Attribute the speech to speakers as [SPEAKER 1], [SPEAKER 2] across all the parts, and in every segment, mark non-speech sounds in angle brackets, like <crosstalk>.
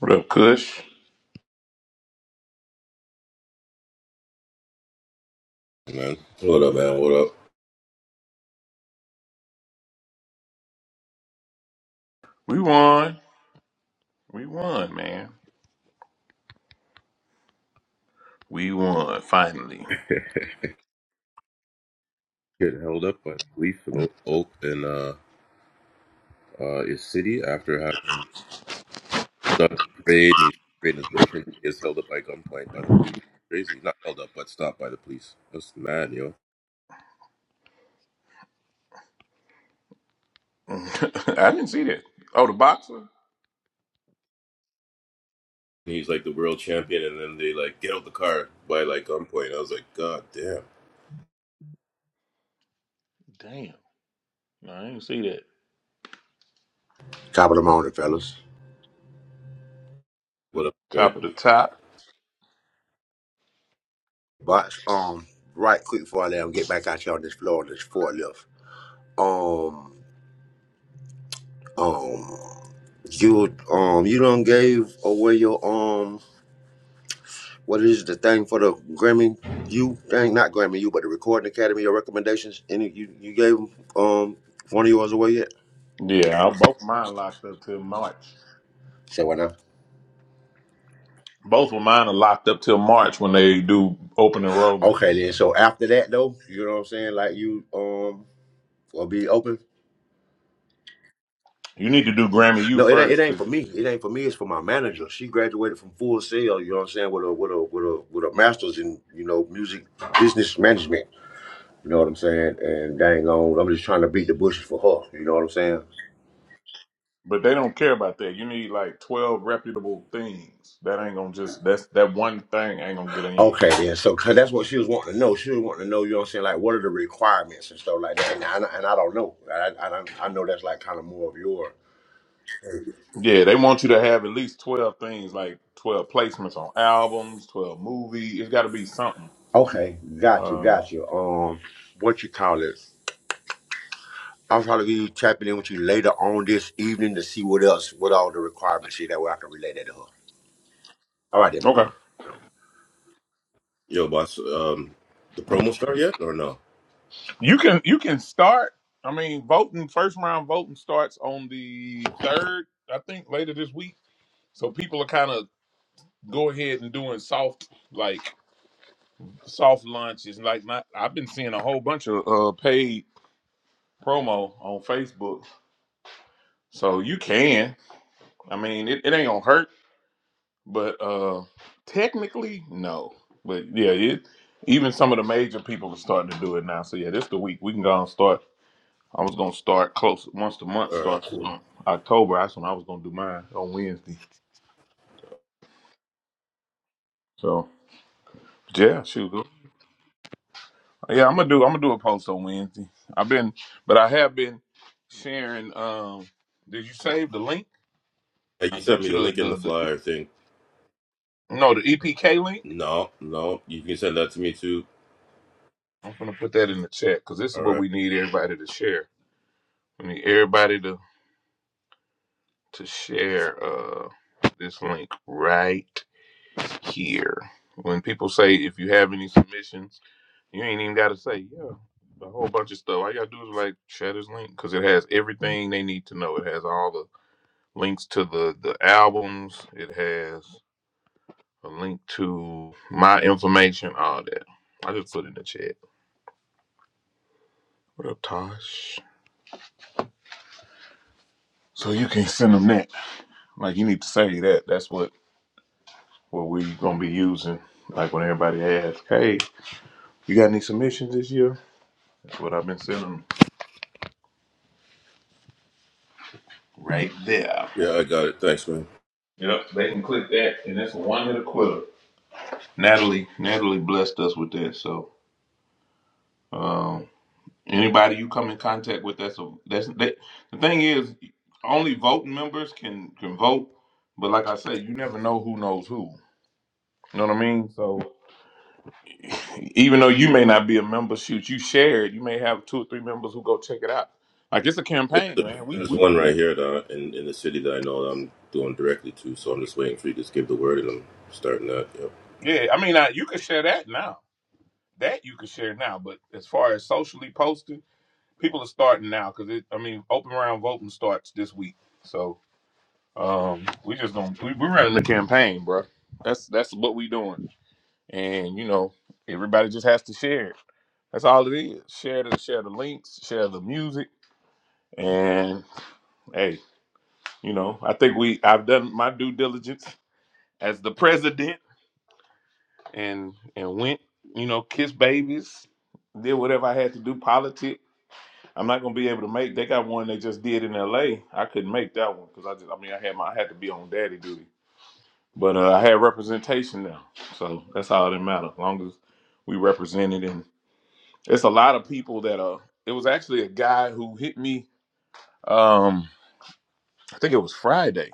[SPEAKER 1] What up, Kush?
[SPEAKER 2] man. What up, man? What up?
[SPEAKER 1] We won. We won, man. We won finally.
[SPEAKER 2] Getting held up by police in Oak Oak in uh, uh, his city after having done a parade and he's celebrating his birthday. He gets held up by gunpoint by the police. Crazy. Not held up, but stopped by the police. That's mad, yo.
[SPEAKER 1] <laughs> I didn't see that. Oh, the boxer.
[SPEAKER 2] And he's like the world champion, and then they like get out the car by like gunpoint. I was like, God damn.
[SPEAKER 1] Damn, no, I didn't see that.
[SPEAKER 3] Top of the morning, fellas.
[SPEAKER 2] What up, Barrett?
[SPEAKER 1] Top of the top.
[SPEAKER 3] But um, right quick before I let 'em get back out here on this floor, on this forklift. Um, um, you um, you done gave away your um, what is the thing for the Grammy? You thing, not Grammy, you, but the Recording Academy. Your recommendations, any you you gave 'em, um one of yours away yet?
[SPEAKER 1] Yeah, I- both mine locked up till March.
[SPEAKER 3] Say what now?
[SPEAKER 1] Both of mine are locked up till March when they do open enrollment.
[SPEAKER 3] Okay, then. So after that though, you know what I'm saying? Like you um will be open.
[SPEAKER 1] You need to do Grammy U
[SPEAKER 3] No, it ain't. It
[SPEAKER 1] first,
[SPEAKER 3] ain't
[SPEAKER 1] 'cause-
[SPEAKER 3] for me. It ain't for me. It's for my manager. She graduated from Full Sail. You know what I'm saying? With a with a with a with a master's in you know music business management. You know what I'm saying? And dang on, I'm just trying to beat the bushes for her. You know what I'm saying?
[SPEAKER 1] but they don't care about that. You need like twelve reputable things. That ain't gonna just that's that one thing ain't gonna get in.
[SPEAKER 3] Okay, then. So 'cause that's what she was wanting to know. She was wanting to know. You know what I'm saying? Like, what are the requirements and stuff like that? And I, and I don't know. I I, don't, I know that's like kind of more of your.
[SPEAKER 1] Yeah, they want you to have at least twelve things, like twelve placements on albums, twelve movies. It's got to be something.
[SPEAKER 3] Okay, got you,
[SPEAKER 1] Uh,
[SPEAKER 3] got you. Um, what you call it? I'll probably be tapping in with you later on this evening to see what else, what all the requirements is. That way I can relay that to her. All right, then, big
[SPEAKER 1] okay,
[SPEAKER 3] brother.
[SPEAKER 2] Yo, boss. Um, the promo start yet or no?
[SPEAKER 1] you can you can start. I mean, voting first round voting starts on the third, I think, later this week. So people are kind of go ahead and doing soft like soft launches. Like not, I've been seeing a whole bunch of uh, paid promo on Facebook. So you can. I mean, it, it ain't gonna hurt But uh technically, no. But yeah, it even some of the major people are starting to do it now. So yeah, this the week we can go and start. I was gonna start close once the month
[SPEAKER 2] All right,
[SPEAKER 1] starts
[SPEAKER 2] cool.
[SPEAKER 1] um, October. That's when I was gonna do mine on Wednesday. So yeah, shoot. go- Yeah, I'm gonna do. I'm gonna do a post on Wednesday. I've been, but I have been sharing. Um, did you save the link?
[SPEAKER 2] Hey,
[SPEAKER 1] I
[SPEAKER 2] you sent
[SPEAKER 1] sent
[SPEAKER 2] me
[SPEAKER 1] you
[SPEAKER 2] the
[SPEAKER 1] the
[SPEAKER 2] link in the
[SPEAKER 1] the, the
[SPEAKER 2] flyer thing.
[SPEAKER 1] no the EPK link.
[SPEAKER 2] No, no, you can send that to me too.
[SPEAKER 1] I'm gonna put that in the chat because this is
[SPEAKER 2] All
[SPEAKER 1] what
[SPEAKER 2] right.
[SPEAKER 1] we need everybody to share. We need everybody to to share uh, this link right here. When people say if you have any submissions, you ain't even got to say yeah. A whole bunch of stuff. All you gotta do is like share this link because it has everything they need to know. It has all the links to the the albums. It has a link to my information. All that. I just put it in the chat. What up, Tosh? So you can send them that. Like you need to say that. That's what what we gonna be using. Like when everybody asks, hey. You got any submissions this year? That's what I've been sending them. Right there.
[SPEAKER 2] Yeah, I got it. Thanks, man.
[SPEAKER 1] Yep, they can click that, and it's one hit a quitter. Natalie, Natalie blessed us with that. So, um, anybody you come in contact with, that's a that's that. The thing is, only voting members can can vote. But like I say, you never know who knows who. You know what I mean? So, even though you may not be a member, shoot, you share it. You may have two or three members who go check it out. Like it's a
[SPEAKER 2] There's
[SPEAKER 1] campaign, man. We
[SPEAKER 2] there's
[SPEAKER 1] we
[SPEAKER 2] one right here that I, in in the city that I know that I'm doing directly to, so I'm just waiting for you to just give the word, and I'm starting that. Yep.
[SPEAKER 1] yeah. I mean, I, you can share that now. that you can share now. But as far as socially posting, people are starting now because it. I mean, open round voting starts this week, so um, we just gonna we, we're running the campaign, bro. That's that's what we doing, and you know, everybody just has to share it. That's all it is. Share the share the links, share the music, and hey, you know, I think we I've done my due diligence as the president, and and went, you know, kiss babies, did whatever I had to do, politics I'm not gonna be able to make. They got one they just did in L.A. I couldn't make that one because I just, I mean, I had my, I had to be on daddy duty. But uh, I had representation now, so that's all that matter. As long as we represented, and it's a lot of people that uh, it was actually a guy who hit me. Um, I think it was Friday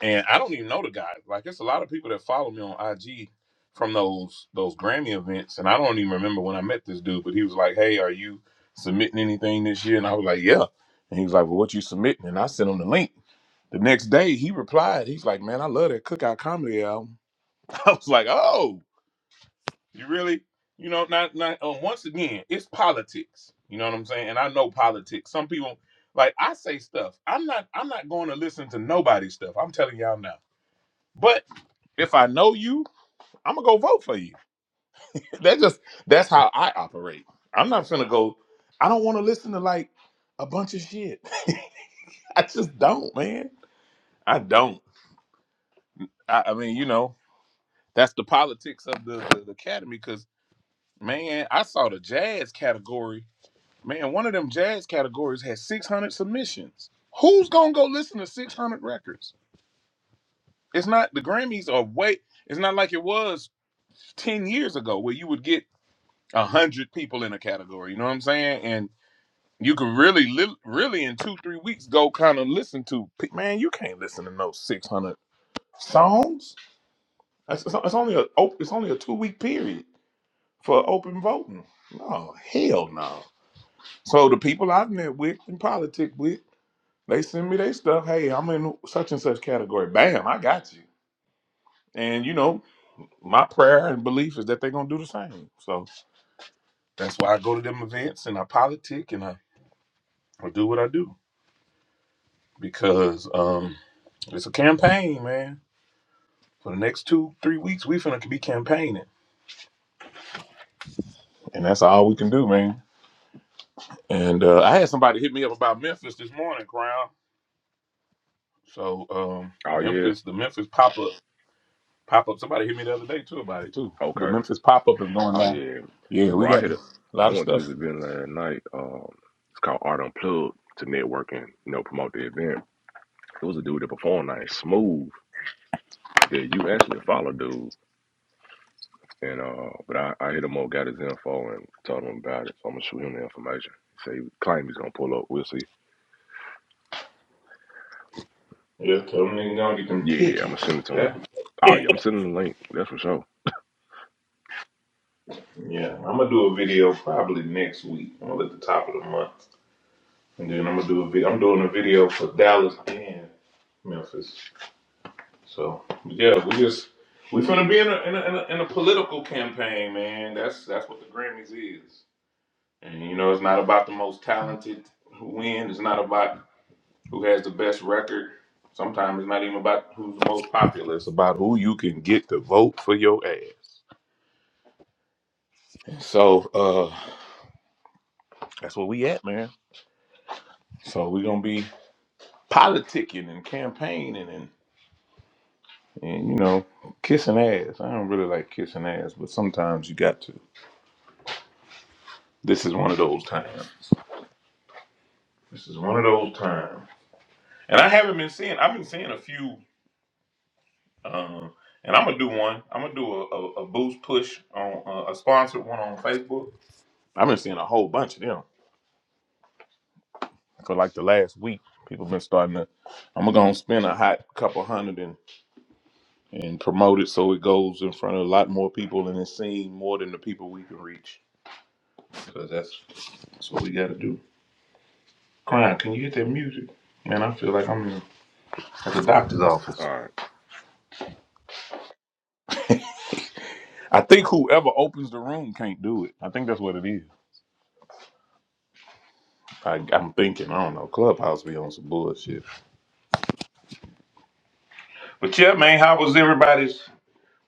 [SPEAKER 1] and I don't even know the guy. Like, it's a lot of people that follow me on IG from those those Grammy events, and I don't even remember when I met this dude. But he was like, "Hey, are you submitting anything this year?" And I was like, "Yeah." And he was like, "Well, what you submitting?" And I sent him the link. The next day, he replied. He's like, "Man, I love that Cookout Comedy album." <laughs> I was like, "Oh, you really?" You know, not not. Uh, once again, it's politics. You know what I'm saying? And I know politics. Some people like I say stuff. I'm not. I'm not going to listen to nobody's stuff. I'm telling y'all now. But if I know you, I'm gonna go vote for you. <laughs> That just that's how I operate. I'm not gonna go. I don't want to listen to like a bunch of shit. <laughs> I just don't, man. I don't. I, I mean, you know, that's the politics of the, the, the academy. Because man, I saw the jazz category. Man, one of them jazz categories had 600 submissions. Who's gonna go listen to 600 records? It's not the Grammys are way. It's not like it was 10 years ago where you would get a hundred people in a category. You know what I'm saying? And you could really, li- really in two, three weeks go kind of listen to pe- man. You can't listen to no 600 songs. That's, it's it's only a op- it's only a two week period for open voting. No hell no. So the people I've met with and politic with, they send me their stuff. Hey, I'm in such and such category. Bam, I got you. And you know. My prayer and belief is that they're gonna do the same. So that's why I go to them events and I politic and I, I do what I do. because um, it's a campaign, man. For the next two, three weeks, we finna be campaigning, and that's all we can do, man. And uh, I had somebody hit me up about Memphis this morning, Crown. So um,
[SPEAKER 4] Oh yeah.
[SPEAKER 1] Memphis, the Memphis pop up, pop up. Somebody hit me the other day too about it too. The
[SPEAKER 4] Okay.
[SPEAKER 1] Memphis pop up is going
[SPEAKER 4] Oh
[SPEAKER 1] down.
[SPEAKER 4] yeah.
[SPEAKER 1] Yeah, we
[SPEAKER 4] Bro, I
[SPEAKER 1] got a
[SPEAKER 4] hit it. I
[SPEAKER 1] lot of
[SPEAKER 4] went to this
[SPEAKER 1] stuff.
[SPEAKER 4] event last night. Um, it's called Art Unplugged to network and you know promote the event. It was a dude that performed like smooth that you actually follow, dude. And uh, but I, I hit him up, got his info, and told him about it. So I'm gonna shoot him the information. Say he claim he's gonna pull up. We'll see.
[SPEAKER 1] Yeah, tell them niggas gonna get them
[SPEAKER 4] Yeah, I'm gonna
[SPEAKER 1] tickets.
[SPEAKER 4] send it to him.
[SPEAKER 1] That- <laughs>
[SPEAKER 4] Oh yeah, I'm sending the link. That's for sure.
[SPEAKER 1] yeah, I'm gonna do a video probably next week. I'm gonna at the top of the month. And then I'm gonna do a video. I'm doing a video for Dallas and Memphis. So yeah, we just we finna be in a, in a in a in a political campaign, man. That's that's what the Grammys is. And you know, it's not about the most talented who win. It's not about who has the best record. Sometimes it's not even about who's the most popular. It's about who you can get to vote for your ass. And so uh that's where we at, man. So we gonna be politicking and campaigning and. And you know, kissing ass. I don't really like kissing ass, but sometimes you got to. This is one of those times. This is one of those times. And I haven't been seeing. I've been seeing a few. Um, and I'm gonna do one. I'm gonna do a, a, a boost push on uh, a sponsored one on Facebook. I've been seeing a whole bunch of them for like the last week. People been starting to. I'm gonna go and spend a hot couple hundred and and promote it so it goes in front of a lot more people and it's seen more than the people we can reach. Because that's that's what we got to do. Crying, can you get that music? Man, I feel like I'm in, at the doctor's office.
[SPEAKER 4] All right.
[SPEAKER 1] I think whoever opens the room can't do it. I think that's what it is. I, I'm thinking, I don't know, Clubhouse be on some bullshit. But yeah, man, how was everybody's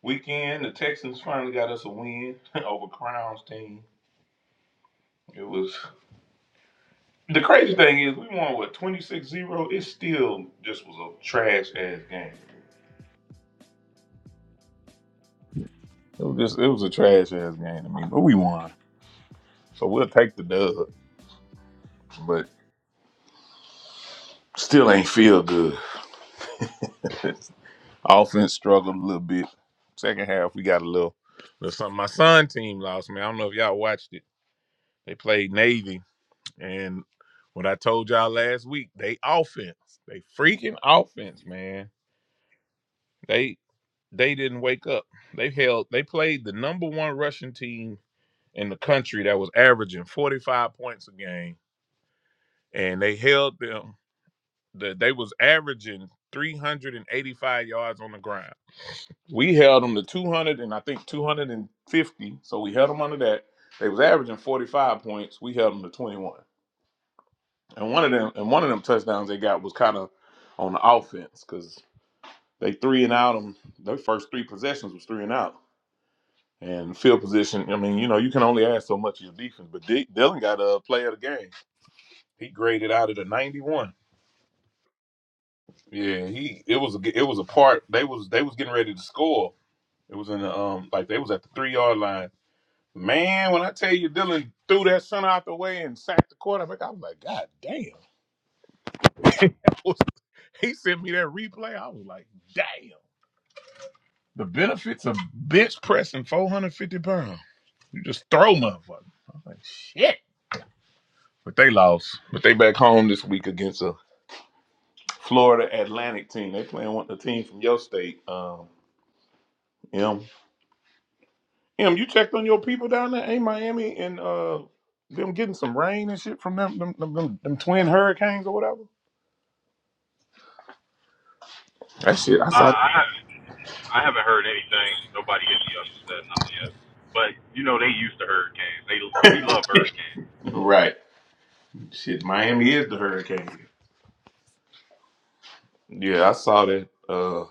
[SPEAKER 1] weekend? The Texans finally got us a win <laughs> over Crown's team. It was, the crazy thing is we won, what, 26-0? It still just was a trash-ass game. It was just, it was a trash-ass game I mean, but we won. So we'll take the dub, but still ain't feel good. <laughs> Offense struggled a little bit. Second half, we got a little, little something. My son team lost, man. I don't know if y'all watched it. They played Navy, and what I told y'all last week, they offense, they freaking offense, man. They they didn't wake up. They held, they played the number one Russian team in the country that was averaging 45 points a game, and they held them. The, they was averaging 385 yards on the ground. we held them to 200 and I think 250. So we held them under that. They was averaging 45 points. We held them to 21. And one of them and one of them touchdowns they got was kind of on the offense because they three and out them. Their first three possessions was three and out. And field position, I mean, you know, you can only ask so much of your defense. But D- Dylan got a play of the game. He graded out at a 91. Yeah, he it was a, it was a part. They was they was getting ready to score. It was in the um like they was at the three yard line Man, when I tell you Dylan threw that son out the way and sacked the quarterback, I was like, God damn. <laughs> He sent me that replay. I was like, damn. The benefits of bench pressing 450 pounds. You just throw motherfucker. I was like, shit. But they lost. But they back home this week against a Florida Atlantic team. They playing with the team from your state. Um, M. M, you checked on your people down there, ain't Miami and uh them getting some rain and shit from them them, them, them, them twin hurricanes or whatever? That shit, I
[SPEAKER 5] I
[SPEAKER 1] saw
[SPEAKER 5] I haven't I haven't heard anything. Nobody hit me up and said nothing yet. But you know they used to hurricanes. They we love hurricanes.
[SPEAKER 1] Right. Shit, Miami is the hurricane. Yeah, I saw that uh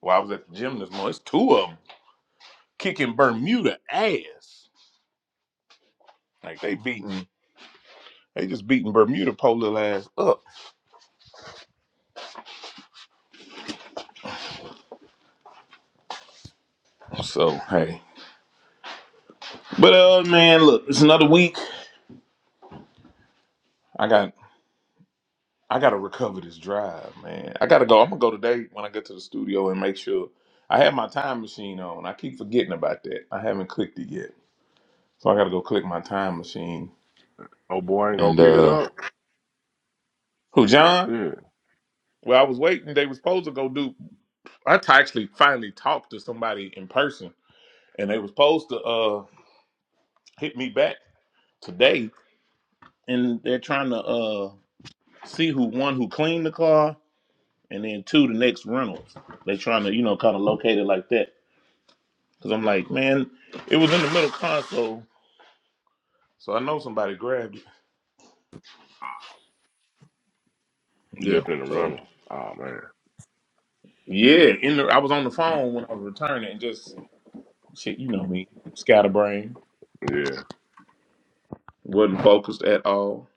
[SPEAKER 1] while I was at the gym this morning. It's two of them kicking Bermuda ass. Like they beating they just beating Bermuda polo ass up. So hey. But uh man, look, it's another week. I got I gotta recover this drive, man. I gotta go. I'm gonna go today when I get to the studio and make sure I have my time machine on. I keep forgetting about that. I haven't clicked it yet. So I gotta go click my time machine.
[SPEAKER 4] Oh boy, I ain't gonna
[SPEAKER 1] And
[SPEAKER 4] pick it
[SPEAKER 1] uh
[SPEAKER 4] up.
[SPEAKER 1] who John?
[SPEAKER 4] Yeah,
[SPEAKER 1] Well, I was waiting. They were supposed to go do. I t- actually finally talked to somebody in person, and they were supposed to uh hit me back today. And they're trying to uh see who one who cleaned the car, and then two the next rentals. they trying to you know kind of locate it like that. Cause I'm like, man, it was in the middle console, so so I know somebody grabbed it.
[SPEAKER 4] you
[SPEAKER 1] Yeah.
[SPEAKER 4] left it in the
[SPEAKER 1] So
[SPEAKER 4] runner. Oh man.
[SPEAKER 1] yeah, in the I was on the phone when I was returning, and just shit, you know me, scatterbrain,
[SPEAKER 4] Yeah.
[SPEAKER 1] wasn't focused at all.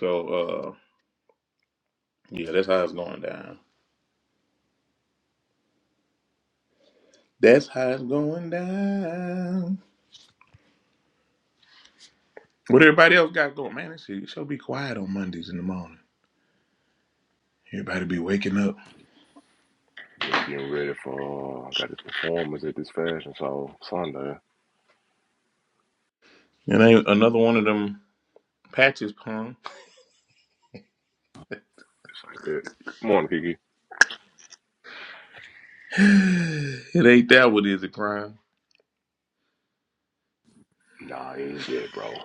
[SPEAKER 1] So. uh, Yeah, that's how it's going down. That's how it's going down. What everybody else got going, man? This shit should be quiet on Mondays in the morning. Everybody be waking up.
[SPEAKER 4] Then getting ready for I got this performance at this fashion show Sunday.
[SPEAKER 1] It ain't another one of them patches, pun. <sighs>
[SPEAKER 4] It's like that. Morning, Kiki.
[SPEAKER 1] it ain't that what is it, crime.
[SPEAKER 4] Nah, he ain't dead, bro.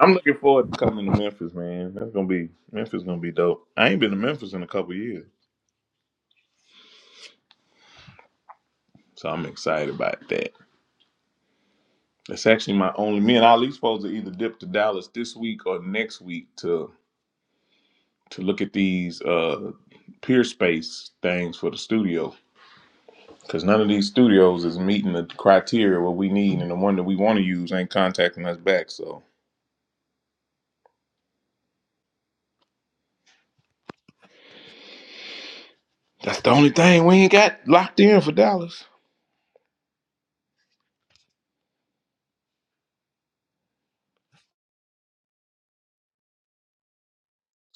[SPEAKER 1] I'm looking forward to coming to Memphis, man. That's gonna be Memphis gonna be dope. I ain't been to Memphis in a couple years, so I'm excited about that. That's actually my only. Me and Ali supposed to either dip to Dallas this week or next week to to look at these uh, peer space things for the studio because none of these studios is meeting the criteria what we need, and the one that we want to use ain't contacting us back. So that's the only thing we ain't got locked in for Dallas.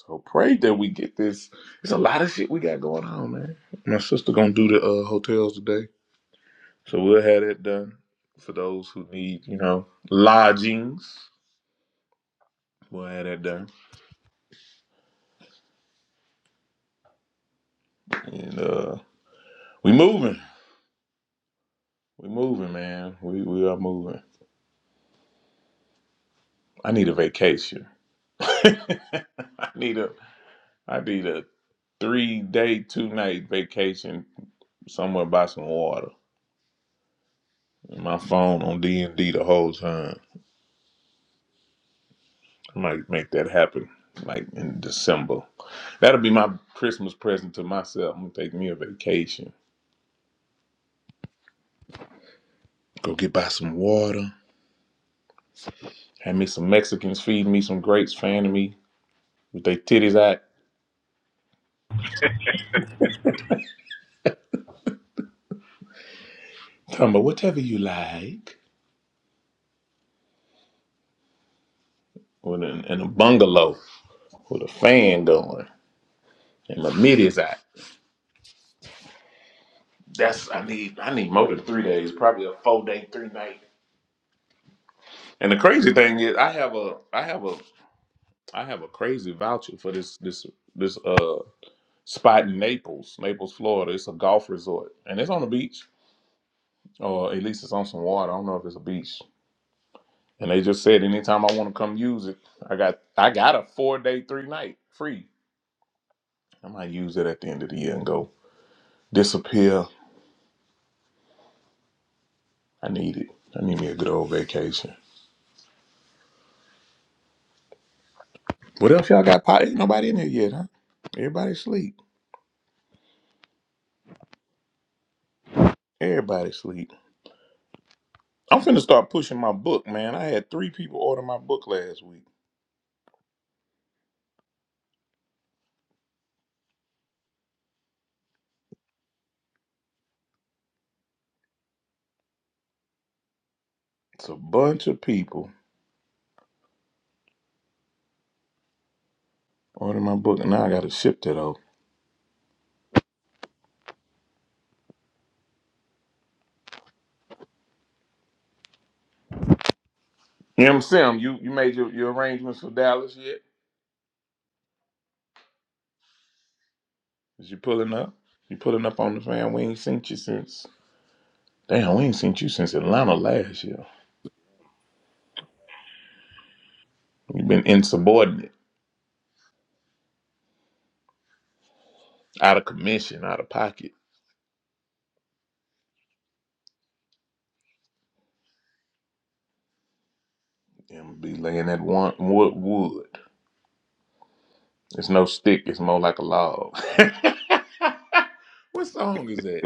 [SPEAKER 1] So pray that we get this. It's a lot of shit we got going on, man. My sister gonna do the uh, hotels today, so we'll have that done for those who need, you know, lodgings. We'll have that done, and uh, we moving. We moving, man. We we are moving. I need a vacation. <laughs> I need a I need a three day, two night vacation somewhere by some water. my phone on D and D the whole time. I might make that happen. Like in December. That'll be my Christmas present to myself. I'm gonna take me a vacation. Go get by some water. Have me some Mexicans feeding me some grapes, fanning me with their titties out. Talking about whatever you like. With an, in a bungalow with a fan going and my middies out. That's I need I need more than three days, probably a four day, three night. And the crazy thing is I have a I have a I have a crazy voucher for this this this uh spot in Naples, Naples, Florida. It's a golf resort. And it's on the beach. Or at least it's on some water. I don't know if it's a beach. And they just said anytime I want to come use it, I got I got a four day, three night free. I might use it at the end of the year and go disappear. I need it. I need me a good old vacation. What else y'all got? Pot? Ain't nobody in here yet, huh? Everybody sleep. Everybody sleep. I'm finna start pushing my book, man. I had three people order my book last week. It's a bunch of people order my book, and now I gotta ship that over. You know You you made your, your arrangements for Dallas yet? Is you pulling up? You pulling up on the fan? We ain't seen you since. Damn, we ain't seen you since Atlanta last year. You've been insubordinate, out of commission, out of pocket. And be laying that one wood wood. It's no stick. It's more like a log. <laughs> what song is that?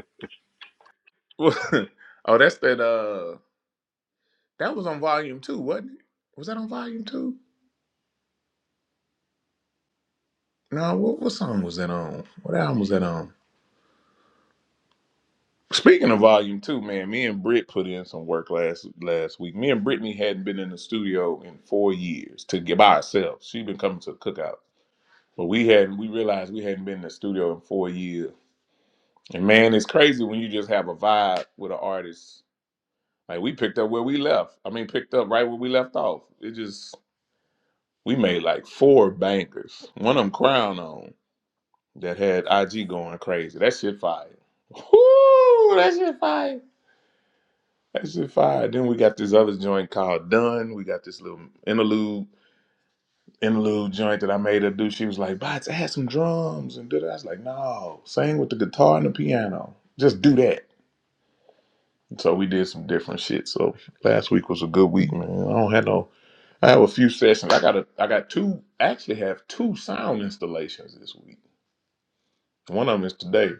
[SPEAKER 1] <laughs> oh, that's that. Uh, that was on volume two, wasn't it? Was that on volume two? No, what what song was that on? What album was that on? Speaking of volume two, man, me and Britt put in some work last last week. Me and Brittany hadn't been in the studio in four years to get by ourselves. She'd been coming to the cookout, but we hadn't. We realized we hadn't been in the studio in four years. And man, it's crazy when you just have a vibe with an artist. Like we picked up where we left. I mean, picked up right where we left off. It just We made like four bankers. One of them crown on that had IG going crazy. That shit fire. Whoo, that shit fire. That shit fire. Then we got this other joint called Done. We got this little interlude interlude joint that I made her do. She was like, Bots, add some drums and do that." I was like, no, sing with the guitar and the piano. Just do that. So we did some different shit. So last week was a good week, man. I don't have no I have a few sessions. I got a I got two actually have two sound installations this week. One of them is today.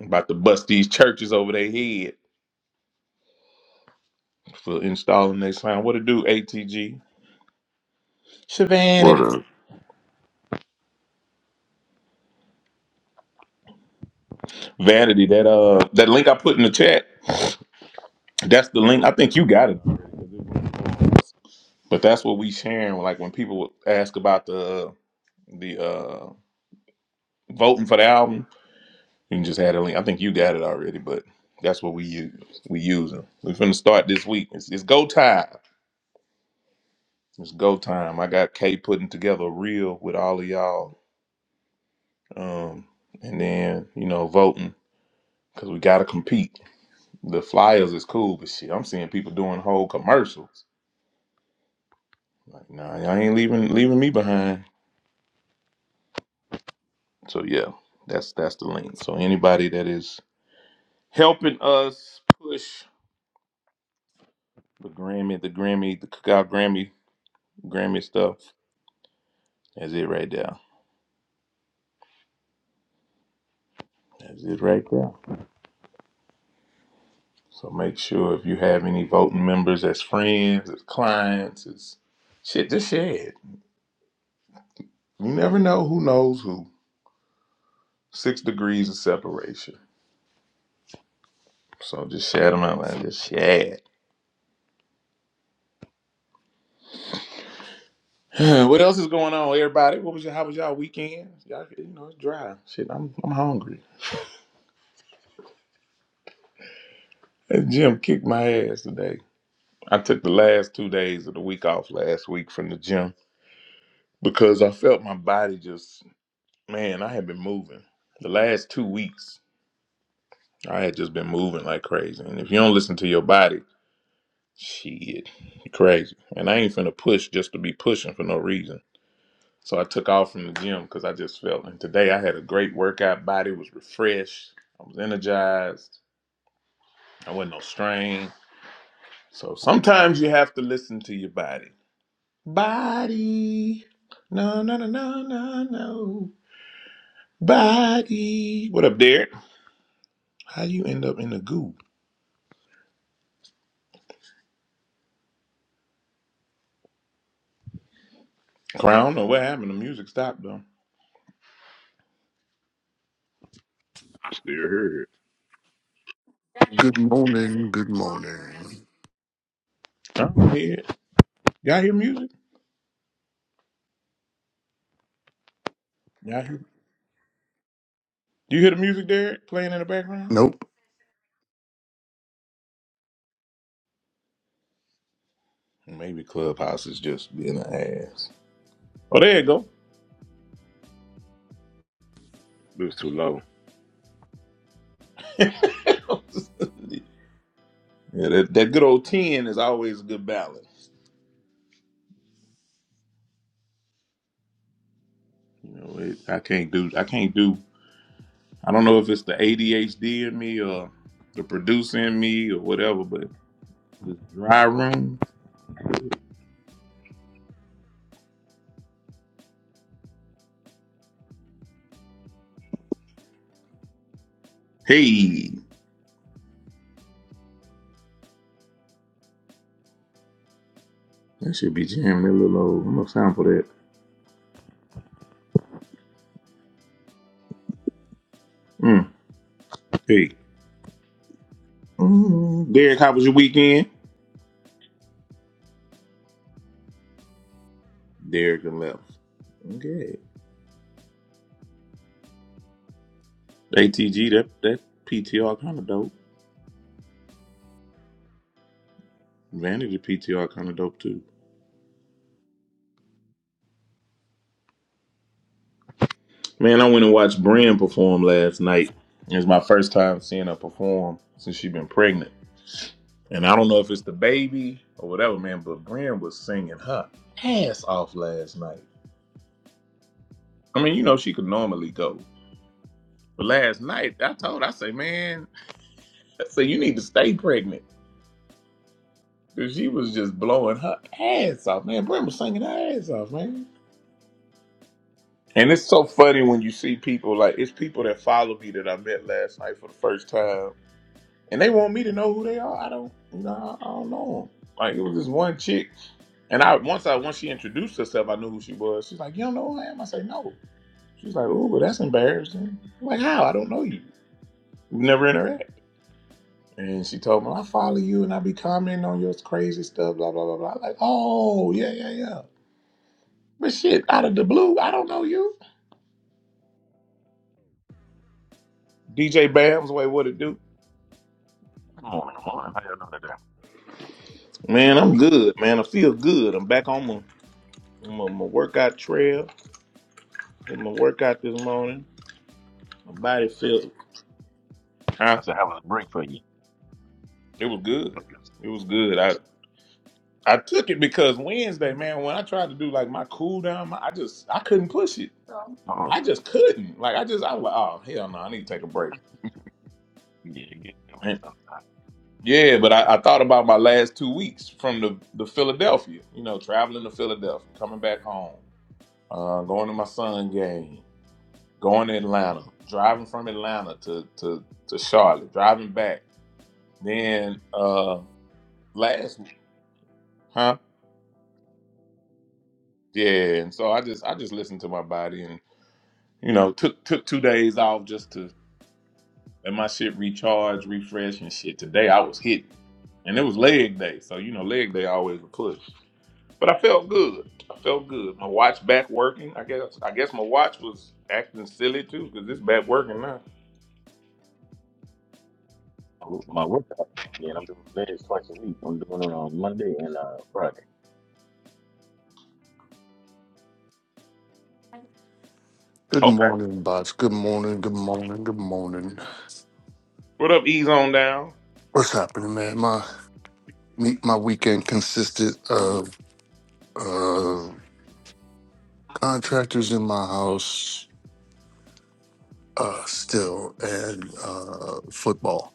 [SPEAKER 1] I'm about to bust these churches over their head for installing their sign. What to do, ATG?
[SPEAKER 6] What
[SPEAKER 1] Vanity.
[SPEAKER 6] up,
[SPEAKER 1] Vanity, that uh that link I put in the chat, that's the link. I think you got it. But that's what we sharing. Like when people ask about the uh, the uh voting for the album, you can just add a link. I think you got it already, but that's what we use. We using. We're finna start this week. It's, it's go time. It's go time. I got K putting together a reel with all of y'all Um, and then you know voting because we got to compete. The flyers is cool, but shit, I'm seeing people doing whole commercials. Like, nah, y'all ain't leaving leaving me behind. So yeah, that's that's the link. So anybody that is helping us push the Grammy, the Grammy, the cookout Grammy, Grammy stuff, that's it right there. That's it right there. So make sure if you have any voting members as friends, as clients, as shit, just share it. You never know who knows who. Six degrees of separation. So just share them out, man. Just share. <sighs> What else is going on, everybody? What was your how was y'all weekend? Y'all you know it's dry. Shit, I'm I'm hungry. That gym kicked my ass today. I took the last two days of the week off last week from the gym because I felt my body just man, I had been moving. The last two weeks, I had just been moving like crazy. And if you don't listen to your body, shit, you crazy. And I ain't finna push just to be pushing for no reason. So I took off from the gym because I just felt. And today I had a great workout. Body was refreshed. I was energized. I wasn't no strain. So sometimes you have to listen to your body. Body. No, no, no, no, no, no. Body. What up, Derek? How you end up in the goo? Crown or what happened? The music stopped though.
[SPEAKER 4] I still heard
[SPEAKER 7] Good morning, good morning.
[SPEAKER 1] I don't hear it. Y'all hear music? Y'all hear? Do you hear the music, Derek, playing in the background?
[SPEAKER 7] Nope.
[SPEAKER 1] Maybe Clubhouse is just being an ass. Oh, there you go.
[SPEAKER 4] it. It was too low.
[SPEAKER 1] <laughs> yeah, that, that good old ten is always a good balance. You know, it, I can't do I can't do I don't know if it's the ADHD in me or the producer in me or whatever, but the dry room. Hey, that should be jamming a little old. I'm gonna sample that. Mm, hey, mm, Derek, how was your weekend? Derek and left. Okay. ATG that that PTR kind of dope. Vanity PTR kind of dope too. Man, I went and watched Bren perform last night. It was my first time seeing her perform since she been pregnant. And I don't know if it's the baby or whatever, man, but Bren was singing her ass off last night. I mean, you know, she could normally go. But last night, I told her, I say, man, I say, you need to stay pregnant. Because she was just blowing her ass off, man. Bren was singing her ass off, man. And it's so funny when you see people, like, it's people that follow me that I met last night for the first time and they want me to know who they are. I don't, you know, I, I don't know 'em. Like it was this one chick, and I once I once she introduced herself, I knew who she was. She's like, "You don't know who I am?" I say, "No." She's like, "Oh, but that's embarrassing." I'm like, how? I don't know you. We never interact. And she told me, "I follow you, and I be commenting on your crazy stuff, blah blah blah blah." I'm like, oh yeah yeah yeah. But shit, out of the blue, I don't know you. DJ Bam's way, what it do?
[SPEAKER 8] Come on in the morning. How y'all doing today?
[SPEAKER 1] Man, I'm good, man. I feel good. I'm back on my, my, my workout trail. Did my workout this morning. My body
[SPEAKER 8] Please.
[SPEAKER 1] felt,
[SPEAKER 8] I
[SPEAKER 1] huh?
[SPEAKER 8] said, how was the break for you?
[SPEAKER 1] It was good.
[SPEAKER 8] Look at
[SPEAKER 1] It
[SPEAKER 8] this.
[SPEAKER 1] was good. I I took it because Wednesday, man, when I tried to do like my cool down, my- I just I couldn't push it.
[SPEAKER 8] Oh,
[SPEAKER 1] I just couldn't. Like I just I was like, oh hell no, I need to take a break.
[SPEAKER 8] <laughs> yeah, it get that way
[SPEAKER 1] And
[SPEAKER 8] sometime.
[SPEAKER 1] yeah, but I, I thought about my last two weeks from the the Philadelphia. You know, traveling to Philadelphia,
[SPEAKER 8] Mhm.
[SPEAKER 1] coming back home, uh, going to my son game, going to Atlanta, driving from Atlanta to to to Charlotte, driving back. Then uh last, huh? Yeah, and so I just I just listened to my body and you know took took two days off just to let my shit recharge, refresh and shit. Today I was hitting, and it was leg day, so you know leg day always a push. But I felt good. I felt good. My watch back working. I guess I guess my watch was acting silly too because it's back working now.
[SPEAKER 8] Oh, My workout. Yeah, and I'm doing legs twice a week. I'm doing it on Monday and uh, Friday.
[SPEAKER 7] Good
[SPEAKER 1] Okay.
[SPEAKER 7] morning, bots. Good morning, good morning, good morning.
[SPEAKER 1] What up, Ease on down?
[SPEAKER 7] What's happening, man? My me- my weekend consisted of uh contractors in my house uh still and uh football.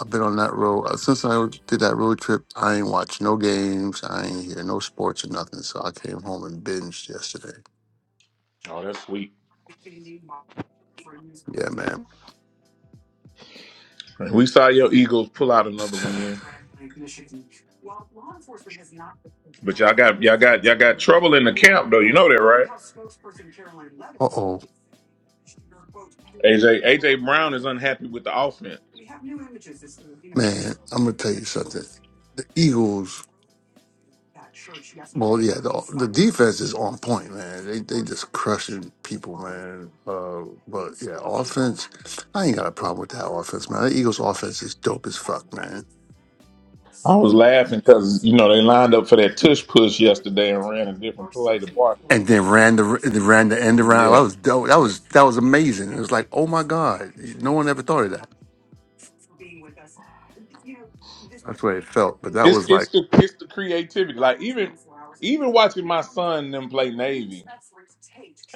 [SPEAKER 7] I've been on that road uh, since I did that road trip. I ain't watched no games. I ain't hear no sports or nothing. So I came home and binged yesterday.
[SPEAKER 1] Oh, that's sweet.
[SPEAKER 7] Yeah, man.
[SPEAKER 1] We saw your Eagles pull out another win, but y'all got y'all got y'all got trouble in the camp though. You know that, right?
[SPEAKER 7] Uh oh.
[SPEAKER 1] AJ AJ Brown is unhappy with the offense. And so
[SPEAKER 7] Eagles, Uh, I ain't got a problem with that offense, man. The Eagles' offense is dope as
[SPEAKER 1] I was laughing because you know they lined up for that tush push yesterday and ran a different play to Barkley.
[SPEAKER 7] and then ran the they ran the end around. That
[SPEAKER 1] Yeah,
[SPEAKER 7] was dope. That was that was amazing. It was like, oh my god, no one ever thought of that. That's what it felt. But that
[SPEAKER 1] it's
[SPEAKER 7] was
[SPEAKER 1] it's
[SPEAKER 7] like,
[SPEAKER 1] the it's the creativity. Like even even watching my son and them play Navy.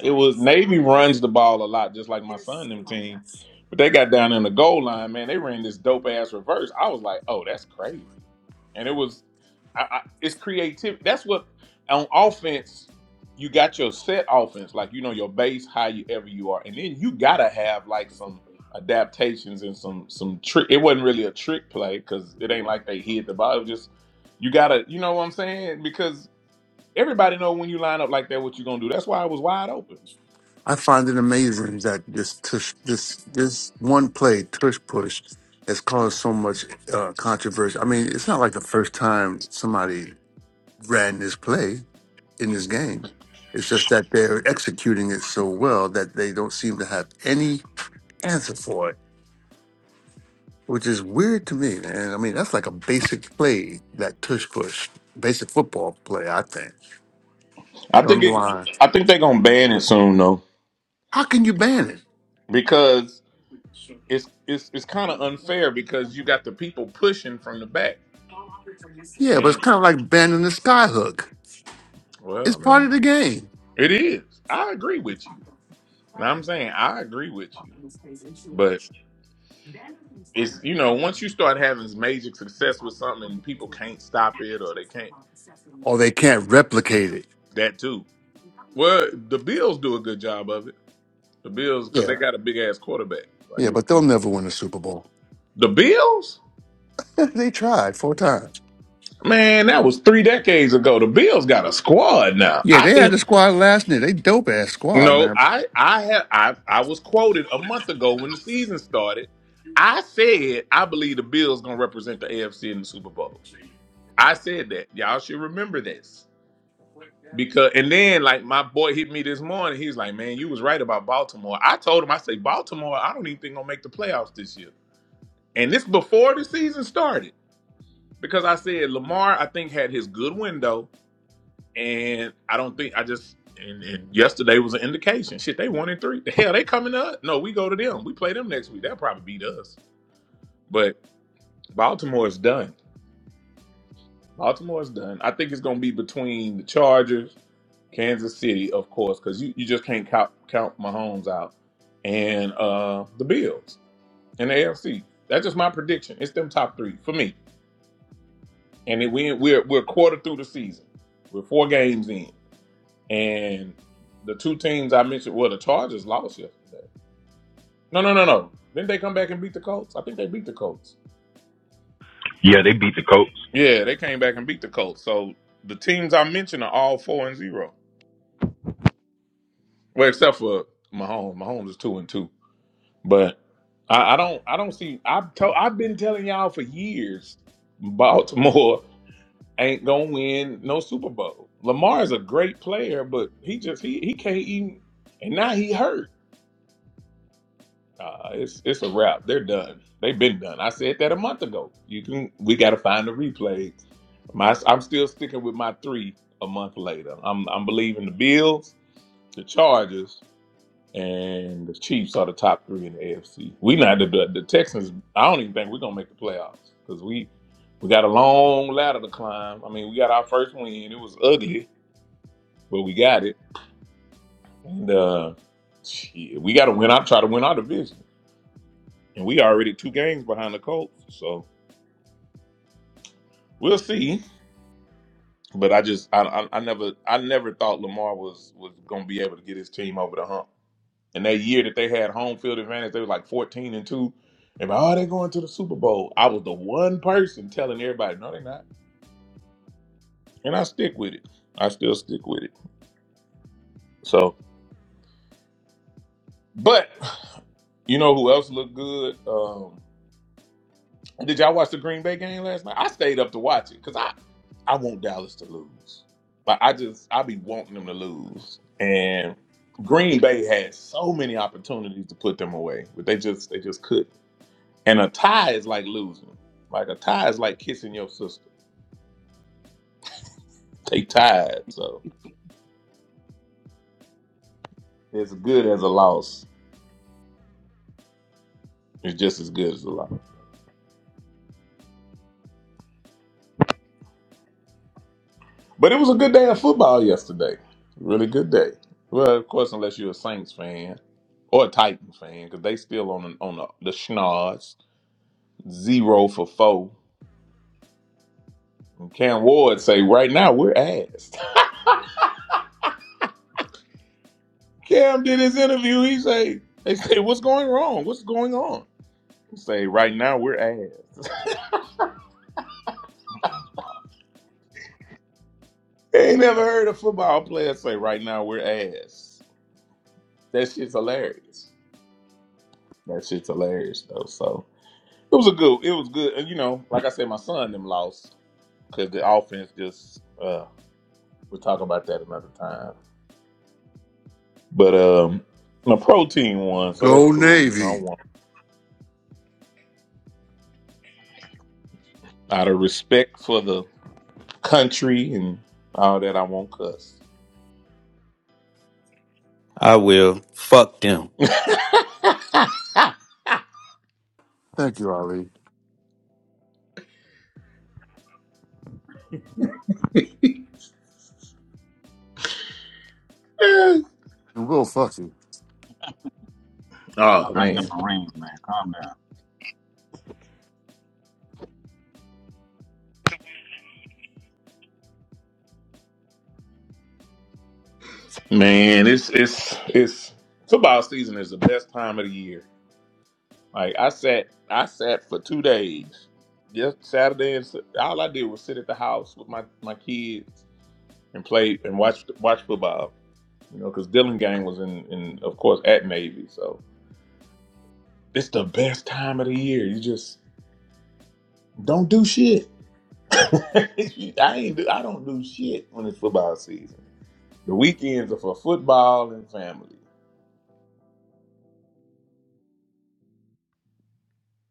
[SPEAKER 1] It was Navy runs the ball a lot, just like my son and them team. But they got down in the goal line, man. They ran this dope ass reverse. I was like, oh, that's crazy. And it was, I, I, it's creativity. That's what on offense you got your set offense, like you know your base, how you ever you are, and then you gotta have like some adaptations and some some trick. It wasn't really a trick play because it ain't like they hid the ball. It was just you gotta, you know what I'm saying? Because everybody know when you line up like that, what you gonna do. That's why I was wide open.
[SPEAKER 7] I find it amazing that this tush, this this one play Tush Push has caused so much uh, controversy. I mean, it's not like the first time somebody ran this play in this game. It's just that they're executing it so well that they don't seem to have any answer for it which is weird to me, man. I mean, that's like a basic play, that tush push, basic football play, I think.
[SPEAKER 1] I
[SPEAKER 7] You know,
[SPEAKER 1] think
[SPEAKER 7] on the
[SPEAKER 1] it,
[SPEAKER 7] line.
[SPEAKER 1] I think they're gonna ban it soon though
[SPEAKER 7] How can you ban it?
[SPEAKER 1] because it's it's it's kind of unfair because you got the people pushing from the back
[SPEAKER 7] Yeah, but
[SPEAKER 1] and
[SPEAKER 7] it's kind of like banning the sky hook.
[SPEAKER 1] well
[SPEAKER 7] It's
[SPEAKER 1] I
[SPEAKER 7] part
[SPEAKER 1] mean
[SPEAKER 7] of the game.
[SPEAKER 1] it is I agree with you. Now I'm saying I agree with you, but it's you know once you start having major success with something and people can't stop it or they can't
[SPEAKER 7] Or they can't replicate it.
[SPEAKER 1] that too. Well, the Bills do a good job of it. The Bills because
[SPEAKER 7] Yeah,
[SPEAKER 1] they got a big ass quarterback. Like, you
[SPEAKER 7] yeah,
[SPEAKER 1] know.
[SPEAKER 7] but they'll never win a Super Bowl.
[SPEAKER 1] the Bills,
[SPEAKER 7] <laughs> they tried four times.
[SPEAKER 1] man, that was three decades ago. The Bills got a squad now.
[SPEAKER 7] Yeah,
[SPEAKER 1] I
[SPEAKER 7] they
[SPEAKER 1] think
[SPEAKER 7] had the squad last night. They dope ass squad,
[SPEAKER 1] No,
[SPEAKER 7] man.
[SPEAKER 1] I I have I I was quoted a month ago when the season started. I said I believe the Bills gonna represent the AFC in the Super Bowl. I said that. Y'all should remember this. Because and then like my boy hit me this morning. He's like, Man, you was right about Baltimore. I told him, I say, Baltimore, I don't even think gonna make the playoffs this year. And this before the season started. Because I said Lamar, I think, had his good window. And I don't think I just and, and yesterday was an indication. Shit, they one and three. <laughs> The hell they coming up? No, we go to them. We play them next week. They'll probably beat us. But Baltimore is done. Baltimore is done. I think it's gonna be between the Chargers, Kansas City, of course, because you, you just can't count count Mahomes out. And uh the Bills and the AFC. That's just my prediction. It's them top three for me. And it, we, we're we're a quarter through the season. We're four games in. And the two teams I mentioned, well, the Chargers lost yesterday. No, no, no, no. Didn't they come back and beat the Colts? I think they beat the Colts.
[SPEAKER 5] Yeah, they beat the Colts.
[SPEAKER 1] Yeah, they came back and beat the Colts. So the teams I mentioned are all four and zero. Well, except for Mahomes. Mahomes is two and two. But I, I don't I don't see I've to, I've been telling y'all for years Baltimore <laughs> ain't gonna win no Super Bowl. Lamar is a great player, but he just he he can't even and now he hurt. Uh, it's it's a wrap. They're done. They've been done. I said that a month ago. You can we got to find the replay. My I'm still sticking with my three a month later. I'm I'm believing the Bills, the Chargers, and the Chiefs are the top three in the AFC. We not the the, the Texans. I don't even think we're gonna make the playoffs because we we got a long ladder to climb. I mean, we got our first win. It was ugly, but we got it. And uh, shit, we got to win. I try to win our division. and we already two games behind the Colts. So we'll see. But I just I, I I never I never thought Lamar was was gonna be able to get his team over the hump. And that year that they had home field advantage, they were like fourteen and two. And oh, they're going to the Super Bowl. I was the one person telling everybody, no, they're not. And I stick with it. I still stick with it. So, but <sighs> you know who else looked good? Um, Did y'all watch the Green Bay game last night? I stayed up to watch it because I, I want Dallas to lose. Like I just I be wanting them to lose. And
[SPEAKER 8] My
[SPEAKER 1] Green Bay had
[SPEAKER 8] goodness.
[SPEAKER 1] so many opportunities to put them away, but they just they just couldn't. And a tie is like losing. Like a tie is like kissing your sister. They tied,
[SPEAKER 8] <laughs>
[SPEAKER 1] so it's good as a loss. It's just as good as a loss. But it was a good day of football yesterday. Really good day. Well, of course, unless you're a Saints fan or a Titan fan, because they still on the, on the, the schnoz zero for four. And Cam Ward say right now we're ass. <laughs> Cam did his interview. He say they say what's going wrong? What's going on? He say right now we're ass.
[SPEAKER 8] That's-
[SPEAKER 1] <laughs> I ain't never heard a football player say right now we're ass. That shit's hilarious. That shit's hilarious though. So it was a good. It was good. And you know, like I said, my son them lost. because the offense just uh we'll talk about that another time. But um my pro team won, so that's
[SPEAKER 7] Go
[SPEAKER 1] cool. You know, I
[SPEAKER 7] Navy.
[SPEAKER 1] want out of respect for the country and all that I won't cuss.
[SPEAKER 9] I will. Fuck them.
[SPEAKER 7] Thank you, Ali.
[SPEAKER 1] <laughs>
[SPEAKER 7] And we'll fuck you.
[SPEAKER 8] Oh, no,
[SPEAKER 1] oh
[SPEAKER 8] that's the
[SPEAKER 1] man.
[SPEAKER 8] Marines, man. Calm down.
[SPEAKER 1] Man, it's it's it's football season is the best time of the year. Like I sat I sat for two days. Just Saturday and Su- all I did was sit at the house with my my kids and play and watch watch football You know, because Dylan Gang was in, in, of course, at Navy. So it's the best time of the year. You just don't do shit. <laughs> I ain't do, I don't do shit when it's football season. The weekends are for football and family.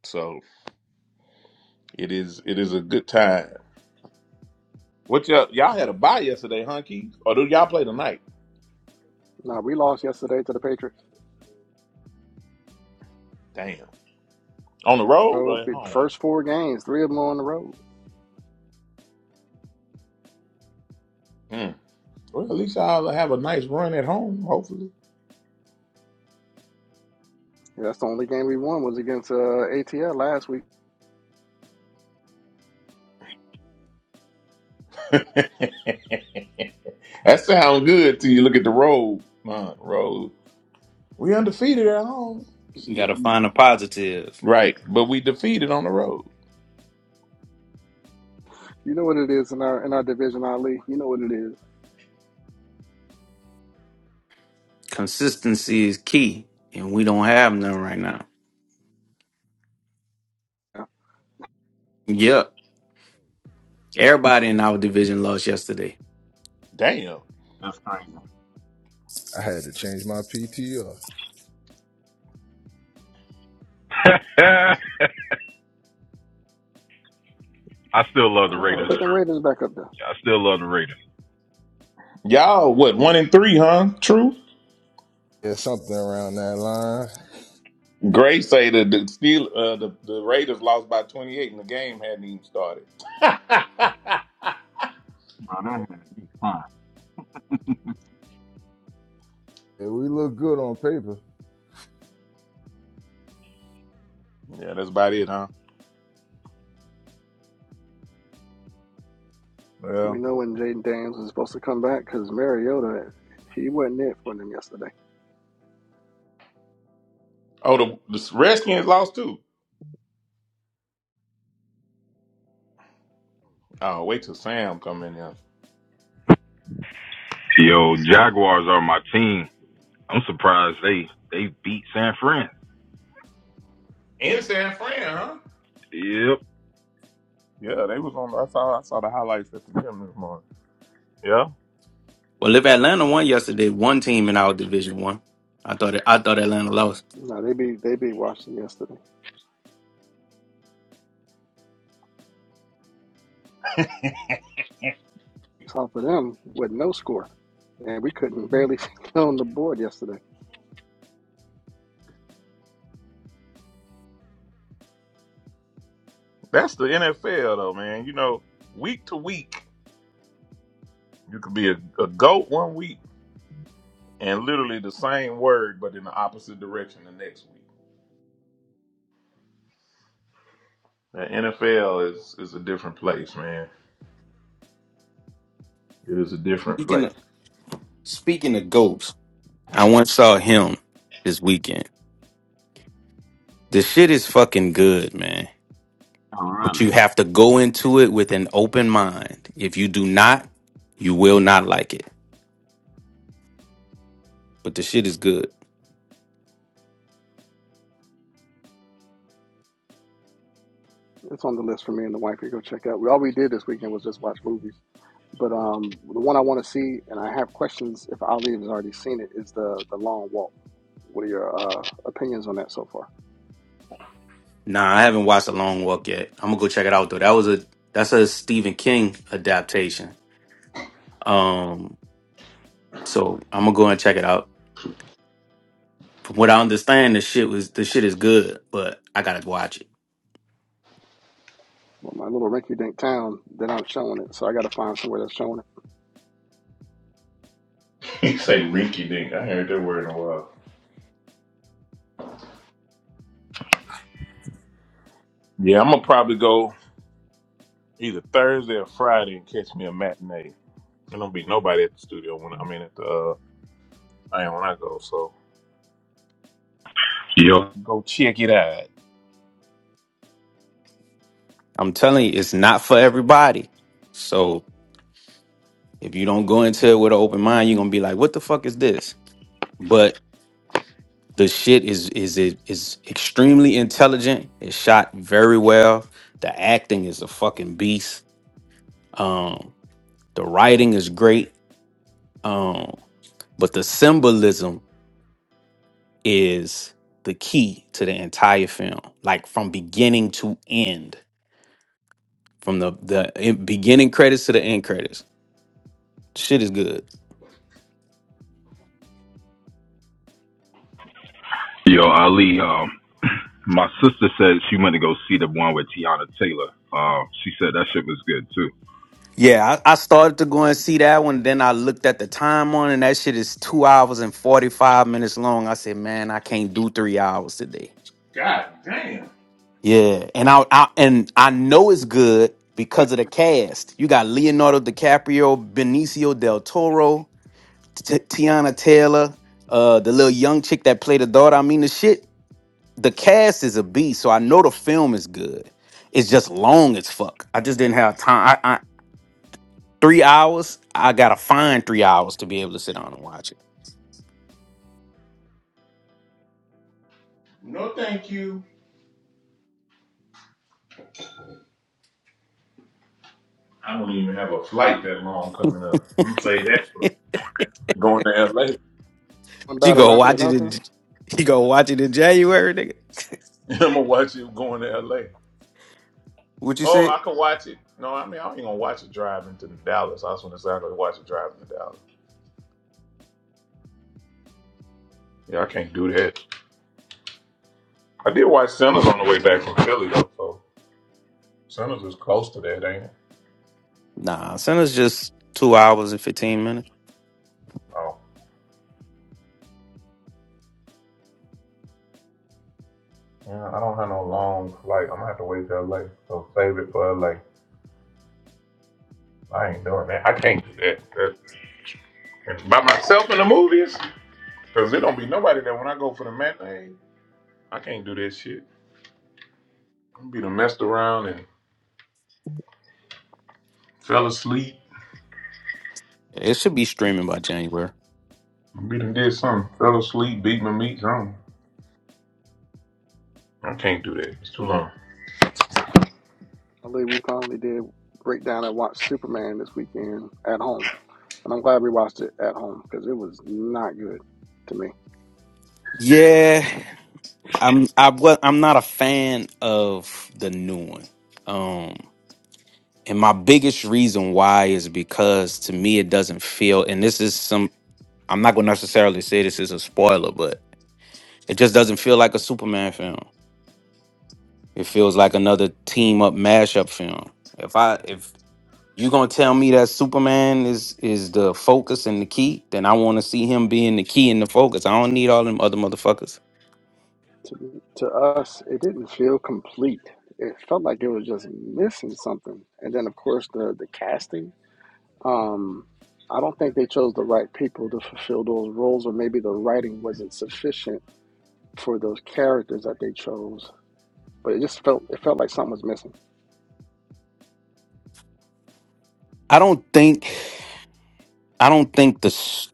[SPEAKER 1] So it is it is a good time. What y'all y'all had a bye yesterday, huh, Keith? Or do y'all play tonight?
[SPEAKER 10] Nah, we lost yesterday to the Patriots.
[SPEAKER 1] Damn. On the road or
[SPEAKER 10] So
[SPEAKER 1] at
[SPEAKER 10] we-
[SPEAKER 1] home?
[SPEAKER 10] first four games, three of them on the road.
[SPEAKER 1] Hmm. Well, at least I'll have a nice run at home, hopefully.
[SPEAKER 10] Yeah, that's the only game we won was against uh, ATL last week.
[SPEAKER 1] <laughs> that sounds good till you look at the road. Uh, road. We undefeated at home.
[SPEAKER 9] You
[SPEAKER 1] Shit.
[SPEAKER 9] gotta
[SPEAKER 1] we-
[SPEAKER 9] find the positives.
[SPEAKER 1] Right. But we defeated on the road.
[SPEAKER 10] You know what it is in our in our division, Ali. You know what it is.
[SPEAKER 9] Consistency is key, and we don't have none right now.
[SPEAKER 10] Yeah.
[SPEAKER 9] Yep. Everybody in our division lost yesterday.
[SPEAKER 1] Damn.
[SPEAKER 8] That's crazy.
[SPEAKER 11] I had to change my PTR.
[SPEAKER 5] <laughs> I still love the
[SPEAKER 10] Uh-uh,
[SPEAKER 5] Raiders.
[SPEAKER 10] put them Raiders back up there.
[SPEAKER 5] I still love the Raiders.
[SPEAKER 1] Y'all, what, one and three, huh? True?
[SPEAKER 11] Yeah, something around that line.
[SPEAKER 1] Gray say the the, Steel, uh, the the Raiders lost by 28 and the game hadn't even started. <laughs> yeah,
[SPEAKER 8] Bro, that had to be fun. <laughs>
[SPEAKER 11] Yeah, we look good on paper.
[SPEAKER 1] that's about it, huh?
[SPEAKER 10] Do we
[SPEAKER 1] Well.
[SPEAKER 10] know when Jaden Daniels is supposed to come back? Because Mariota, he wasn't it for them yesterday.
[SPEAKER 1] Oh, the, the Redskins lost too. Oh, wait till Sam come in here.
[SPEAKER 5] Yo, Jaguars are my team. I'm surprised they they beat San Fran.
[SPEAKER 1] In San Fran, huh?
[SPEAKER 5] Yep.
[SPEAKER 1] Yeah, they was on. I saw I saw the highlights at the gym this morning. Yeah,
[SPEAKER 9] Well, if Atlanta won yesterday, one team in our division won. I thought it, I thought Atlanta lost.
[SPEAKER 10] No, they beat they beat Washington yesterday. Top of them with no score, and we couldn't barely <laughs> get on the board yesterday.
[SPEAKER 1] that's the NFL though, man. You know, week to week, you could be a, a goat one week and literally the same word, but in the opposite direction the next week. The NFL is is a different place, man. It is a different
[SPEAKER 9] Speaking
[SPEAKER 1] place.
[SPEAKER 9] of,
[SPEAKER 1] <laughs>
[SPEAKER 9] speaking of goats, I once saw him this weekend. The shit is fucking good, man.
[SPEAKER 8] Oh,
[SPEAKER 9] But
[SPEAKER 8] really?
[SPEAKER 9] you have to go
[SPEAKER 8] Yeah.
[SPEAKER 9] into it with an open mind. If you do not, you will not like it. But the shit is good.
[SPEAKER 10] It's on the list for me and the wife to go check out. We, all we did this weekend was just watch movies. But um, the one I want to see, and I have questions if Ali has already seen it, is the the long walk. What are your uh, opinions on that so far?
[SPEAKER 9] Nah, I haven't watched The Long Walk yet. I'm gonna go check it out though. That was a that's a Stephen King adaptation. Um, so I'm gonna go and check it out. From what I understand, the shit was the shit is good, but I gotta watch it.
[SPEAKER 10] Well, my little rinky-dink town, they're not showing it, so I got to find somewhere that's showing it.
[SPEAKER 1] You say Ricky Dink. I heard that word in a while. Yeah, I'm gonna probably go either Thursday or Friday and catch me a matinee. There don't be nobody at the studio when I mean at the uh, I am when I go. So
[SPEAKER 5] Yo,
[SPEAKER 1] go check it out.
[SPEAKER 9] I'm telling you, it's not for everybody. So if you don't go into it with an open mind, you're gonna be like, "What the fuck is this?" But the shit is is it is extremely intelligent. It's shot very well. The acting is a fucking beast. Um, the writing is great. Um. but the symbolism is the key to the entire film like from beginning to end from the the in- beginning credits to the end credits shit is good
[SPEAKER 5] yo, Ali. Um, my sister said she went to go see the one with Tiana Taylor. Uh, she said that shit was good too.
[SPEAKER 9] yeah I, I started to go and see that one then i looked at the time on and that shit is two hours and 45 minutes long i said man i can't do three hours today
[SPEAKER 1] God damn.
[SPEAKER 9] yeah and i, I and i know it's good because of the cast you got leonardo dicaprio benicio del toro T- Tiana Taylor, uh, the little young chick that played the daughter. I mean, the shit, the cast is a beast, so I know the film is good. It's just long as fuck. I just didn't have time. I, I three hours. I gotta find three hours to be able to sit down and watch
[SPEAKER 1] No, thank you. I don't even have a flight that long coming up. I'm gonna say that for
[SPEAKER 9] it.
[SPEAKER 1] going to LA.
[SPEAKER 10] One
[SPEAKER 9] <laughs> you
[SPEAKER 1] <laughs>
[SPEAKER 10] battle
[SPEAKER 9] go
[SPEAKER 10] after
[SPEAKER 9] watch it. In,
[SPEAKER 10] another.
[SPEAKER 9] you go watch it in January, nigga.
[SPEAKER 1] I'm gonna watch it going to LA.
[SPEAKER 9] What you
[SPEAKER 1] Oh,
[SPEAKER 9] say?
[SPEAKER 1] I can watch it. No, I mean I ain't gonna watch it driving to Dallas. I just want to say I gonna watch it driving to Dallas. Yeah, I can't do that. I did watch Sinners on the way back from Philly though, so Sinners is close to that, ain't it?
[SPEAKER 9] Nah, send us just two hours and fifteen minutes.
[SPEAKER 1] Oh. Yeah, I don't have no long flight. I'm gonna have to wait till LA. So save it for LA. I ain't doing that. I can't do that. That- by myself in the movies? Cause it don't be nobody that when I go for the matinee, I can't do that shit. I'm be done messed around and fell asleep.
[SPEAKER 9] It should be streaming by January.
[SPEAKER 1] I am be done did something. Fell asleep, beat my meat, something. I can't do that. It's too long.
[SPEAKER 10] Ali, we finally did break down and watch Superman this weekend at home, and I'm glad we watched it at home because it was not good to me.
[SPEAKER 9] Yeah, I'm I was I'm not a fan of the new one. Um and my biggest reason why is because to me it doesn't feel and this is some I'm not gonna necessarily say this is a spoiler, but it just doesn't feel like a Superman film. It feels like another team up mashup film. If I if you gonna tell me that Superman is is the focus and the key, then I wanna see him being the key and the focus. I don't need all them other motherfuckers.
[SPEAKER 10] To, to us, it didn't feel complete. It felt like it was just missing something. And then, of course, the the casting Um, I don't think they chose the right people to fulfill those roles, or maybe the writing wasn't sufficient for those characters that they chose. But it just felt it felt like something was missing.
[SPEAKER 9] I don't think I don't think the s-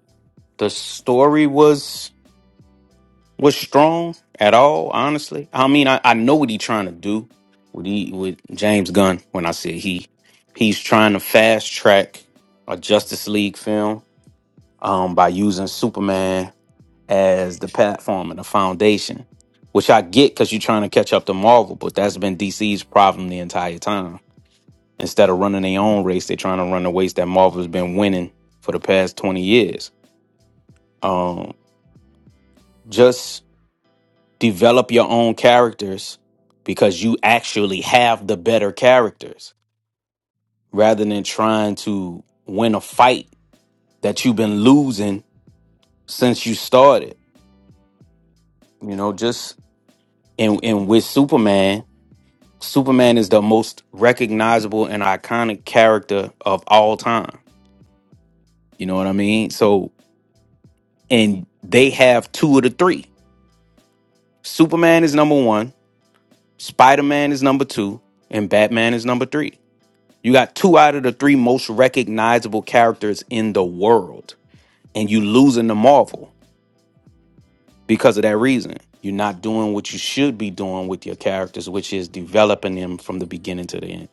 [SPEAKER 9] the story was was strong at all. Honestly, I mean, I, I know what he's trying to do with he with James Gunn. When I say he, he's trying to fast track a Justice League film um, by using Superman as the platform and the foundation, which I get because you're trying to catch up to Marvel, but that's been DC's problem the entire time. Instead of running their own race, they're trying to run the race that Marvel's been winning for the past twenty years um, just develop your own characters because you actually have the better characters rather than trying to win a fight that you've been losing since you started you know just and and with superman superman is the most recognizable and iconic character of all time you know what i mean so and they have two of the three superman is number one spider-man is number two and batman is number three You got two out of the three most recognizable characters in the world, and you losing the Marvel because of that reason. You're not doing what you should be doing with your characters, which is developing them from the beginning to the end.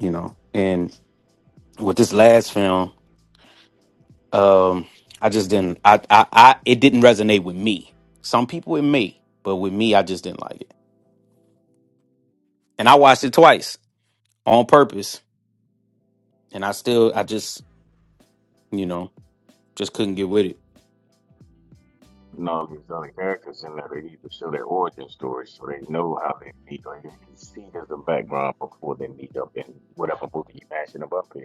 [SPEAKER 9] You know, and with this last film, um, I just didn't. I, I, I, it didn't resonate with me. Some people it may, but with me, I just didn't like it. And I watched it twice on purpose, and I still, I just, you know, just couldn't get with it.
[SPEAKER 8] Normally, there's other characters in there. They need to show their origin story so they know how they meet, or you can see there's a background before they meet up in whatever movie you matching them up in.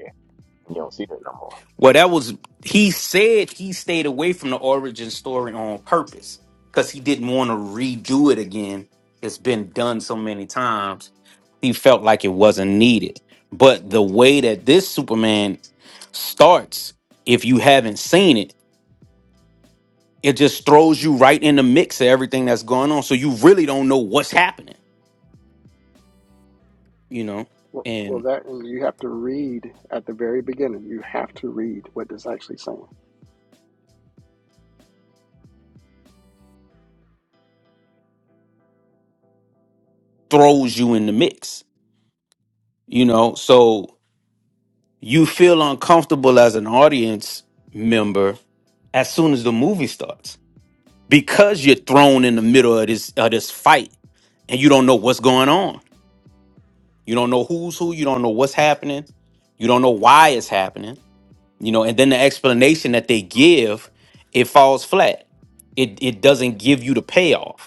[SPEAKER 8] You don't see that no more.
[SPEAKER 9] Well, that was he said he stayed away from the origin story on purpose because he didn't want to redo it again. It's been done so many times. He felt like it wasn't needed. But the way that this Superman starts, if you haven't seen it, it just throws you right in the mix of everything that's going on. So you really don't know what's happening, you know,
[SPEAKER 10] Well, well,
[SPEAKER 9] and
[SPEAKER 10] that and you have to read at the very beginning. You have to read what it's actually saying.
[SPEAKER 9] throws you in the mix, you know. So You feel uncomfortable as an audience member as soon as the movie starts because you're thrown in the middle of this of this fight and you don't know what's going on. You don't know who's who. You don't know what's happening. You don't know why it's happening. You know, and then the explanation that they give, it falls flat. It it doesn't give you the payoff.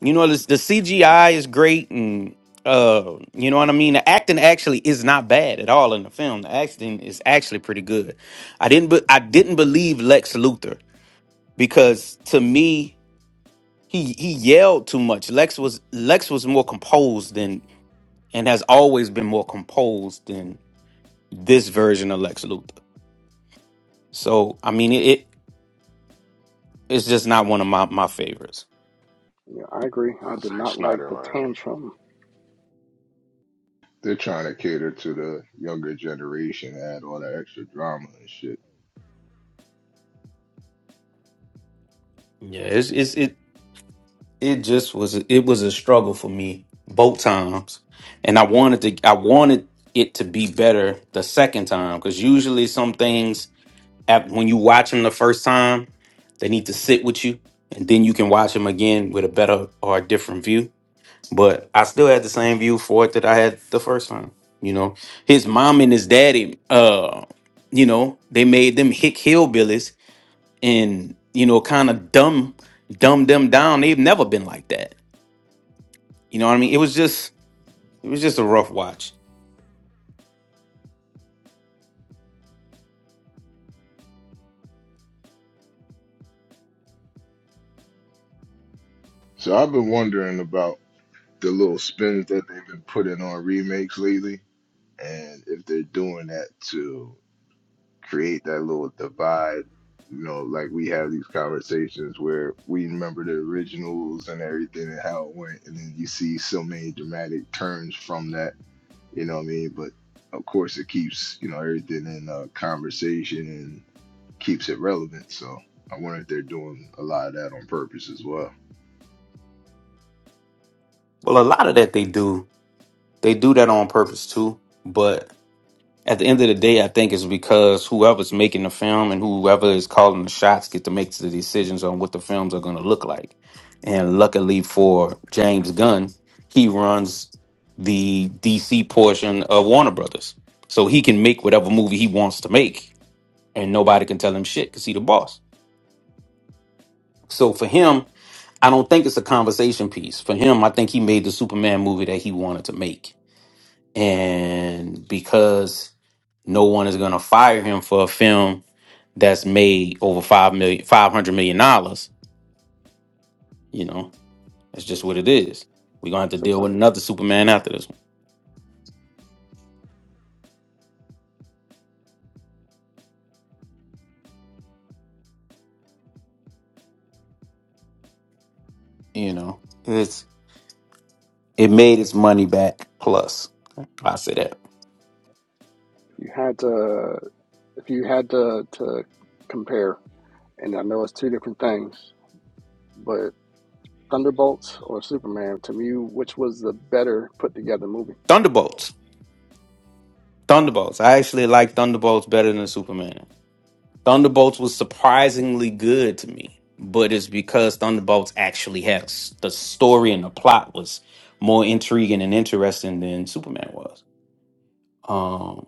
[SPEAKER 9] You know, this, the CGI is great, and uh, you know what I mean. The acting actually is not bad at all in the film. The acting is actually pretty good. I didn't, be, I didn't believe Lex Luthor because to me, he he yelled too much. Lex was Lex was more composed than and has always been more composed than this version of Lex Luthor. So I mean, it, it it's just not one of my my favorites.
[SPEAKER 10] Yeah, I agree.
[SPEAKER 4] By
[SPEAKER 10] I did
[SPEAKER 4] Zack
[SPEAKER 10] not like
[SPEAKER 4] Snyder,
[SPEAKER 10] the
[SPEAKER 4] man.
[SPEAKER 10] tantrum
[SPEAKER 11] They're trying to cater to the younger generation, add all that extra drama and shit.
[SPEAKER 9] Yeah, it's it's it. it just was it was a struggle for me both times and i wanted to i wanted it to be better the second time because usually some things at, when you watch them the first time they need to sit with you and then you can watch them again with a better or a different view but i still had the same view for it that i had the first time you know his mom and his daddy uh you know they made them hick hillbillies and you know kind of dumb dumb them down they've never been like that you know what I mean? It was just it was just a rough watch.
[SPEAKER 11] So I've been wondering about the little spins that they've been putting on remakes lately, and if they're doing that to create that little divide. You know, like we have these conversations where we remember the originals and everything and how it went, and then you see so many dramatic turns from that You know what I mean? But of course, it keeps you know everything in uh, conversation and keeps it relevant. So I wonder if they're doing a lot of that on purpose as well.
[SPEAKER 9] Well, a lot of that they do. They do that on purpose too. But At the end of the day, I think it's because whoever's making the film and whoever is calling the shots get to make the decisions on what the films are going to look like. And luckily for James Gunn, he runs the DC portion of Warner Brothers. So he can make whatever movie he wants to make and nobody can tell him shit cuz he the boss. So for him, I don't think it's a conversation piece. For him, I think he made the Superman movie that he wanted to make. And because no one is going to fire him for a film that's made over five million, five hundred million dollars. You know, that's just what it is. We're gonna have to
[SPEAKER 10] six
[SPEAKER 9] deal with
[SPEAKER 10] hundred.
[SPEAKER 9] another Superman after this one. You know, it's it made its money back. Plus, I say that
[SPEAKER 10] If You had to if you had to to compare, and I know it's two different things, but Thunderbolts or Superman to me, which was the better put together movie?
[SPEAKER 9] Thunderbolts, Thunderbolts. I actually like Thunderbolts better than Superman. Thunderbolts was surprisingly good to me, but it's because Thunderbolts actually had a s the story and the plot was more intriguing and interesting than Superman was. Um,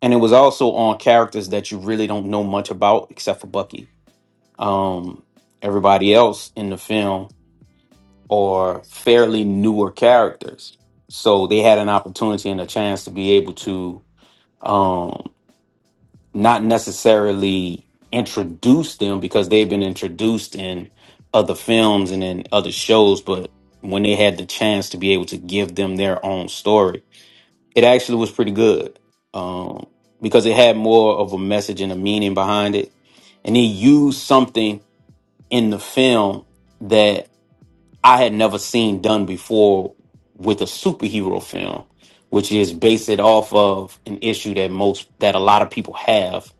[SPEAKER 9] and it was also on characters that you really don't know much about except for Bucky. Um, everybody else in the film are fairly newer characters, so they had an opportunity and a chance to be able to um, not necessarily introduce them because they've been introduced in other films and in other shows, but when they had the chance to be able to give them their own story it actually was pretty good um, because it had more of a message and a meaning behind it. And he used something in the film that I had never seen done before with a superhero film, which is based it off of an issue that most that a lot of people have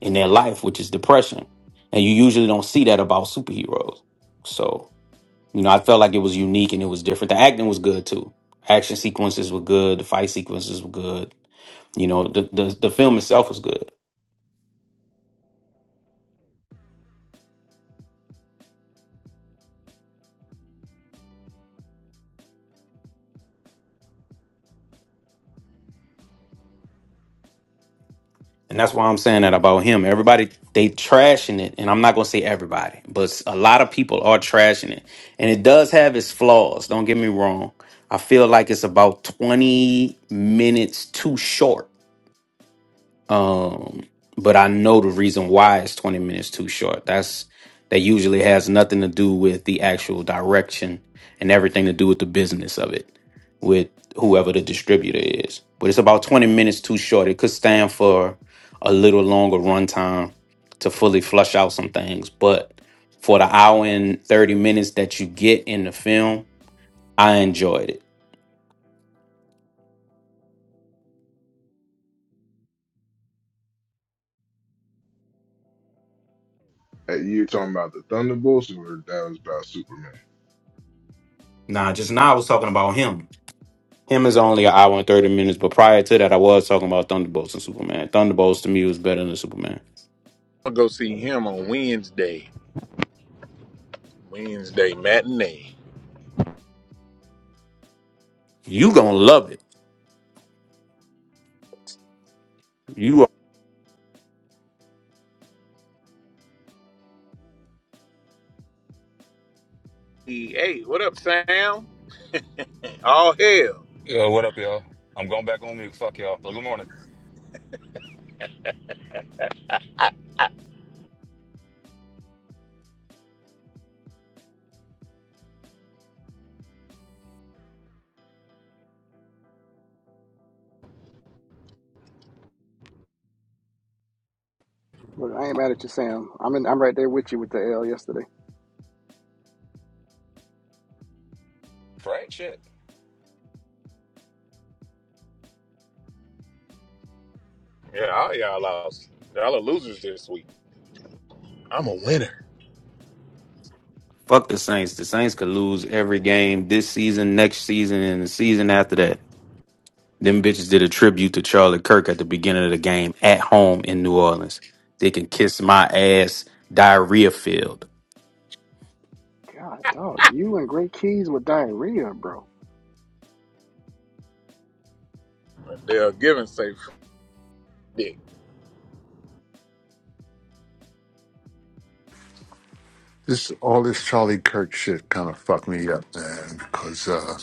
[SPEAKER 9] in their life, which is depression. And you usually don't see that about superheroes. So, you know, I felt like it was unique and it was different. The acting was good too. Action sequences were good, the fight sequences were good. You know, the, the the film itself was good, and that's why I'm saying that about him. Everybody they trashing it, and I'm not gonna say everybody, but a lot of people are trashing it, and it does have its flaws. Don't get me wrong. I feel like it's about 20 minutes too short Um, but I know the reason why it's 20 minutes too short. That's that usually has nothing to do with the actual direction and everything to do with the business of it with whoever the distributor is. But it's about 20 minutes too short. It could stand for a little longer runtime to fully flush out some things, but for the hour and 30 minutes that you get in the film, I enjoyed it.
[SPEAKER 11] Hey, you're talking about the Thunderbolts, or that was about Superman?
[SPEAKER 9] Nah, just now I was talking about him Him is only an hour and thirty minutes, but prior to that, I was talking about Thunderbolts and Superman. Thunderbolts to me was better than Superman.
[SPEAKER 1] I'll go see him on Wednesday. Wednesday matinee.
[SPEAKER 9] You gonna love it. You are,
[SPEAKER 1] Hey, hey, what up, Sam? All hell.
[SPEAKER 12] Yo, what up, y'all? I'm going back on mute. Fuck y'all. But good morning.
[SPEAKER 10] Look, I ain't mad at you, Sam. I'm in, I'm right there with you with the L yesterday.
[SPEAKER 12] Right? Shit.
[SPEAKER 1] Yeah, all y'all lost. Y'all are losers this week. I'm a winner.
[SPEAKER 9] fuck the Saints. The Saints could lose every game this season, next season, and the season after that. Them bitches did a tribute to Charlie Kirk at the beginning of the game at home in New Orleans. They can kiss my ass, diarrhea field.
[SPEAKER 10] God, dog, you and Great Keys with diarrhea, bro.
[SPEAKER 1] They're giving safe dick.
[SPEAKER 7] This all this Charlie Kirk shit kind of fucked me up, man. Because uh,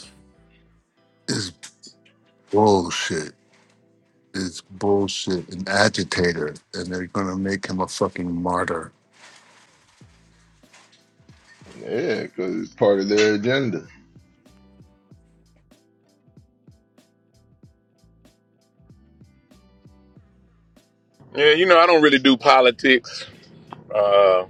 [SPEAKER 7] it's bullshit. It's bullshit. An agitator, and they're gonna make him a fucking martyr.
[SPEAKER 11] Yeah, because it's part of their agenda.
[SPEAKER 1] Yeah, you know, I don't really do politics. Uh,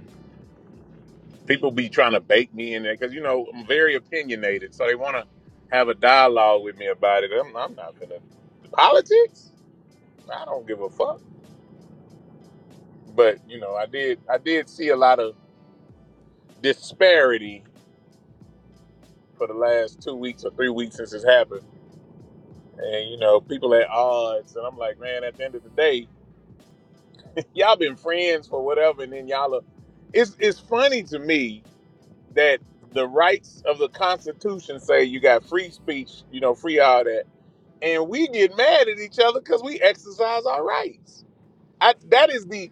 [SPEAKER 1] people be trying to bait me in there because you know I'm very opinionated, so they want to have a dialogue with me about it. I'm, I'm not gonna politics. I don't give a fuck. But you know, I did I did see a lot of disparity for the last two weeks or three weeks since it's happened, and you know, people at odds, and I'm like, man, at the end of the day, <laughs> y'all been friends for whatever, and then y'all are. It's it's funny to me that the rights of the Constitution say you got free speech, you know, free all that and we get mad at each other because we exercise our rights. I, that is the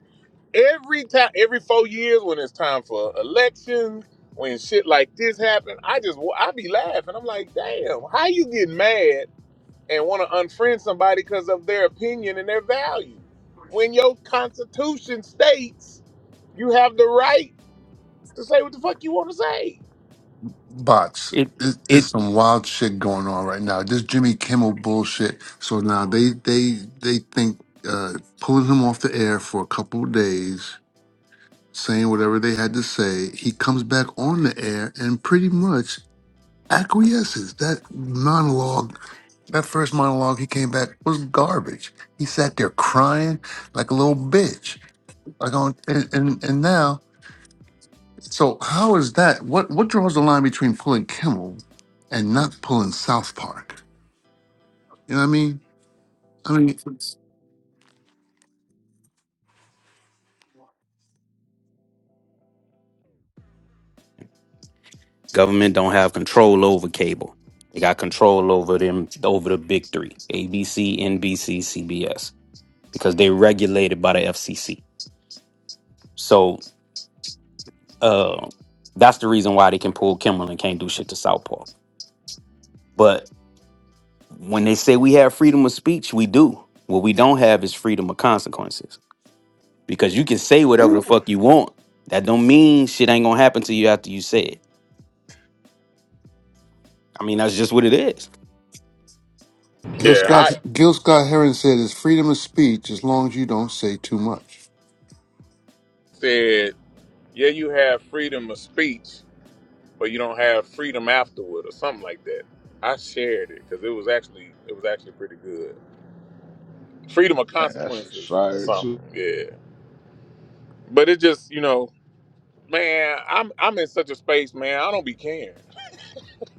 [SPEAKER 1] every time, every four years when it's time for elections, when shit like this happen, I just I be laughing. I'm like, damn, how you get mad and want to unfriend somebody because of their opinion and their value when your Constitution states you have the right to say what the fuck you want to say.
[SPEAKER 7] Bots.
[SPEAKER 9] It
[SPEAKER 7] It, it's
[SPEAKER 9] it
[SPEAKER 7] some wild shit going on right now. This Jimmy Kimmel bullshit. So now they they they think uh, pulling him off the air for a couple of days, saying whatever they had to say. He comes back on the air and pretty much acquiesces. That monologue That first monologue he came back was garbage. He sat there crying like a little bitch. Like on and and, and now, so how is that? What what draws the line between pulling Kimmel and not pulling South Park? You know what I mean? I mean,
[SPEAKER 9] government don't have control over cable. They got control over them over the big three: ABC, NBC, CBS. because they're regulated by the FCC. So uh, that's the reason why they can pull Kimmel and can't do shit to Southpaw. But when they say we have freedom of speech, we do. What we don't have is freedom of consequences because you can say whatever the
[SPEAKER 11] Whew,
[SPEAKER 9] fuck you want. That don't mean shit ain't gonna happen to you after you say it. I mean, that's just what it is.
[SPEAKER 7] Gil
[SPEAKER 1] Yeah,
[SPEAKER 7] Scott
[SPEAKER 1] I
[SPEAKER 7] Gil Scott Heron said it's freedom of speech as long as you don't say too much.
[SPEAKER 1] said, yeah, you have freedom of speech, but you don't have freedom afterward or something like that. I shared it because it was actually it was actually pretty good. Freedom of
[SPEAKER 11] man, that's just
[SPEAKER 1] consequences or
[SPEAKER 11] fire
[SPEAKER 1] something.
[SPEAKER 11] too.
[SPEAKER 1] Yeah, but it just you know, man, I'm I'm in such a space, man. I don't be caring.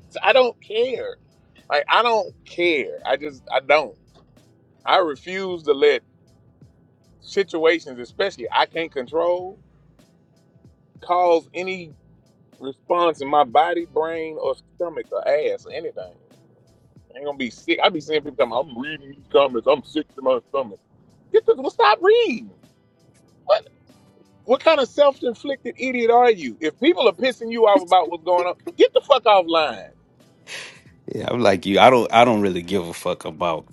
[SPEAKER 1] <laughs> I don't care. Like I don't care. I just I don't. I refuse to let situations, especially I can't control, cause any response in my body, brain, or stomach or ass or anything. ain't gonna be sick. I be seeing people come. I'm reading these comments. I'm sick to my stomach. Get the Well, stop reading. What? What kind of self-inflicted idiot are you? If people are pissing you off about what's going on, get the fuck offline.
[SPEAKER 9] Yeah, I'm like you. I don't. I don't really give a fuck about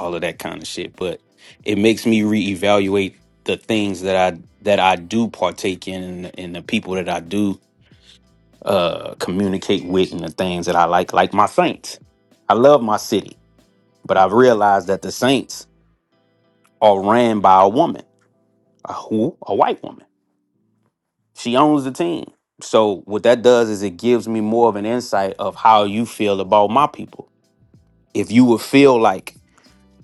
[SPEAKER 9] all of that kind of shit. But it makes me reevaluate the things that I that I do partake in and and the people that I do uh communicate with and the things that I like, like my Saints. I love my city, but I've realized that the Saints are ran by a woman, a who? A white woman. She owns the team. So what that does is it gives me more of an insight of how you feel about my people. If you would feel like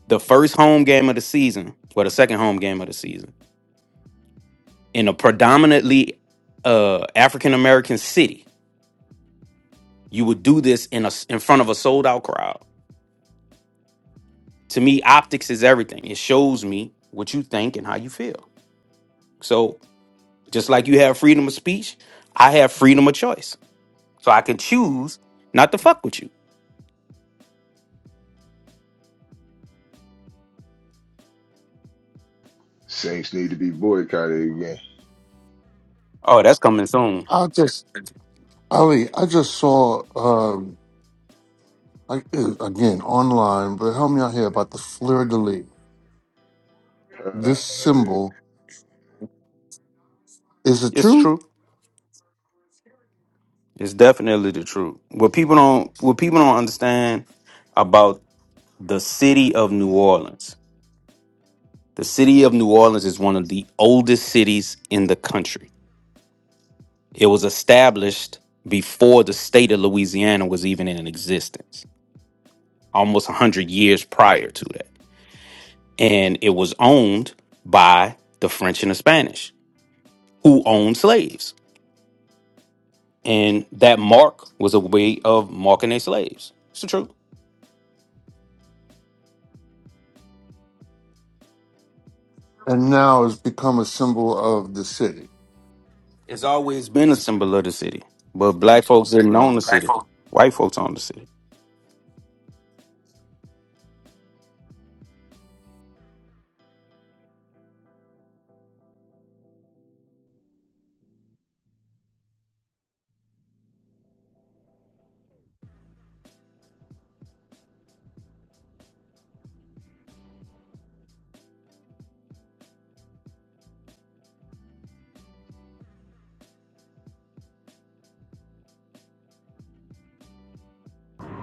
[SPEAKER 9] the first home game of the season or the second home game of the season in a predominantly uh African American city, you would do this in a s- in front of a sold out crowd to me, optics is everything. It shows me what you think and how you feel. So just like you have freedom of speech, I have freedom of choice. So I can choose not to fuck with you.
[SPEAKER 11] Saints need to be boycotted again.
[SPEAKER 9] Oh, that's coming soon.
[SPEAKER 7] I just Ali, I just saw um I, again online, but help me out here about the fleur de lis.
[SPEAKER 11] Uh,
[SPEAKER 7] This symbol is it
[SPEAKER 9] It's
[SPEAKER 7] true?
[SPEAKER 9] true. It's definitely the truth. What people don't what people don't understand about the city of New Orleans. The city of New Orleans is one of the oldest cities in the country. It was established before the state of Louisiana was even in existence. almost 100 years prior to that. And it was owned by the French and the Spanish, who owned slaves. And that mark was a way of marking their slaves. It's the truth.
[SPEAKER 7] and now has become a symbol of the city.
[SPEAKER 9] It's always been a symbol of the city. But black folks didn't
[SPEAKER 7] Right.
[SPEAKER 9] own the city. White folks own the city.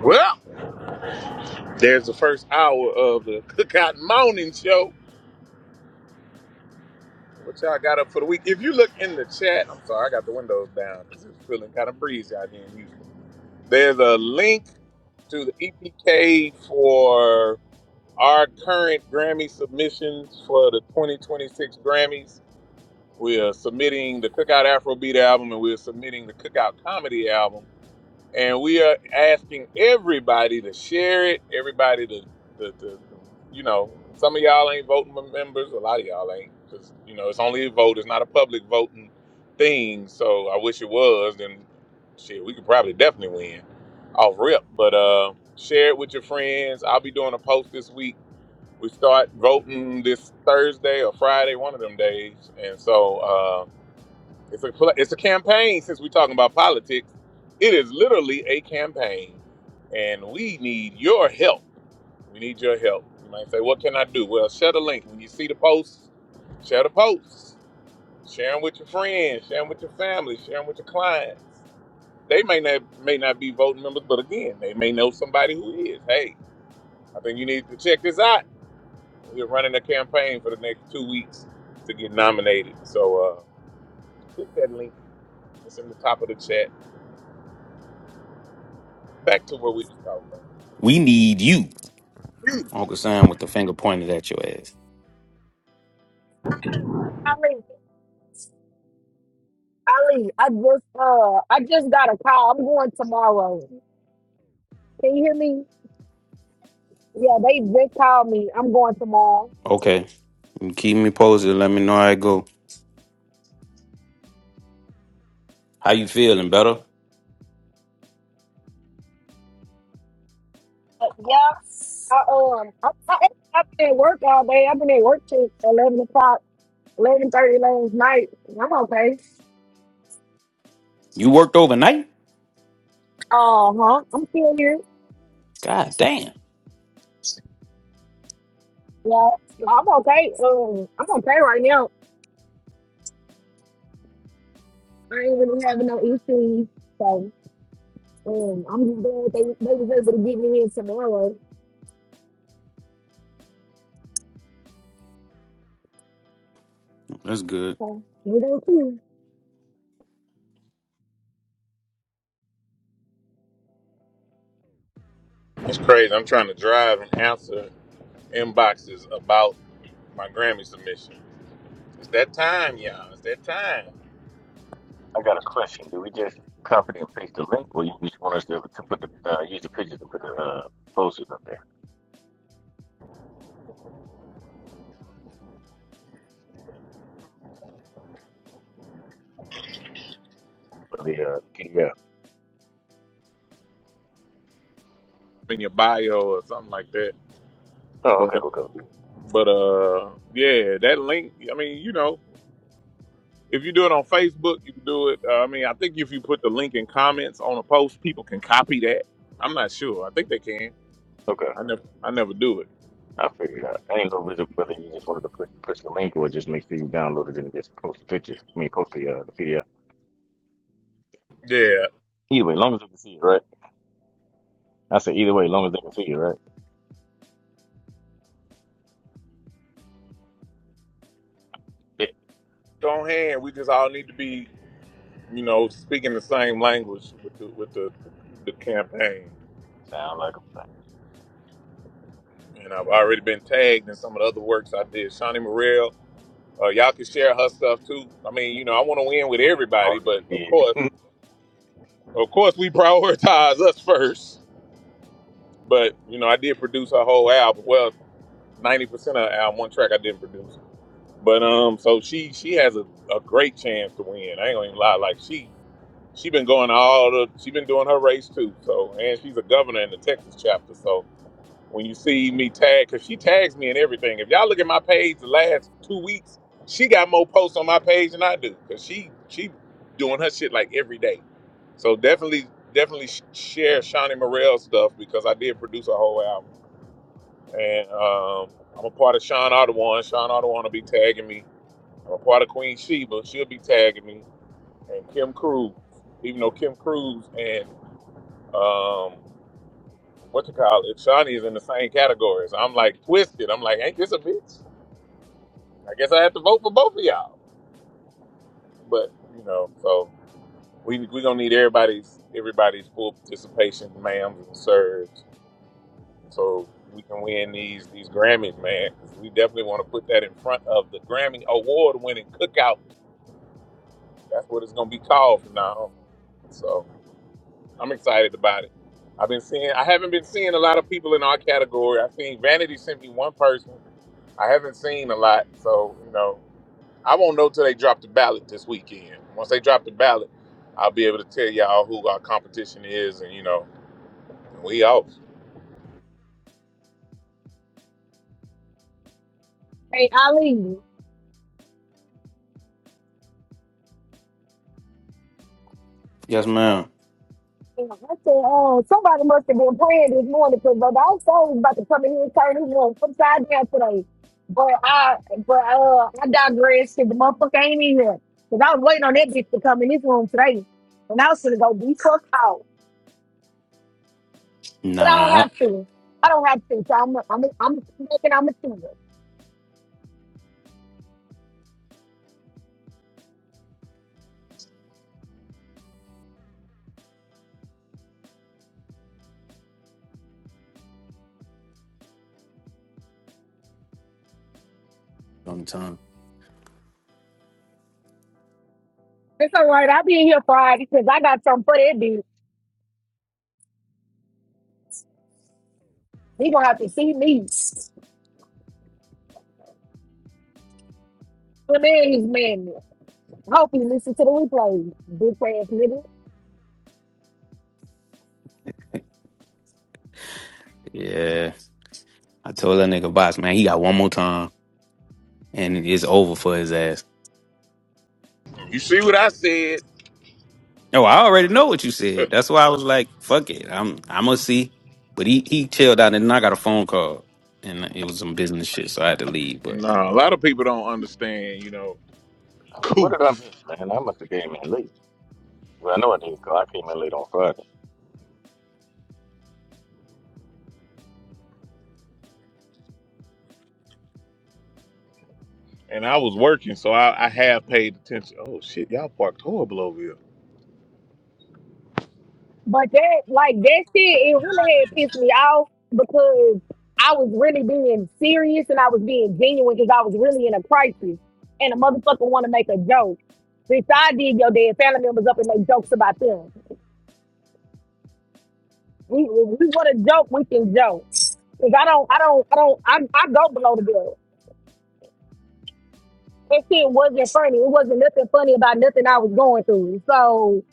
[SPEAKER 1] Well, there's the first hour of the Cookout Morning Show. What y'all got up for the week? If you look in the chat, I'm sorry, I got the windows down because it's feeling kind of breezy out here in Houston. There's a link to the EPK for our current Grammy submissions for the 2026 Grammys. We are submitting the Cookout Afrobeat album and we are submitting the Cookout Comedy album. And we are asking everybody to share it, everybody to, to, to, you know, some of y'all ain't voting members, a lot of y'all ain't. Just, you know, it's only a vote, it's not a public voting thing. So I wish it was, then shit, we could probably definitely win off rip. But uh, share it with your friends. I'll be doing a post this week. We start voting this Thursday or Friday, one of them days. And so, uh, it's a pl- it's a campaign. Since we're talking about politics, it is literally a campaign, and we need your help. We need your help. You might say, "What can I do?" Well, share the link when you see the posts. Share the posts. Share them with your friends. Share them with your family. Share them with your clients. They may not may not be voting members, but again, they may know somebody who is. Hey, I think you need to check this out. We're running a campaign for the next two weeks to get nominated. So uh, click that link. It's in the top of the chat Back to what we was talking
[SPEAKER 9] We need you.
[SPEAKER 1] about.
[SPEAKER 9] Uncle Sam with the finger pointed at your ass.
[SPEAKER 13] Ali, Ali, I just uh I just got a call. I'm going tomorrow. Can you hear me? Yeah, they just called me. I'm going tomorrow.
[SPEAKER 9] Okay. you Keep me posted. Let me know how it go. How you feeling, better?
[SPEAKER 13] But yeah, I um I, I, I've been at work all day. I've been at work till eleven o'clock, eleven thirty last night. I'm okay.
[SPEAKER 9] You worked overnight?
[SPEAKER 13] Uh huh. I'm still here.
[SPEAKER 9] God damn.
[SPEAKER 13] Yeah, Yeah, I'm okay. Um, I'm okay right now. I ain't really having no issues. So um, I'm just glad they they was able to get me in tomorrow.
[SPEAKER 9] That's good.
[SPEAKER 13] So you know too.
[SPEAKER 1] It's crazy. I'm trying to drive and answer inboxes about my Grammy submission. It's that time, y'all. It's that time.
[SPEAKER 8] I got a question. Do we just copy and paste the link, or you just want us to, to put the uh, use the pictures to put the uh, posters up there for the uh, PDF?
[SPEAKER 1] In your bio or something like that.
[SPEAKER 8] Oh,
[SPEAKER 1] But
[SPEAKER 8] okay,
[SPEAKER 1] uh,
[SPEAKER 8] okay, okay.
[SPEAKER 1] but uh, yeah, that link. I mean, you know, if you do it on Facebook, you can do it. Uh, I mean, I think if you put the link in comments on a post, people can copy that. I'm not sure. I think they can.
[SPEAKER 8] Okay,
[SPEAKER 1] I never I never do it.
[SPEAKER 8] I figured out. I ain't know whether whether you just wanted to push push the link or just make sure you download it and just post the picture. I mean, post the uh, the PDF.
[SPEAKER 1] Yeah.
[SPEAKER 8] Either way, as long as they can see it, right? I said either way, as long as they can see it, right? It
[SPEAKER 1] Go ahead. We just all need to be you know, speaking the same language with the, with the, the campaign.
[SPEAKER 8] sound like a plan.
[SPEAKER 1] And I've already been tagged in some of the other works I did. Shawnee Morrell, uh, y'all can share her stuff too. I mean, you know, I want to win with everybody,
[SPEAKER 8] Already
[SPEAKER 1] but of
[SPEAKER 8] did.
[SPEAKER 1] course, of course, we <laughs> prioritize us first. But you know, I did produce her whole album. Well, ninety percent of her album, one track I didn't produce. But um, so she she has a, a great chance to win. I ain't gonna even lie. Like she she been going all the she been doing her race too. So and she's a governor in the Texas chapter. So when you see me tag, because she tags me in everything. If y'all look at my page the last two weeks, she got more posts on my page than I do, because she she doing her shit like every day. So definitely definitely sh- share Shawnee Morrell stuff because I did produce a whole album, and um, I'm a part of Sean Audubon. Sean Audubon will be tagging me. I'm a part of Queen Sheba. She'll be tagging me, and Kim Cruz. Even though Kim Cruz and um, what you call it, Shawnee's in the same category. So I'm like twisted. I'm like, ain't this a bitch? I guess I have to vote for both of y'all. But you know, so we we gonna need everybody's everybody's full participation, ma'ams and sirs, so we can win these these Grammys, man. 'Cause we definitely want to put that in front of the Grammy award winning cookout. That's what it's gonna be called from now on. So. I'm excited about it. I've been seeing. I haven't been seeing a lot of people in our category. I've seen Vanity sent me one person. I haven't seen a lot, so you know, I won't know till they drop the ballot this weekend. Once they drop the ballot, I'll be able to tell y'all who our competition is, and you know, we off.
[SPEAKER 13] Hey, Ali.
[SPEAKER 9] Yes, ma'am.
[SPEAKER 13] Yeah, I said, uh, somebody must have been praying this morning because I was always about to come in here and turn his room upside down today. But I, but uh, I digressed. and The motherfucker ain't in here because I was waiting on that bitch to come in this room today, and I was gonna go be fucked out. But I don't
[SPEAKER 9] Nah. I-
[SPEAKER 13] have to. I don't have to. So I'm, I'm, I'm making. I'm a tutor.
[SPEAKER 9] Sometime.
[SPEAKER 13] It's all right. I'll be in here Friday because I got something for that bitch. He gonna have to see me. The man is man. I hope he listen to the replay. Big ass nigga.
[SPEAKER 9] Yeah. I told that nigga boss, man, he got one more time and it's over for his ass.
[SPEAKER 1] You see what I said?
[SPEAKER 9] No, I already know what you said.
[SPEAKER 1] <laughs>
[SPEAKER 9] That's why I was like, fuck it. I'm I'm gonna see. But he he chilled out and then I got a phone call and it was some business shit, so I had to leave. But
[SPEAKER 1] no, a lot of people don't understand. You know,
[SPEAKER 8] What did I
[SPEAKER 1] coots.
[SPEAKER 8] miss, man? I must have came in late. Well, I know I did 'cause I came in late on Friday.
[SPEAKER 1] And I was working, so I, I have paid attention. Oh shit, y'all parked horrible over here.
[SPEAKER 13] But that, like that shit, it really had pissed me off because I was really being serious and I was being genuine because I was really in a crisis. And a motherfucker want to make a joke. Bitch, I did your dead family members up and make jokes about them. We, if we want to joke, we can joke. Cause I don't, I don't, I don't, I, I go below the belt. That shit wasn't funny. It wasn't nothing funny about nothing I was going through. So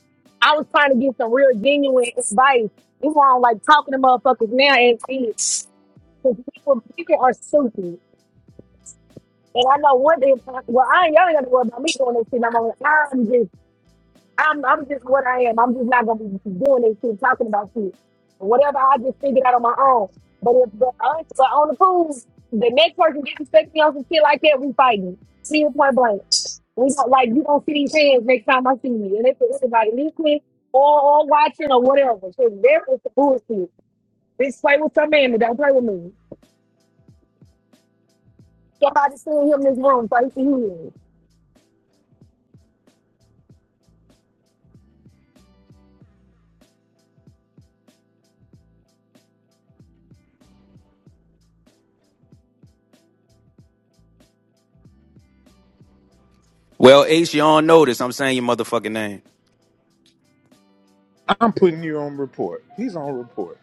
[SPEAKER 13] I was trying to get some real genuine advice. You on like talking to motherfuckers now and shit. Because people, people are stupid. And I know one day, well, I ain't, y'all ain't got to worry about me doing this shit no more. I'm just, I'm, I'm just what I am. I'm just not going to be doing this shit, talking about shit. Whatever, I just figured out on my own. But if the us are on the pool, the next person disrespect me on some shit like that, we fighting. See you point blank. We don't, like, you don't see these hands next time I see you. And it's everybody listening or, or watching or whatever. So there is the bullshit. Just play with some man, but don't play with me. Somebody seen him in this room, so he can hear
[SPEAKER 9] well, Ace, you on notice. I'm saying your motherfucking name.
[SPEAKER 1] I'm putting you on report. He's on report.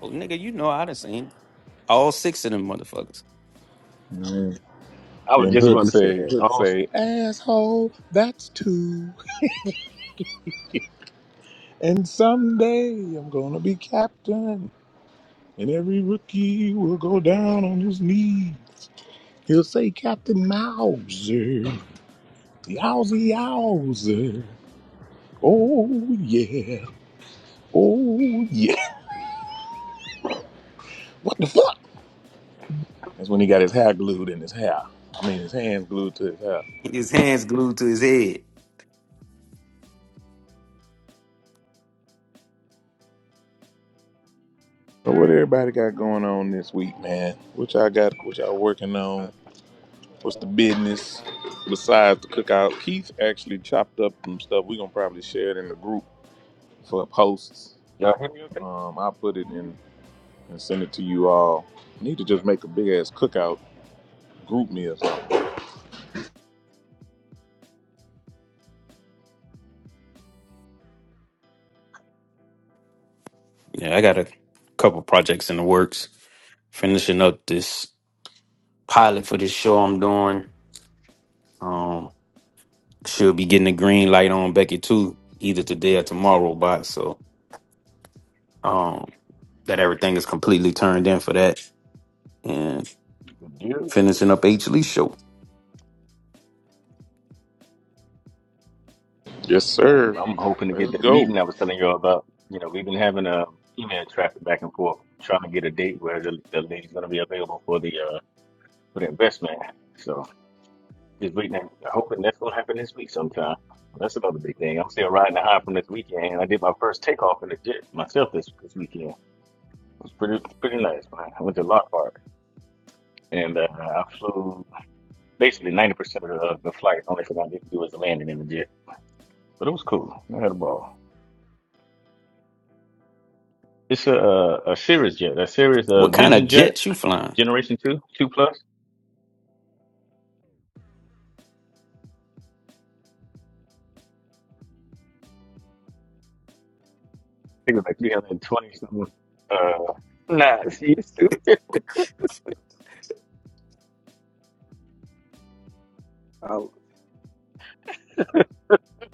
[SPEAKER 9] Oh nigga, you know I done seen all six of them motherfuckers.
[SPEAKER 1] Mm.
[SPEAKER 8] I was
[SPEAKER 1] And
[SPEAKER 8] just
[SPEAKER 1] Hook
[SPEAKER 8] about to say
[SPEAKER 1] say,
[SPEAKER 8] that.
[SPEAKER 1] Hook
[SPEAKER 8] Oh, s-
[SPEAKER 1] say, asshole, that's two. And someday I'm gonna be captain, and every rookie will go down on his knees. He'll say, Captain Mauser, yowzy yowzer. Oh yeah, oh yeah. <laughs> What the fuck? That's when he got his hair glued in his hair. I mean, his hands glued to his hair.
[SPEAKER 9] His hands glued to his head.
[SPEAKER 1] So what everybody got going on this week, man? What y'all got? What y'all
[SPEAKER 8] yeah.
[SPEAKER 1] working on? What's the business besides the cookout? Keith actually chopped up some stuff. We're gonna probably share it in the group for posts.
[SPEAKER 8] y'all hear me okay?
[SPEAKER 1] Um, I'll put it in and send it to you all. Need to just make a big ass cookout group meal.
[SPEAKER 9] Yeah, I got a couple projects in the works. Finishing up this pilot for this show I'm doing. Um, She'll be getting the green light on Becky too, either today or tomorrow, Bot. so um that everything is completely turned in for that and
[SPEAKER 8] Yeah, okay.
[SPEAKER 9] finishing
[SPEAKER 8] Yeah,
[SPEAKER 9] up H Lee show.
[SPEAKER 1] Yes,
[SPEAKER 8] Yeah, I'm
[SPEAKER 1] sir.
[SPEAKER 8] I'm hoping to get
[SPEAKER 1] Let's
[SPEAKER 8] that
[SPEAKER 1] go.
[SPEAKER 8] meeting I was telling you all about. You know, we've been having a email traffic back and forth, trying to get a date where the, the lady's going to be available for the uh for the investment. So. This waiting and hoping that's gonna happen this week sometime. That's another big thing. I'm still riding the high from this weekend. I did my first takeoff in the jet myself this this weekend. It was pretty pretty nice, man. I went to Lockhart and uh, I flew basically 90% of the, of the flight. Only thing I didn't do was the landing in the jet, but it was cool. I had a ball. It's a a, a Cirrus jet, a Cirrus uh,
[SPEAKER 9] What kind of
[SPEAKER 8] Vision jet,
[SPEAKER 9] jet you flying?
[SPEAKER 8] Generation Two, Two Plus. I think it was like 320 something. Uh, nah, see, it's, it's, a,
[SPEAKER 10] I,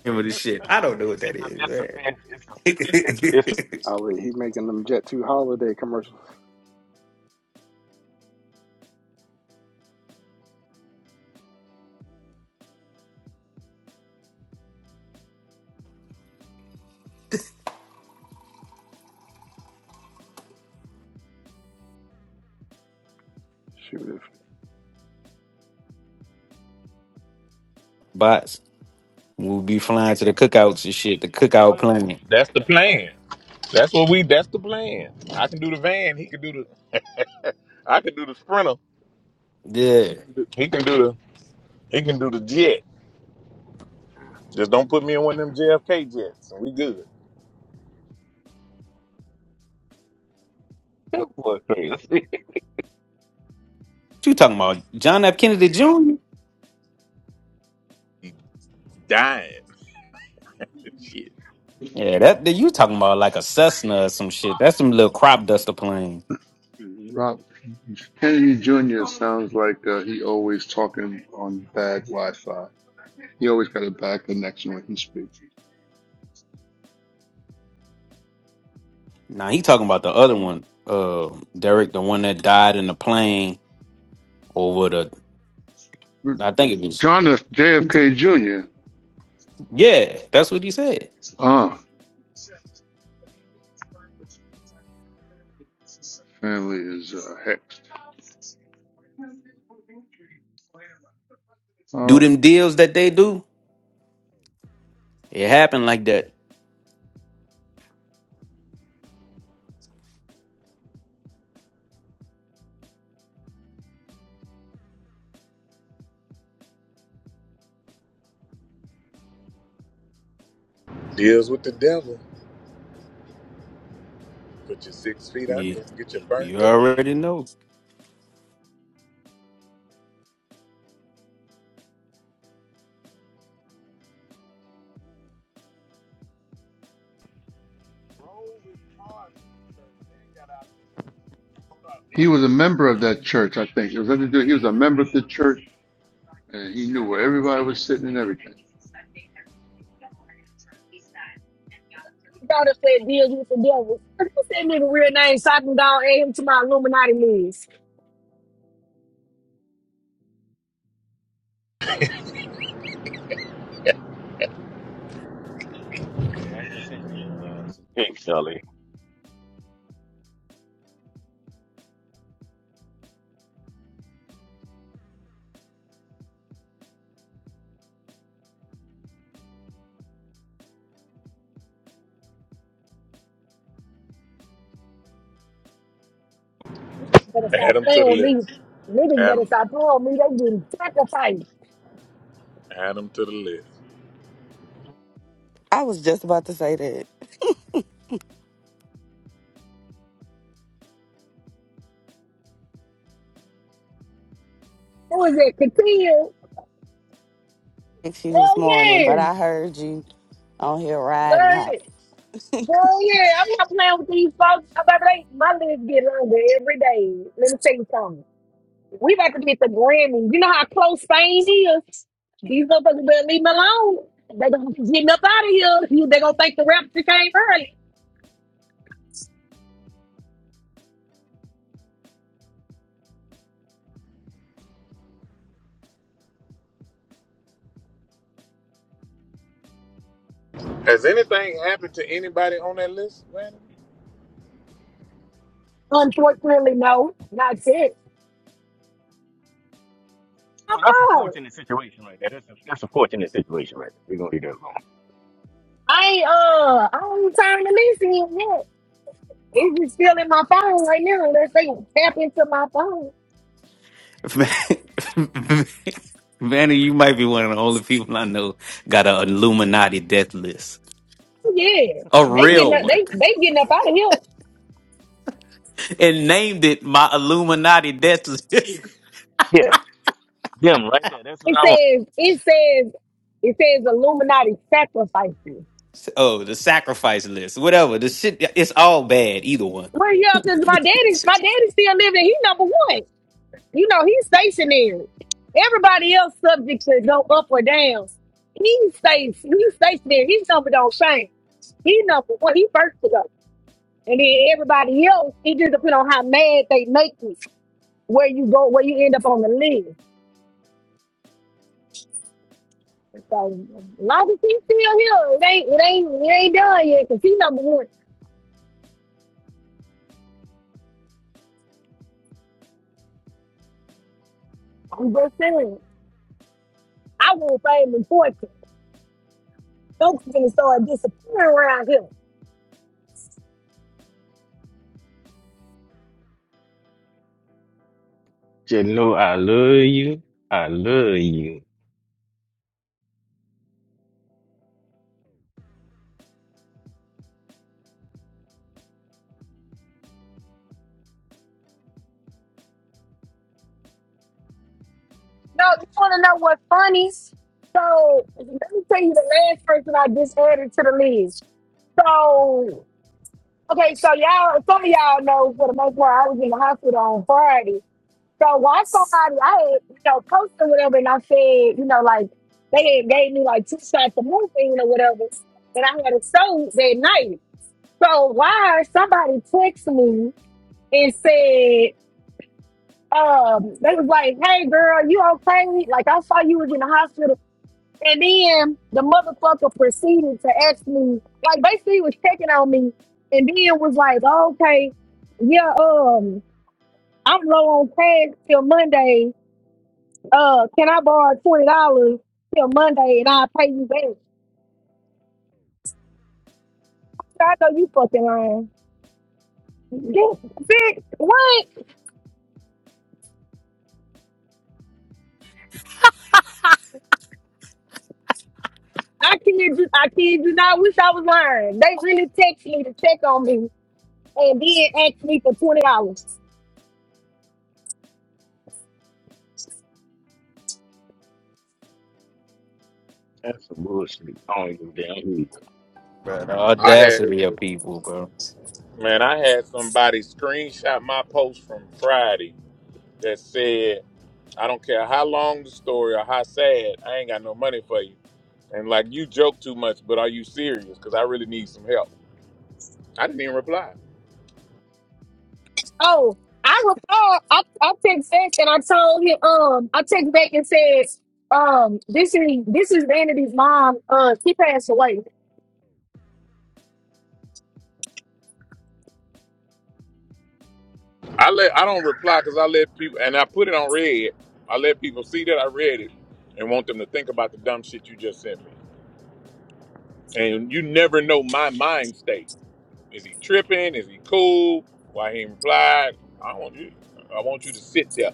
[SPEAKER 9] Remember this shit. I don't know what that is,
[SPEAKER 8] it's a
[SPEAKER 9] man.
[SPEAKER 8] fancy, it's a,
[SPEAKER 9] <laughs>
[SPEAKER 8] it's, it's
[SPEAKER 10] I, he making them Jet Two holiday commercials. Shoot, if,
[SPEAKER 9] Bots. We'll be flying to the cookouts and shit, the cookout
[SPEAKER 8] a
[SPEAKER 9] plane.
[SPEAKER 1] That's the plan. That's what we. That's the plan. I can do the van. He can do the. I can do the sprinter. and
[SPEAKER 9] Yeah.
[SPEAKER 1] He
[SPEAKER 9] What
[SPEAKER 1] can do, he can do the. He can do the jet. Just don't put me in one of them JFK jets, and we good.
[SPEAKER 8] <laughs> That boy crazy. <laughs>
[SPEAKER 9] you talking about? John F. Kennedy Jr.?
[SPEAKER 1] He dying. <laughs> Shit.
[SPEAKER 9] Yeah, that, that you talking about like a Cessna or some shit. That's some little crop duster plane.
[SPEAKER 7] Rob Kennedy Jr. sounds like uh, he always talking on bad Wi-Fi. He always got a bad connection when he speaks.
[SPEAKER 9] Now he talking about the other one, uh, Derek, the one that died in the plane over the. I think it was.
[SPEAKER 7] John F. JFK Jr.
[SPEAKER 9] Yeah, that's what he said.
[SPEAKER 7] Uh, family is uh, hexed.
[SPEAKER 9] Do
[SPEAKER 7] Uh,
[SPEAKER 9] them deals that they do? It happened like that.
[SPEAKER 1] Deals with the devil. Put your six feet under
[SPEAKER 9] Yeah,
[SPEAKER 1] and get your
[SPEAKER 9] you
[SPEAKER 1] burnt up.
[SPEAKER 9] already know.
[SPEAKER 7] he was a member of that church, I think. It was nothing to do. He was a member of the church, and he knew where everybody was sitting and everything.
[SPEAKER 13] His daughter said, deals with the devil. <laughs> He said, nigga, real name, Satan Dog, add him to my Illuminati list.
[SPEAKER 8] Hey, I just sent you uh, some pics, Sully.
[SPEAKER 13] Better
[SPEAKER 1] Add
[SPEAKER 13] stop
[SPEAKER 1] them to
[SPEAKER 13] playing
[SPEAKER 1] the
[SPEAKER 13] with me.
[SPEAKER 1] list.
[SPEAKER 13] Niggas
[SPEAKER 1] Add
[SPEAKER 13] better
[SPEAKER 1] them,
[SPEAKER 13] stop playing with me. They getting sacrificed.
[SPEAKER 1] Add them to the list.
[SPEAKER 14] I was just about to say that
[SPEAKER 13] Who is it? Katia?
[SPEAKER 14] six you this
[SPEAKER 13] Well,
[SPEAKER 14] morning,
[SPEAKER 13] yeah.
[SPEAKER 14] but I heard you on here riding hot.
[SPEAKER 13] But, well, yeah. I'm not playing with these folks. About they, my list get longer every day. Let me tell you something. We about to get the Grammy. You know how close things is? These motherfuckers better leave me alone. They gonna be getting up out of here. You, they gonna think the rapture came early.
[SPEAKER 1] Has anything happened to anybody on that list, Brandon?
[SPEAKER 13] Unfortunately, no. Not yet. My
[SPEAKER 8] Oh, that's a
[SPEAKER 13] phone.
[SPEAKER 8] fortunate situation right there. That's a, that's a fortunate situation right there. We're going to leave that alone.
[SPEAKER 13] I ain't uh I ain't time to listen to it yet. It's just still in my phone right now unless they tap into my phone.
[SPEAKER 9] <laughs> Vanny, you might be one of the only people I know got an Illuminati death list,
[SPEAKER 13] Yeah.
[SPEAKER 9] a
[SPEAKER 13] They getting
[SPEAKER 9] real
[SPEAKER 13] up
[SPEAKER 9] one,
[SPEAKER 13] they they getting up out of here.
[SPEAKER 9] <laughs> and named it my Illuminati death list.
[SPEAKER 8] Yeah. Them right there. That's what
[SPEAKER 13] It
[SPEAKER 8] I want.
[SPEAKER 13] says it says it says Illuminati sacrifices.
[SPEAKER 9] <laughs> oh, the sacrifice list, whatever. The shit, it's all bad. Either one.
[SPEAKER 13] Well, yeah, because my daddy, my daddy still living. He number one. You know, he's stationary. Everybody else subject to go up or down. He stays, he stays there. His number don't change. He number one, he first to go. And then everybody else, it just depends on how mad they make you, where you go, where you end up on the list. So as long as he's still here, it ain't it ain't it ain't done yet, because he number one. I'm just saying. I want fame and fortune. Folks gonna start disappearing around here.
[SPEAKER 8] Just know I love you. I love you.
[SPEAKER 13] No, you want to know what's funny? So let me tell you the last person I just added to the list. So okay, so y'all, some of y'all know for the most part, I was in the hospital on Friday. So why somebody I had, you know posted whatever, and I said, you know, like they had gave me like two shots of morphine or whatever, and I had a stroke that night. So why somebody texted me and said, um, they was like, "Hey, girl, you okay? Like I saw you was in the hospital." And then the motherfucker proceeded to ask me, like basically he was checking on me and then was like, "Oh, okay, yeah, um, I'm low on cash till Monday. Uh, can I borrow twenty dollars till Monday and I'll pay you back? So I know you fucking lying. Yeah, Bitch, what? I kid you, I kid you not. I Wish I was lying. They really text me to check on me and then asked me for twenty dollars.
[SPEAKER 8] That's some bullshit. I don't give a damn who. you
[SPEAKER 9] Bro, the
[SPEAKER 1] I had,
[SPEAKER 9] audacity of people, bro.
[SPEAKER 1] man, I had somebody screenshot my post from Friday that said, I don't care how long the story or how sad, I ain't got no money for you. And like, you joke too much, but are you serious? Because I really need some help. I didn't even reply.
[SPEAKER 13] Oh, I replied. I, I text back and I told him. Um, I text back and said, um, this is this is Vanity's mom. Uh, she passed away.
[SPEAKER 1] I let I don't reply because I let people and I put it on red. I let people see that I read it and want them to think about the dumb shit you just sent me. And you never know my mind state. Is he tripping? Is he cool? Why he ain't replied? I want you. I want you to sit there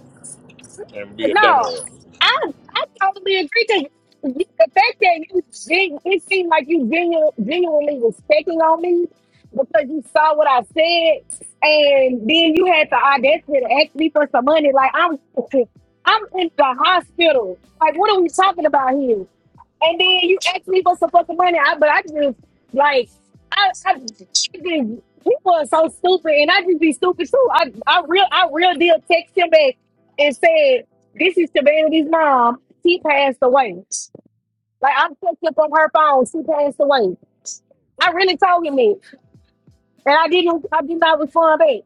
[SPEAKER 1] and be a
[SPEAKER 13] No,
[SPEAKER 1] dumbass.
[SPEAKER 13] I I totally agree. Cause the fact that you gen- it seemed like you genu- genuinely was checking on me because you saw what I said, and then you had the audacity to ask me for some money. Like I'm, <laughs> I'm in the hospital. Like what are we talking about here? And then you asked me for some fucking money, I, but I just like I, I just, people are so stupid, and I just be stupid too. I I real I real deal text him back and said, "This is Shabanity's mom. She passed away. Like I'm fucked up on her phone. She passed away. I really told him that, and I didn't. I did not respond back.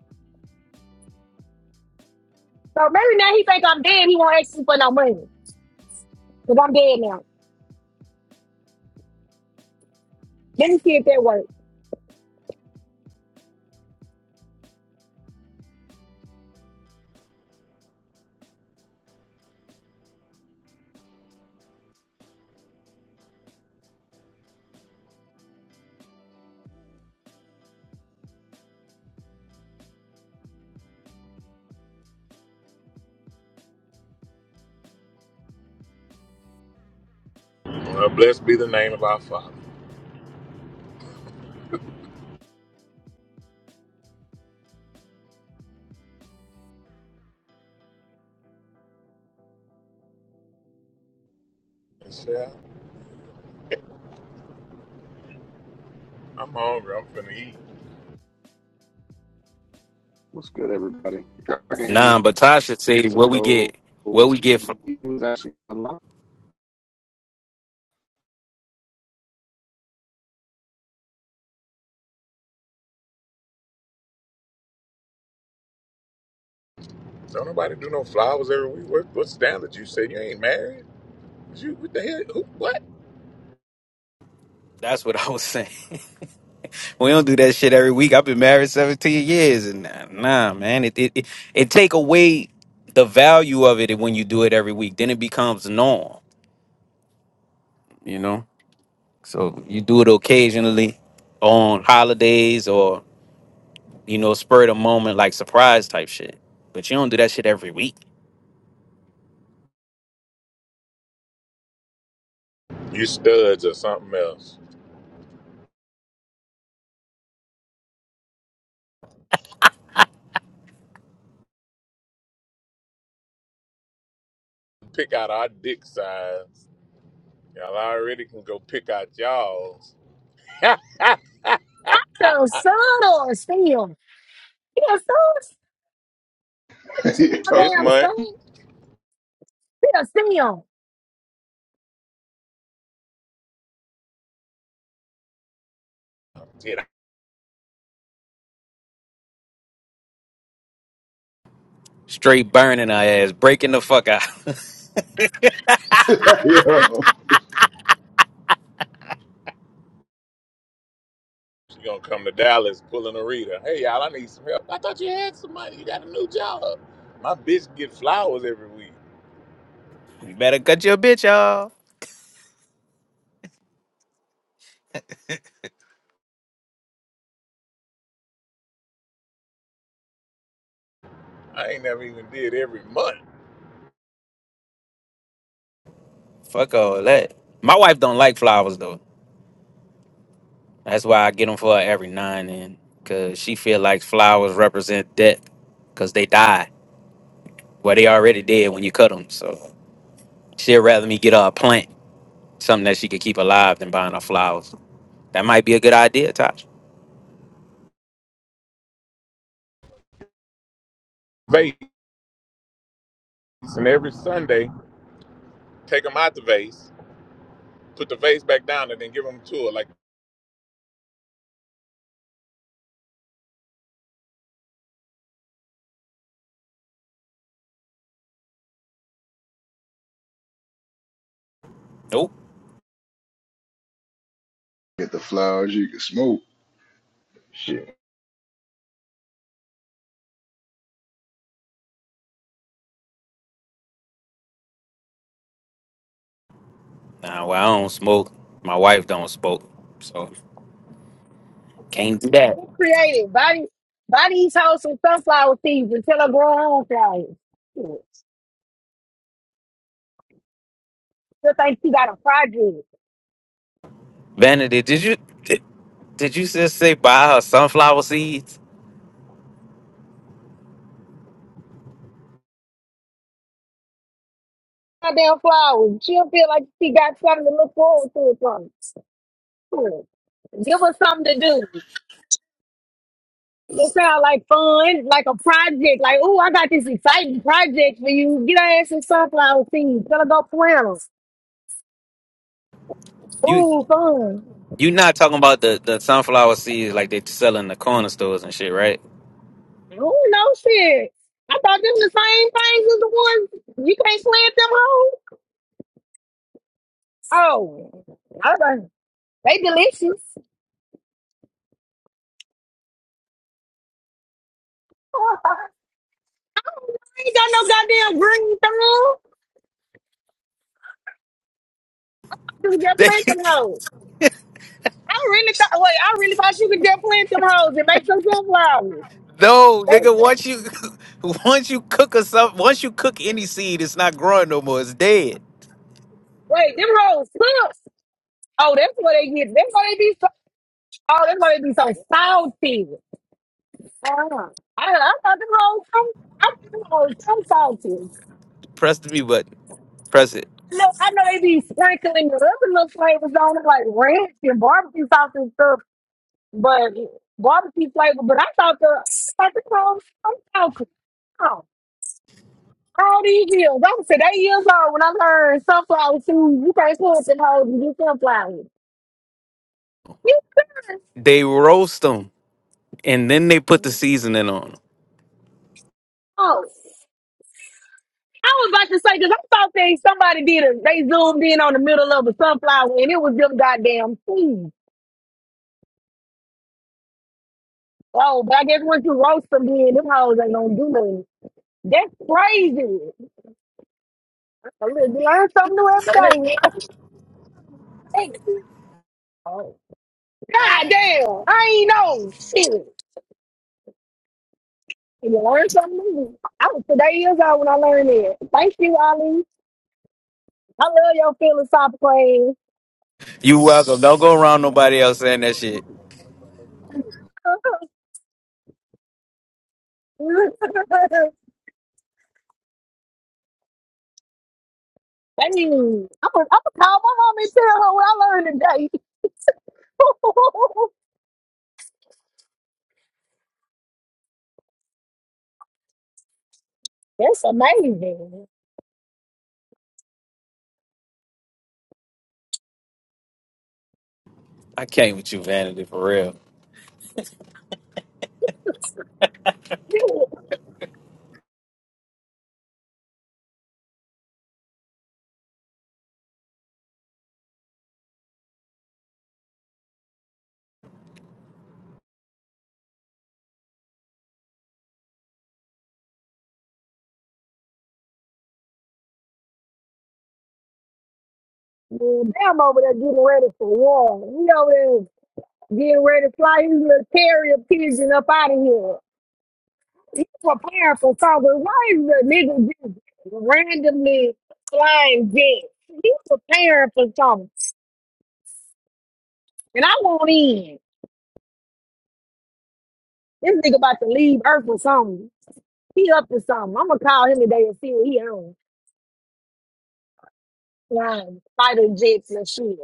[SPEAKER 13] So maybe now he think I'm dead. He won't ask me for no money because I'm dead now. Let me see if that works.
[SPEAKER 1] Well, blessed be the name of our Father. <laughs> Yes, sir. I'm hungry. I'm finna eat.
[SPEAKER 10] what's good, everybody? Y'all can hear
[SPEAKER 9] Nah,
[SPEAKER 10] me.
[SPEAKER 9] but Tasha said what we
[SPEAKER 10] So
[SPEAKER 9] get, what we
[SPEAKER 10] he
[SPEAKER 9] get from.
[SPEAKER 10] was actually alive.
[SPEAKER 1] Don't nobody do no flowers every week. What, what's down that you said you ain't married? You what the hell? Who, what?
[SPEAKER 9] That's what <laughs> I was saying. <laughs> we don't do that shit every week. I've been married seventeen years, and nah, nah, man, it it it, it take away the value of it when you do it every week. Then it becomes norm, you know. So you do it occasionally on holidays or you know spur of the moment like surprise type shit. But you don't do that shit every week.
[SPEAKER 1] You studs or something else? Pick out our dick size. Y'all already can go pick out y'all's. <laughs>
[SPEAKER 13] So son or still. Yeah, so that
[SPEAKER 11] <laughs>
[SPEAKER 13] shit go
[SPEAKER 1] this
[SPEAKER 13] damn
[SPEAKER 11] yo,
[SPEAKER 1] month,
[SPEAKER 13] son. Yeah, Simeon.
[SPEAKER 1] you know,
[SPEAKER 9] Straight burning our ass, breaking the fuck out.
[SPEAKER 11] <laughs> yo,
[SPEAKER 1] she gonna come to Dallas pulling a Rita. Hey y'all, I need some help. I thought you had some money. You got a new job. My bitch get flowers every week.
[SPEAKER 9] <laughs> you better cut your bitch off.
[SPEAKER 1] I ain't never even did every month.
[SPEAKER 9] Fuck all that. My wife don't like flowers though. That's why I get them for her every now and then, cause she feel like flowers represent death, cause they die. Well, they already dead when you cut them. So she'd rather me get her a plant, something that she could keep alive, than buying her flowers. That might be a good idea, Tosh.
[SPEAKER 1] Vase and every Sunday, take them out the vase put the vase back down and then give them to her. Like,
[SPEAKER 9] Nope.
[SPEAKER 11] get the flowers you can smoke. Shit.
[SPEAKER 9] Nah, well, I don't smoke. My wife don't smoke, so can't do that.
[SPEAKER 13] Get creative. buy body these hoes some sunflower seeds until I grow her own flowers. Shit. She'll think she got a project.
[SPEAKER 9] Vanity, did you did, did you just say buy her sunflower seeds?
[SPEAKER 13] Goddamn flowers. She'll feel like she got something to look forward to or something. Shit. Give her something to do. It sounds like fun, like a project. Like, oh, I got this exciting project for you. Get her ass some sunflower seeds. Tell her go plant them.
[SPEAKER 9] You.
[SPEAKER 13] Ooh, fun.
[SPEAKER 9] You not talking about the, the sunflower seeds like they sell in the corner stores and shit, right? <laughs>
[SPEAKER 13] Ooh, no shit. I thought them the same things as the ones you can't plant them home. Oh, all right. They delicious. <laughs> I ain't got no goddamn green thumb. You just
[SPEAKER 9] They,
[SPEAKER 13] plant some hoes. I really thought, wait, I really thought you could just plant some hoes and make some sunflowers.
[SPEAKER 9] no,
[SPEAKER 13] They,
[SPEAKER 9] nigga. Once you <laughs> once you cook a some once you cook any seed, it's not growing no more. It's dead.
[SPEAKER 13] wait, them hoes sucks. Oh, that's what they get. That's why they be so, oh, that's why they be so salty. uh I, I thought them hoes, so- I thought them hoes so salty.
[SPEAKER 9] Press the B button. Press it.
[SPEAKER 13] No, I know I know they be sprinkling the other little flavors on it, like ranch and barbecue sauce and stuff. But barbecue flavor. But I thought the I thought the crumbs. I'm talking. Oh, all these years. I was eight years old when I learned sunflower seeds. You can't put them hoes and get sunflowers. You serious?
[SPEAKER 9] They roast them and then they put the seasoning on them.
[SPEAKER 13] Oh. I was about to say because I thought they somebody did a they zoomed in on the middle of a sunflower and it was them goddamn seeds. Oh, but I guess once you roast them, then them hoes ain't gonna do nothing. That's crazy. I learn something new every day. <laughs> Oh. God damn, I ain't know shit. You learn something new. I was today years old when I learned it. Thank you, Ali. I love your philosophical ass.
[SPEAKER 9] You welcome. Don't go around nobody else saying that shit.
[SPEAKER 13] <laughs> Thank you. I'm gonna I'm gonna <laughs> call my mom and tell her what I learned today. <laughs> That's amazing.
[SPEAKER 9] I came with you, vanity, for real. <laughs>
[SPEAKER 13] Mm, Damn over there getting ready for war. He over there getting ready to fly his little carrier pigeon up out of here. You preparing for something. Why is the nigga just randomly flying jets? You preparing for something. And I won't in. This nigga about to leave Earth or something. He up to something. I'm gonna call him today and see what he on. Flying fighter jets and shit.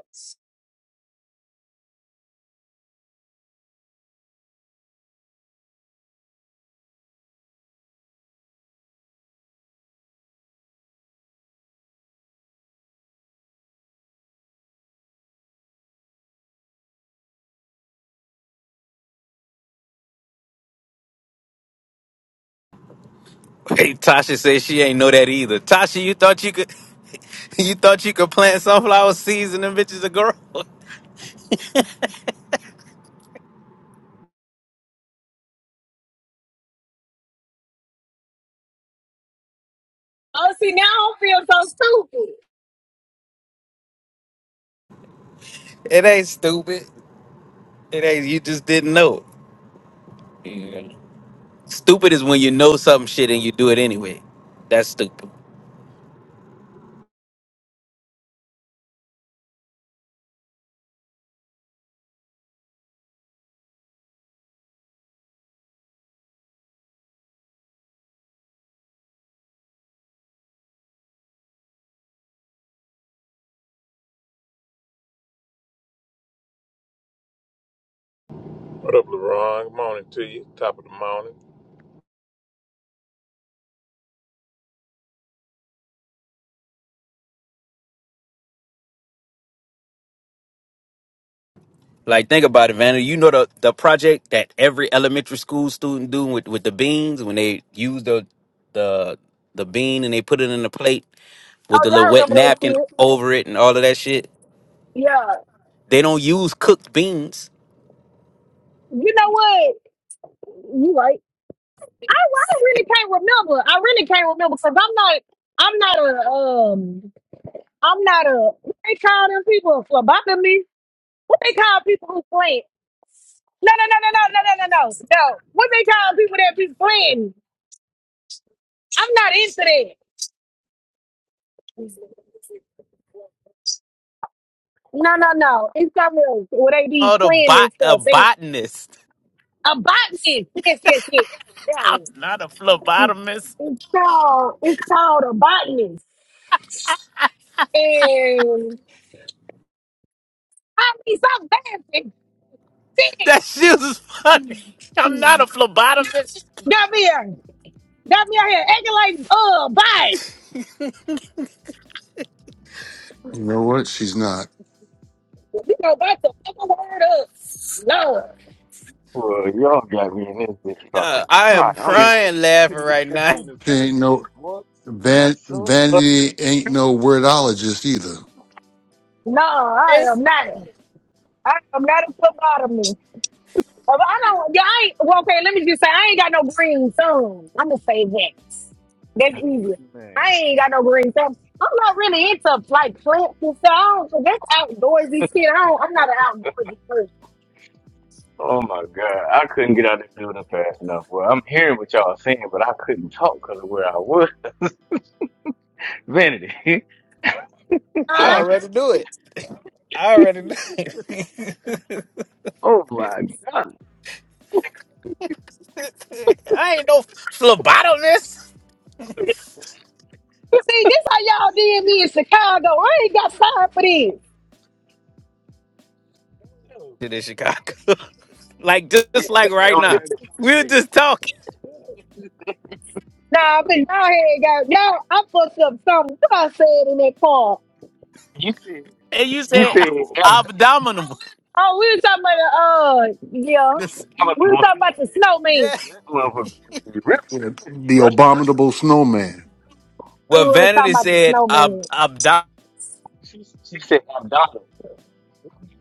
[SPEAKER 9] Hey, Tasha says she ain't know that either. Tasha, you thought you could <laughs> you thought you could plant sunflower seeds and them bitches to grow?
[SPEAKER 13] Oh, see, now I don't feel so stupid.
[SPEAKER 9] It ain't stupid. It ain't you just didn't know. it. Yeah. Stupid is when you know some shit and you do it anyway. That's stupid.
[SPEAKER 1] what up, LeBron? Good morning to you. Top of the morning.
[SPEAKER 9] Like think about it, Vanna. You know the the project that every elementary school student do with, with the beans when they use the the the bean and they put it in the plate with
[SPEAKER 13] Oh,
[SPEAKER 9] the
[SPEAKER 13] yeah, I
[SPEAKER 9] little wet
[SPEAKER 13] remember that
[SPEAKER 9] napkin
[SPEAKER 13] shit.
[SPEAKER 9] over it and all of that shit.
[SPEAKER 13] Yeah.
[SPEAKER 9] They don't use cooked beans.
[SPEAKER 13] You know what? You right. I, I really can't remember. I really can't remember because I'm not, I'm not a, um, I'm not a what they call them people for What they call people who playing? No, no, no, no, no, no, no, no, no. No. What they call people that be playing? I'm not into that. No, no, no. It's something else where they be
[SPEAKER 9] Oh, the
[SPEAKER 13] playing
[SPEAKER 9] bot
[SPEAKER 13] and
[SPEAKER 9] a
[SPEAKER 13] stuff. They
[SPEAKER 9] botanist. <laughs>
[SPEAKER 13] a botanist. Yes, yes, yes. That
[SPEAKER 9] I'm
[SPEAKER 13] one.
[SPEAKER 9] not a phlebotomist.
[SPEAKER 13] It's called it's called a botanist. And I mean some bad shit.
[SPEAKER 9] That shit was funny. I'm not a phlebotomist.
[SPEAKER 13] Come here. Come here here acting like uh bite.
[SPEAKER 7] You know what? She's not.
[SPEAKER 13] We go back to fucking word up. No,
[SPEAKER 8] are. Well, y'all got me in this bitch fucking
[SPEAKER 9] Uh, I
[SPEAKER 8] cry.
[SPEAKER 9] am
[SPEAKER 8] I mean, I,
[SPEAKER 9] crying
[SPEAKER 8] I
[SPEAKER 9] laughing
[SPEAKER 8] couldn't get out
[SPEAKER 9] right
[SPEAKER 8] this
[SPEAKER 9] now.
[SPEAKER 8] building
[SPEAKER 7] She ain't
[SPEAKER 8] fast
[SPEAKER 7] no
[SPEAKER 8] enough, boy. You're
[SPEAKER 7] van,
[SPEAKER 8] so fucking
[SPEAKER 7] vanity. Ain't no wordologist either.
[SPEAKER 13] no, I
[SPEAKER 9] Yes,
[SPEAKER 13] am not. I am not a phlebotomy. Um, I don't. Yeah, I ain't, well, okay. Let me just say, I ain't got no green thumb. I'm gonna say that. That's easy.
[SPEAKER 8] man.
[SPEAKER 13] I ain't got no green thumb. I'm not really into like plants and stuff. I don't- That's outdoorsy shit. I don't, I'm not an outdoorsy person.
[SPEAKER 8] Oh my God. I couldn't get out of the building fast enough. Well, I'm hearing what y'all are saying, but I couldn't talk because of where I was. <laughs> Vanity. <laughs> yeah,
[SPEAKER 9] I
[SPEAKER 13] Huh?
[SPEAKER 8] I got-
[SPEAKER 9] already knew it. I already knew it.
[SPEAKER 8] oh my God.
[SPEAKER 9] <laughs> I ain't no phlebotomist
[SPEAKER 13] See, this how y'all did me in
[SPEAKER 8] Yes,
[SPEAKER 13] Chicago. I ain't got time for this.
[SPEAKER 8] sir.
[SPEAKER 9] Shit in Chicago. <laughs> like just
[SPEAKER 8] Yes,
[SPEAKER 9] like
[SPEAKER 8] that
[SPEAKER 9] right
[SPEAKER 8] was a
[SPEAKER 9] now.
[SPEAKER 8] very good
[SPEAKER 9] We were
[SPEAKER 8] conversation.
[SPEAKER 9] just talking.
[SPEAKER 13] Nah, but y'all had got y'all. I fucked up something. What I said in that car.
[SPEAKER 8] You said,
[SPEAKER 9] And you
[SPEAKER 8] you
[SPEAKER 9] said uh,
[SPEAKER 8] said
[SPEAKER 4] Dominable.
[SPEAKER 8] abdominable,
[SPEAKER 9] abdominal.
[SPEAKER 13] Oh, we were talking about the uh yeah.
[SPEAKER 9] This-
[SPEAKER 13] We were
[SPEAKER 8] abdominable
[SPEAKER 13] talking about the
[SPEAKER 8] fluid.
[SPEAKER 13] snowman.
[SPEAKER 9] yeah.
[SPEAKER 8] That motherfucker was ripping,
[SPEAKER 7] The
[SPEAKER 8] right?
[SPEAKER 7] abominable snowman
[SPEAKER 13] We
[SPEAKER 9] Well
[SPEAKER 13] were talking
[SPEAKER 9] Vanity
[SPEAKER 13] about the
[SPEAKER 8] <laughs>
[SPEAKER 9] said ab
[SPEAKER 13] snowman.
[SPEAKER 9] abdominal.
[SPEAKER 8] She, she said abdominal.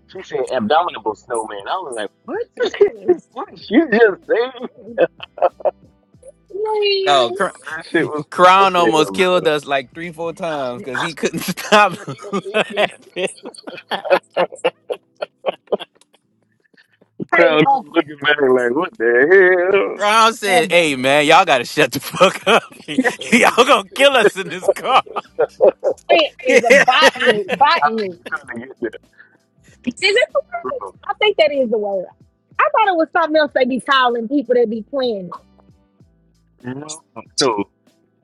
[SPEAKER 8] She said abdominable snowman. I was like, what?
[SPEAKER 13] Yes.
[SPEAKER 8] <laughs> what did you just say?
[SPEAKER 9] Oh, Cr-
[SPEAKER 8] That shit was funny
[SPEAKER 9] Crown
[SPEAKER 8] as
[SPEAKER 9] almost
[SPEAKER 8] hell,
[SPEAKER 9] killed us like three, four times because he couldn't <laughs> stop
[SPEAKER 8] bro. <laughs>
[SPEAKER 9] laughing.
[SPEAKER 13] Hey,
[SPEAKER 8] Crowd
[SPEAKER 13] uh,
[SPEAKER 8] looking back like, what the hell?
[SPEAKER 9] Ron
[SPEAKER 13] uh,
[SPEAKER 9] said, "Hey man, y'all gotta shut the fuck up.
[SPEAKER 8] <laughs>
[SPEAKER 9] <laughs> y'all
[SPEAKER 13] plant
[SPEAKER 9] gonna kill us in this car."
[SPEAKER 13] is a
[SPEAKER 9] <laughs>
[SPEAKER 8] we
[SPEAKER 13] botany
[SPEAKER 8] on the highway
[SPEAKER 13] botanist.
[SPEAKER 8] trying to get there,
[SPEAKER 13] Is it the word?
[SPEAKER 8] bro.
[SPEAKER 13] I think that is the word. I thought it was something else they be calling people that be planning.
[SPEAKER 8] You know, so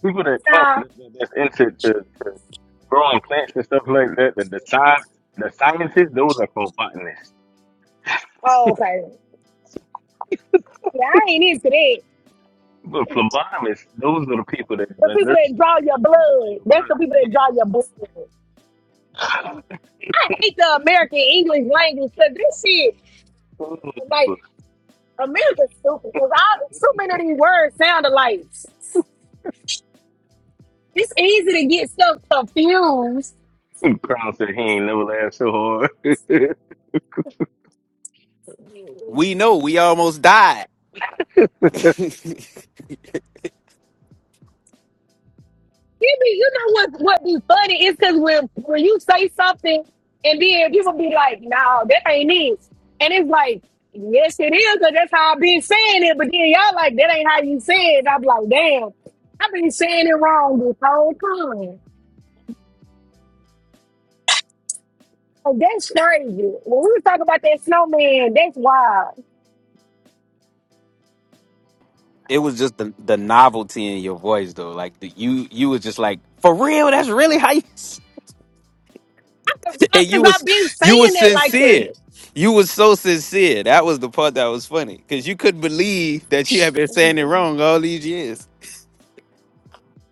[SPEAKER 8] people that plant
[SPEAKER 13] Nah.
[SPEAKER 8] that, that- that's into to, to growing plants and stuff like that, the the, sci- the scientists, those are called botanists.
[SPEAKER 13] Oh, okay. Yeah, I ain't into that.
[SPEAKER 8] But phlebotomists, those are the people that
[SPEAKER 13] The
[SPEAKER 8] the
[SPEAKER 13] people
[SPEAKER 8] nurses
[SPEAKER 13] that
[SPEAKER 8] and
[SPEAKER 13] draw your
[SPEAKER 8] stuff that draw
[SPEAKER 13] blood.
[SPEAKER 8] your
[SPEAKER 13] That's the
[SPEAKER 8] blood.
[SPEAKER 13] people that
[SPEAKER 8] Yes.
[SPEAKER 13] draw your blood. I hate the American English language because this shit. Like
[SPEAKER 8] <laughs>
[SPEAKER 13] America's stupid because so many of these words sound alike. It's easy to get stuff confused.
[SPEAKER 8] Crown said he ain't never laughed so hard. <laughs> it
[SPEAKER 13] You
[SPEAKER 9] we know we almost died. <laughs>
[SPEAKER 13] be, you know what what be funny is because when when you say something and then people be like, "No, that ain't it," and it's like, "Yes, it is," because that's how I've been saying it. But then y'all like, "That ain't how you say it." I'm like, "Damn, I've been saying it wrong this whole time." Oh, that's crazy. When we was talking about that snowman, that's wild.
[SPEAKER 9] it was just the, the novelty in your voice, though. Like the, you, you was just like, "For real? That's really how you." <laughs> s-" And you
[SPEAKER 13] Because
[SPEAKER 9] was,
[SPEAKER 13] I've been saying
[SPEAKER 9] you was
[SPEAKER 13] it like
[SPEAKER 9] sincere.
[SPEAKER 13] that.
[SPEAKER 9] You was so sincere. That was the part that was funny because you couldn't believe that you had been saying it wrong all these years.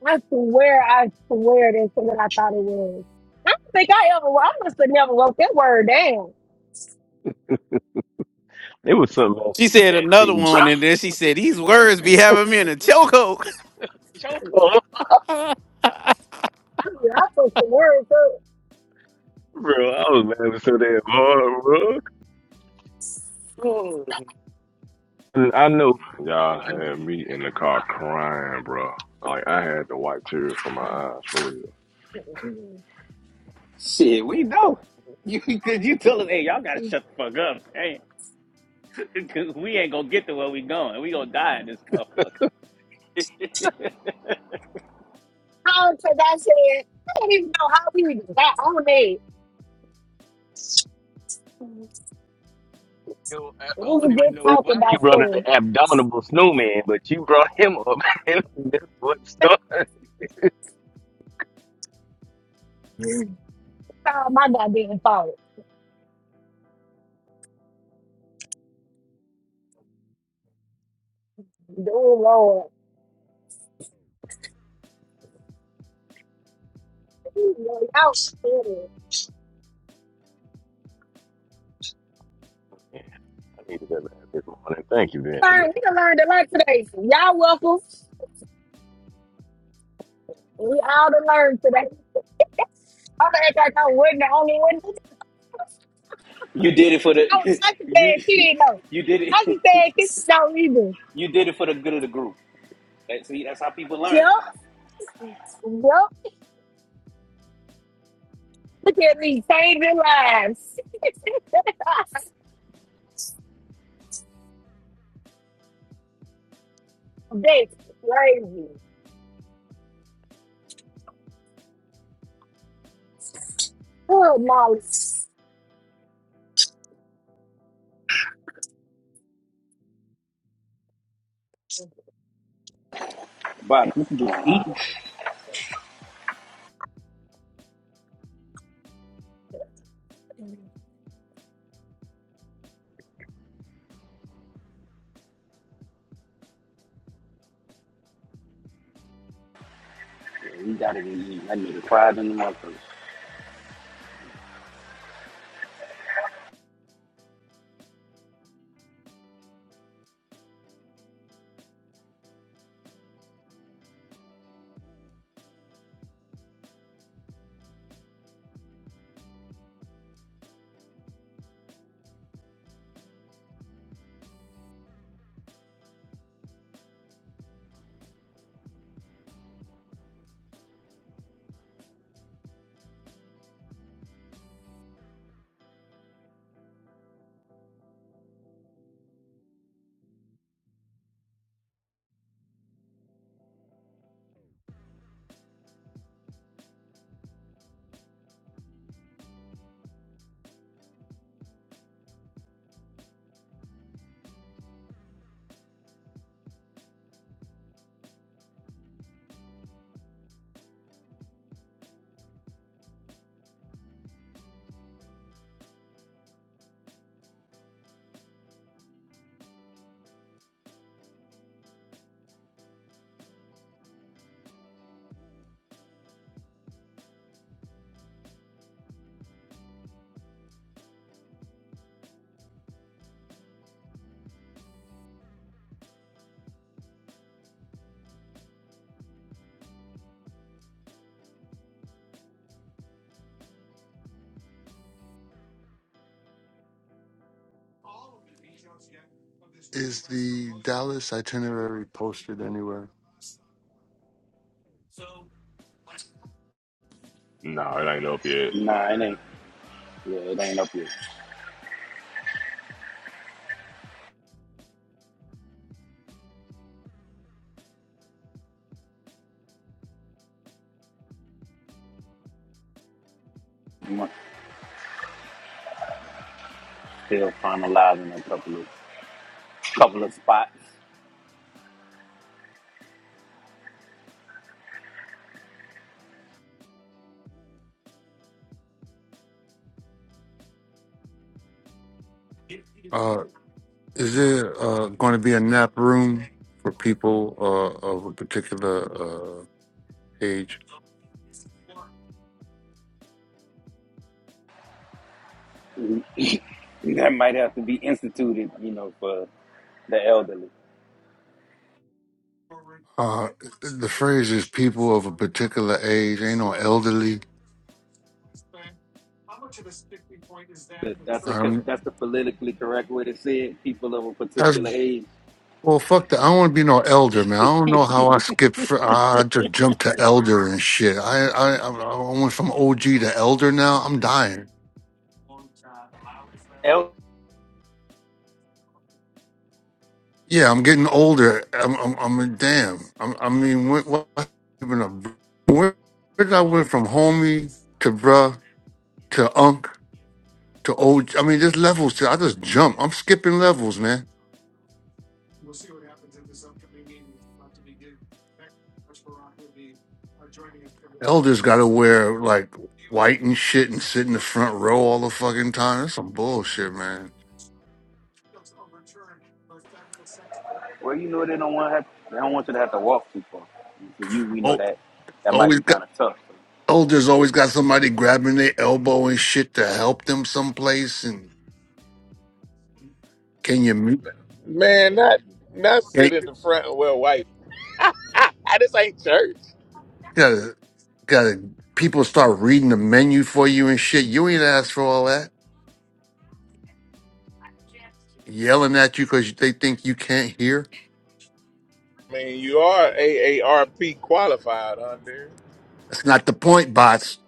[SPEAKER 13] I swear, I swear that's what I thought it was. I don't think I ever, I must have never wrote that word down.
[SPEAKER 8] was something else
[SPEAKER 9] She
[SPEAKER 8] she
[SPEAKER 9] said
[SPEAKER 8] said
[SPEAKER 9] another
[SPEAKER 8] too, bro.
[SPEAKER 9] one, and then she said, "These words be having me in a chokehold."
[SPEAKER 8] <laughs>
[SPEAKER 13] I
[SPEAKER 8] Choke
[SPEAKER 13] mean,
[SPEAKER 8] on,
[SPEAKER 13] I took the words up.
[SPEAKER 8] bro. I was laughing so damn hard, Oh, And I know
[SPEAKER 4] Y'all
[SPEAKER 8] who I
[SPEAKER 4] had
[SPEAKER 8] need
[SPEAKER 4] me
[SPEAKER 8] to
[SPEAKER 4] in
[SPEAKER 8] have
[SPEAKER 4] the car
[SPEAKER 8] around.
[SPEAKER 4] crying, bro. Like I had to wipe tears from my
[SPEAKER 13] <laughs>
[SPEAKER 4] eyes for real.
[SPEAKER 9] Shit, we know. You because you tell us, hey, y'all gotta shut the fuck up. Hey, cause we ain't gonna get to where we going. We gonna die in this motherfucker.
[SPEAKER 13] How because I said, I don't even know how we even got on that.
[SPEAKER 8] Yo, I
[SPEAKER 13] We
[SPEAKER 8] I
[SPEAKER 13] were
[SPEAKER 8] don't even
[SPEAKER 13] just
[SPEAKER 8] know
[SPEAKER 13] talking
[SPEAKER 8] why you
[SPEAKER 13] about
[SPEAKER 8] brought up the
[SPEAKER 13] stuff.
[SPEAKER 8] abdominal snowman, but you brought him up. <laughs> and That's what started.
[SPEAKER 13] It's all my goddamn fault. Oh, Lord. Ooh, Lord, Y'all shit. We
[SPEAKER 8] I needed that laugh this morning. Thank you, Vanity.
[SPEAKER 13] learned, we done learned a lot today. Y'all welcome. We all done learned today. I'm gonna act like I wasn't the only one.
[SPEAKER 9] You did it for the
[SPEAKER 13] I was
[SPEAKER 9] <laughs>
[SPEAKER 13] I just
[SPEAKER 9] you
[SPEAKER 13] said she didn't know.
[SPEAKER 9] you did it
[SPEAKER 13] I just
[SPEAKER 9] <laughs>
[SPEAKER 13] said this don't either.
[SPEAKER 9] you did it for the good of the group. That, see, that's how people learn.
[SPEAKER 13] Yup. Yup. Look at me changing lives. <laughs> That's crazy. Oh, knowledge.
[SPEAKER 9] But you can do it. Eat. Yeah, he got it in eat. That nigga cried in the motherfucker.
[SPEAKER 7] is the Dallas itinerary posted anywhere.
[SPEAKER 4] Nah, it ain't up yet.
[SPEAKER 9] Nah, it ain't. Yeah, it ain't up here. Still finalizing a couple of couple of spots
[SPEAKER 7] Uh, is there uh, going to be a nap room for people uh, of a particular uh, age?
[SPEAKER 9] that might have to be instituted, you know, for the elderly.
[SPEAKER 7] Uh, the phrase is people of a particular age. Ain't no elderly.
[SPEAKER 9] That- That's a co-
[SPEAKER 7] Um,
[SPEAKER 9] that's the politically correct way to say it. People of a
[SPEAKER 7] that's
[SPEAKER 9] particular age.
[SPEAKER 7] Well, fuck that. I don't want to be no elder, man. I don't know how I skipped. Fr- I just jumped to elder and shit. I I I I went from OG to elder. Now I'm dying.
[SPEAKER 9] El-
[SPEAKER 7] Yeah, I'm getting older. I'm I'm, I'm a damn. I'm, I mean, what, what even a where, where did I went from homie to bruh to unk to OG? I mean, there's levels to. I just jump. I'm skipping levels, man. Elders got to wear like white and shit and sit in the front row all the fucking time. That's some bullshit, man.
[SPEAKER 9] Well, you know they don't want to have, they don't want you to have to walk too far. And for you, we know
[SPEAKER 7] Oh,
[SPEAKER 9] that that might
[SPEAKER 7] always
[SPEAKER 9] be
[SPEAKER 7] got
[SPEAKER 9] kind of tough.
[SPEAKER 7] elders always got somebody grabbing their elbow and shit to help them someplace. And can you mute?
[SPEAKER 1] Man, not not sit
[SPEAKER 7] Hey,
[SPEAKER 1] in the front and wear white. <laughs> this ain't church.
[SPEAKER 7] Gotta, gotta. People start reading the menu for you and shit. You ain't asked for all that. Yelling at you because they think you can't hear.
[SPEAKER 1] I mean, you are AARP qualified, huh,
[SPEAKER 7] That's not the point, bots.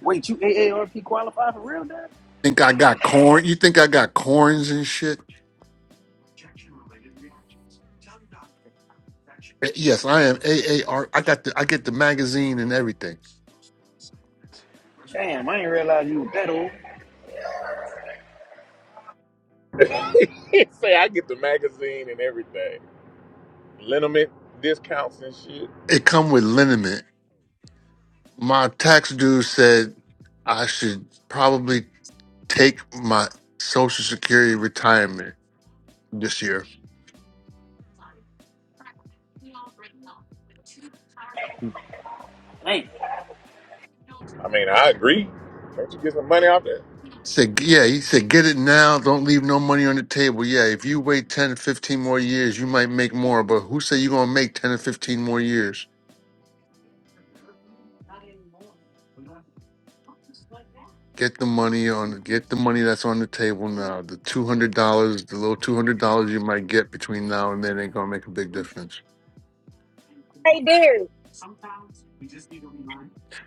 [SPEAKER 9] Wait, you AARP qualified for real, Dad?
[SPEAKER 7] Think I got corn? You think I got corns and shit? Yes, I am AAR. I got the I get the magazine and everything.
[SPEAKER 9] Damn, I didn't realize you was that old.
[SPEAKER 1] dude? <laughs> Say, I get the magazine and everything. Liniment discounts and shit.
[SPEAKER 7] It come with liniment. My tax dude said I should probably take my social security retirement this year.
[SPEAKER 9] Dang.
[SPEAKER 1] I mean, I agree. Can't you get some money off that?
[SPEAKER 7] Said yeah, he said get it now, don't leave no money on the table. Yeah, if you wait 10 to 15 more years, you might make more, but who say you going to make 10 or 15 more years? Get the money on. Get the money that's on the table now. The two hundred dollars, the little two hundred dollars you might get between now and then, ain't gonna make a big difference.
[SPEAKER 13] Hey Derek,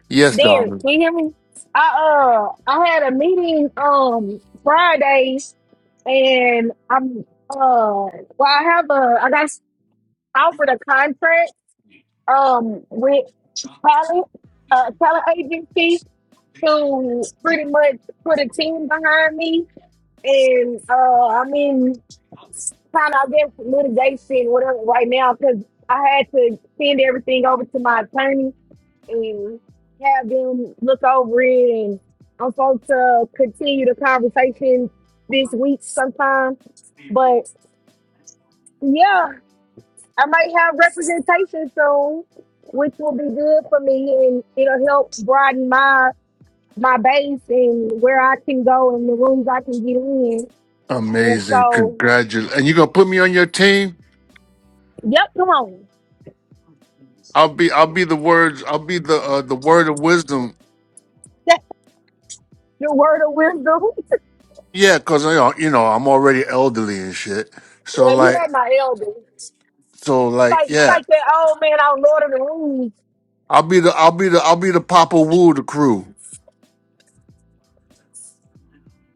[SPEAKER 7] Yes,
[SPEAKER 13] Derek,
[SPEAKER 7] darling.
[SPEAKER 13] can you hear me? I uh I had a meeting um Friday and I'm uh well I have a I got offered a contract um with talent uh talent agency to pretty much put a team behind me and uh I mean kind of I guess litigation whatever right now because I had to send everything over to my attorney and have them look over it and I'm supposed to continue the conversation this week sometime but yeah I might have representation soon, which will be good for me, and it'll help broaden my my base and where I can go and the rooms I can get in. And
[SPEAKER 7] Amazing.
[SPEAKER 13] so,
[SPEAKER 7] Congratulations. And you gonna put me on your team?
[SPEAKER 13] yep, come on,
[SPEAKER 7] I'll be. I'll be the words. I'll be the uh, the word of wisdom.
[SPEAKER 13] <laughs> your word of wisdom. <laughs>
[SPEAKER 7] Yeah, cause you know, you know I'm already elderly and shit. So
[SPEAKER 13] yeah, you
[SPEAKER 7] like,
[SPEAKER 13] had my elders.
[SPEAKER 7] so like,
[SPEAKER 13] Like you
[SPEAKER 7] yeah.
[SPEAKER 13] like that old man on Lord of the Rings.
[SPEAKER 7] I'll be the. I'll be the. I'll be the Papa Woo of the crew.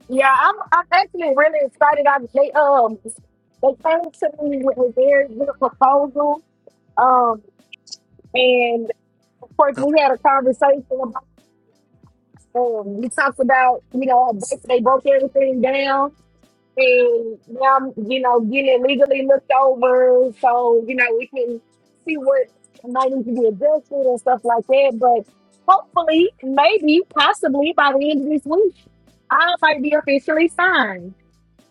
[SPEAKER 13] Yeah, I'm I'm actually really excited. I they um they came to me with a very good proposal. Um, and of course we had a conversation Um, he talks about, you know, they they broke everything down and now, I'm, you know, getting it legally looked over. So, you know, we can see what might need to be adjusted and stuff like that. But hopefully, maybe, possibly by the end of this week, I might be officially signed.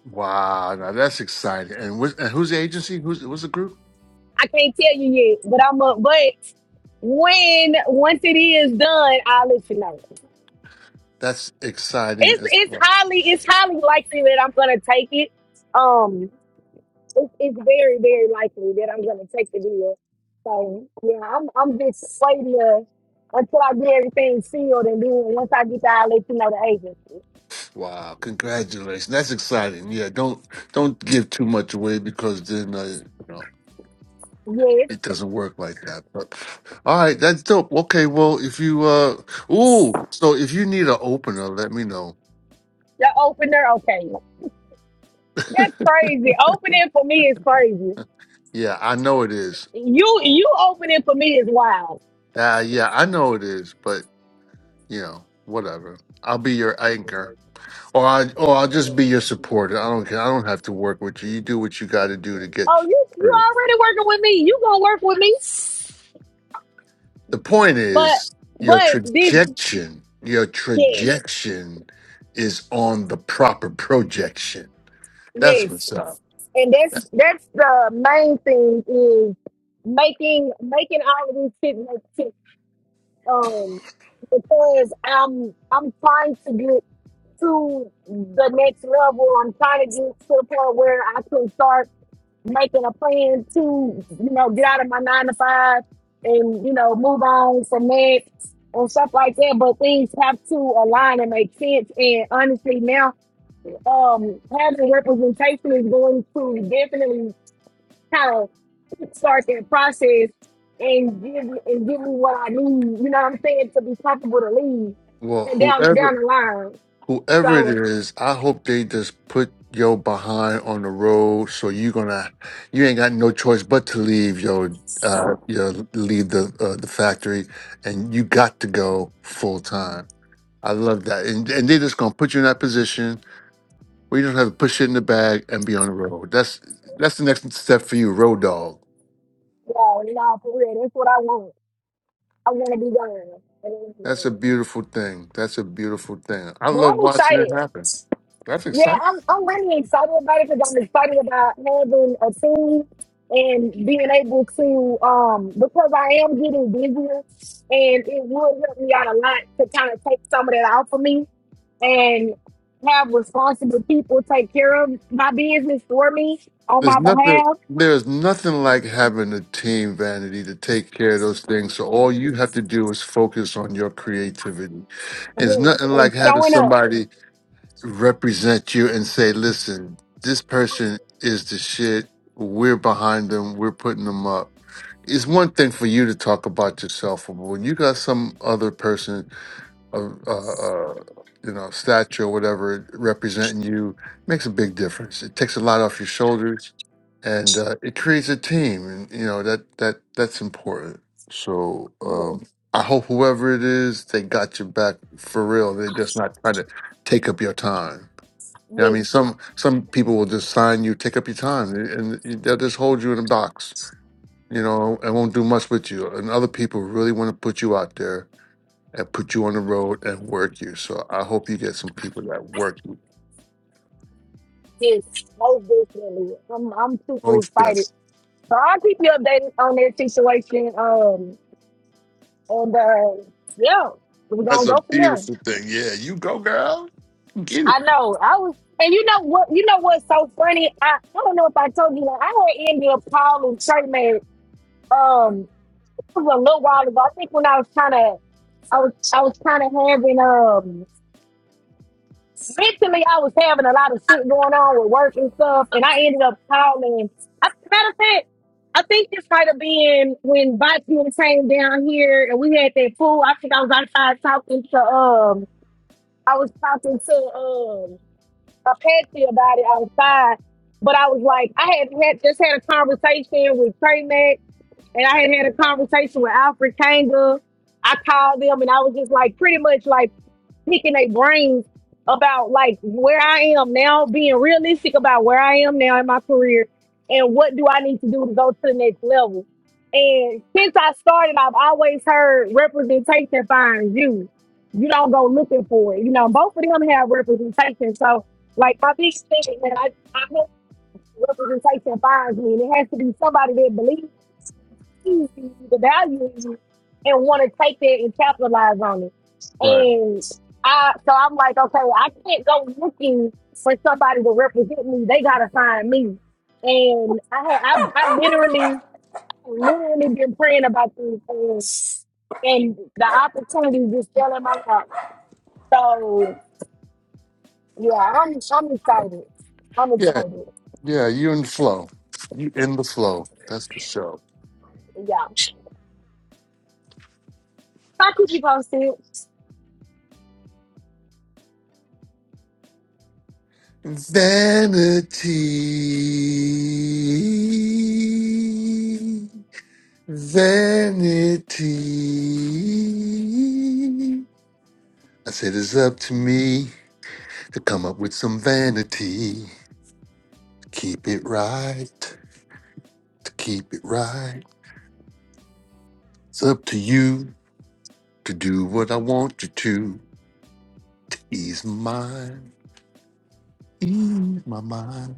[SPEAKER 7] Wow, now that's exciting. And, wh- and who's the agency? Who's what's the group?
[SPEAKER 13] I can't tell you yet, but I'm up. But when once it is done, I'll let you know.
[SPEAKER 7] That's exciting
[SPEAKER 13] It's
[SPEAKER 7] as
[SPEAKER 13] it's
[SPEAKER 7] well.
[SPEAKER 13] highly it's highly likely that I'm gonna take it. Um, it's, it's very, very likely that I'm gonna take the deal. So yeah, I'm I'm just waiting to, until I get everything sealed, and then once I get that, I'll let you know the agent.
[SPEAKER 7] Wow, congratulations. That's exciting. Yeah, don't don't give too much away because then uh, you know
[SPEAKER 13] Yes,
[SPEAKER 7] it doesn't work like that. But all right, that's dope. Okay, well if you uh ooh, so if you need an opener, let me know.
[SPEAKER 13] the opener. Okay,
[SPEAKER 7] <laughs>
[SPEAKER 13] that's crazy. Opening for me is crazy.
[SPEAKER 7] Yeah, I know it is.
[SPEAKER 13] You you opening for me is wild.
[SPEAKER 7] Uh, yeah, I know it is. But you know, whatever. I'll be your anchor. Or I or I'll just be your supporter. I don't care. I don't have to work with you. You do what you got to do to get
[SPEAKER 13] Oh, you you
[SPEAKER 7] through.
[SPEAKER 13] already working with me. You gonna work with me?
[SPEAKER 7] The point
[SPEAKER 13] But
[SPEAKER 7] is your
[SPEAKER 13] but this
[SPEAKER 7] trajectory. Your
[SPEAKER 13] yes.
[SPEAKER 7] trajectory is on the proper projection. That's
[SPEAKER 13] Yes.
[SPEAKER 7] what's up.
[SPEAKER 13] And that's that's the main thing is making making all of these shit make sense. Um because I'm I'm trying to get to the next level. I'm trying to get to the point where I can start making a plan to, you know, get out of my nine to five and, you know, move on from that and stuff like that. But things have to align and make sense. And honestly now um, having representation is going to definitely kind of start that process and give and give me what I need. You know what I'm saying to be comfortable to leave
[SPEAKER 7] Well,
[SPEAKER 13] and down down
[SPEAKER 7] whoever
[SPEAKER 13] the line.
[SPEAKER 7] whoever it
[SPEAKER 13] So
[SPEAKER 7] is, I hope they just put yo behind on the road so you gonna you ain't got no choice but to leave yo uh your leave the uh, the factory and you got to go full time I love that. And, and they're just gonna put you in that position where you don't have to push it in the bag and be on the road. That's that's the next step for you, road dog.
[SPEAKER 13] yeah, no, for real, that's what I want. I want to be gone. I wanna be
[SPEAKER 7] That's a
[SPEAKER 13] gone.
[SPEAKER 7] beautiful thing. That's a beautiful thing. I
[SPEAKER 13] But
[SPEAKER 7] love
[SPEAKER 13] I'm
[SPEAKER 7] watching it
[SPEAKER 13] excited.
[SPEAKER 7] happen. That's
[SPEAKER 13] Yeah,
[SPEAKER 7] exciting.
[SPEAKER 13] I'm I'm really excited about it because I'm excited about having a team and being able to um because I am getting busier and it would help me out a lot to kind of take some of that off of me and have responsible people take care of my business for me on
[SPEAKER 7] There's
[SPEAKER 13] my
[SPEAKER 7] nothing.
[SPEAKER 13] behalf.
[SPEAKER 7] There's nothing like having a team, Vanity, to take care of those things. So all you have to do is focus on your creativity. It's
[SPEAKER 13] Yes,
[SPEAKER 7] nothing like
[SPEAKER 13] and
[SPEAKER 7] having
[SPEAKER 13] showing up.
[SPEAKER 7] somebody represent you and say, listen, this person is the shit. We're behind them. We're putting them up. It's one thing for you to talk about yourself, but when you got some other person of, uh, uh, you know, stature or whatever representing you, makes a big difference. It takes a lot off your shoulders, and uh, it creates a team. And you know that that that's important. So
[SPEAKER 13] Yes,
[SPEAKER 7] um, I hope whoever it is, they got your back for real. They're just not trying to take up your time. You know what I
[SPEAKER 13] yes,
[SPEAKER 7] mean, some some people will just sign you, take up your time, and and they'll just hold you in a box. You know, and won't do much with you. And other people really want to put you out there and put you on the road and work you. So I hope you get some people that work you.
[SPEAKER 13] yes, most definitely. I'm I'm super
[SPEAKER 7] Most
[SPEAKER 13] excited.
[SPEAKER 7] that's
[SPEAKER 13] So I'll keep you updated on that situation. Um And uh, yeah, we're
[SPEAKER 7] that's
[SPEAKER 13] gonna
[SPEAKER 7] a
[SPEAKER 13] go from there.
[SPEAKER 7] beautiful thing. Yeah, you go, girl. Get it
[SPEAKER 13] I know. I was, and you know what? You know what's so funny? I, I don't know if I told you that I had ended up calling Trayman. Um, it was a little while ago. I think when I was kind of, I was, I was kind of having um, mentally, I was having a lot of shit going on with work and stuff, and I ended up calling. I, matter of fact. I think this might have been when Botsman came down here and we had that pool. I think I was outside talking to um I was talking to um a Patsy about it outside, but I was like, I had, had just had a conversation with Trey Mack and I had had a conversation with Alfred Kanga. I called them and I was just like pretty much like picking their brains about like where I am now, being realistic about where I am now in my career and what do I need to do to go to the next level. And since I started, I've always heard representation finds you. You don't go looking for it. You know, both of them have representation. So like my big thing, man, I, I've representation finds me. And it has to be somebody that believes in you, the value in you, and want to take that and capitalize on it.
[SPEAKER 7] right.
[SPEAKER 13] And I, so I'm like, okay, I can't go looking for somebody to represent me. They gotta find me. And I, had- I, I literally, I literally been praying about these things, and the opportunity just fell in my lap. So yeah, I'm, I'm excited. I'm
[SPEAKER 7] Yeah,
[SPEAKER 13] excited.
[SPEAKER 7] yeah. You in the flow. You in the flow. That's the show.
[SPEAKER 13] Yeah, I keep you posted.
[SPEAKER 7] Vanity. Vanity. I said it's up to me to come up with some vanity. Keep it right, to keep it right. It's up to you to do what I want you to, to ease my mind, ease my mind.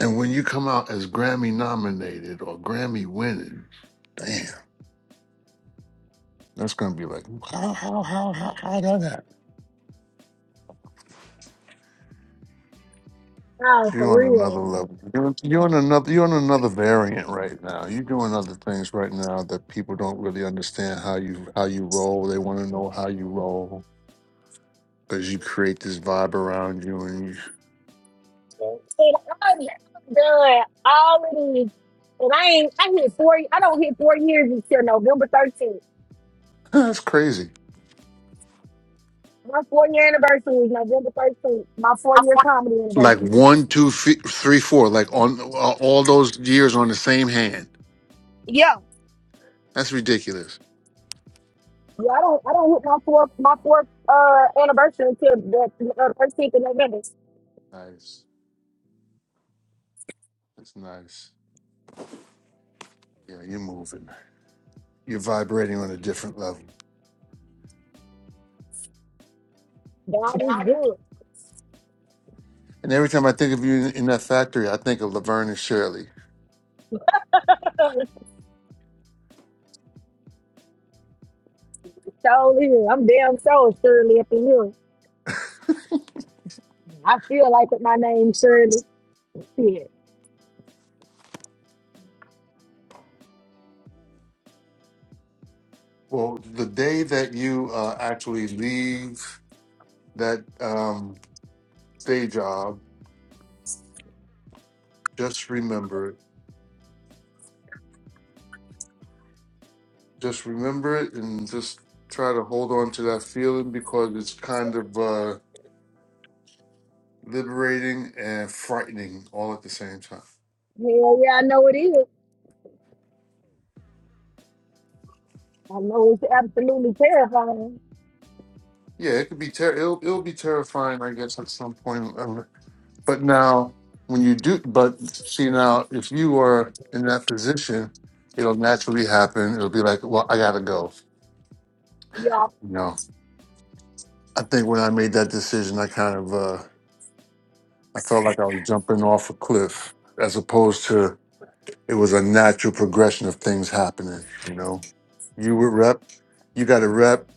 [SPEAKER 7] And when you come out as Grammy nominated or Grammy winning, damn, that's gonna be like, how, how, how, how, how did that?
[SPEAKER 13] Oh,
[SPEAKER 7] You
[SPEAKER 13] for
[SPEAKER 7] are on another
[SPEAKER 13] real.
[SPEAKER 7] level. You're, you're on another. You're on another variant right now. You're doing other things right now that people don't really understand how you how you roll. They want to know how you roll because you create this vibe around you, and you,
[SPEAKER 13] And I'm done all of these. And I ain't, I hit four, I don't hit four years until November 13th.
[SPEAKER 7] <laughs> that's crazy.
[SPEAKER 13] My four year anniversary is November 13th. My four year comedy
[SPEAKER 7] Like
[SPEAKER 13] anniversary.
[SPEAKER 7] one, two, fe- three, four. Like on uh, all those years on the same hand.
[SPEAKER 13] Yeah.
[SPEAKER 7] That's ridiculous.
[SPEAKER 13] Yeah, I don't, I don't hit my four, my fourth, uh, anniversary until the uh, 13th of November.
[SPEAKER 7] Nice. That's nice. Yeah, you're moving. You're vibrating on a different level.
[SPEAKER 13] God is good.
[SPEAKER 7] And every time I think of you in, in that factory, I think of Laverne and Shirley.
[SPEAKER 13] <laughs> so is. I'm damn so Shirley up in here. I feel like with my name Shirley. Shit.
[SPEAKER 7] Well, the day that you uh, actually leave that um, day job, just remember it. Just remember it and just try to hold on to that feeling because it's kind of uh, liberating and frightening all at the same time.
[SPEAKER 13] Hell yeah, I know it is. I know it's absolutely terrifying.
[SPEAKER 7] Yeah, it could be ter- it'll, it'll be terrifying, I guess, at some point. um, But now, when you do, but see now, if you are in that position, it'll naturally happen. It'll be like, well, I gotta go.
[SPEAKER 13] Yeah.
[SPEAKER 7] No. I think when I made that decision, I kind of uh, I felt like I was jumping off a cliff, as opposed to it was a natural progression of things happening. You know, you were rep, you got a rep.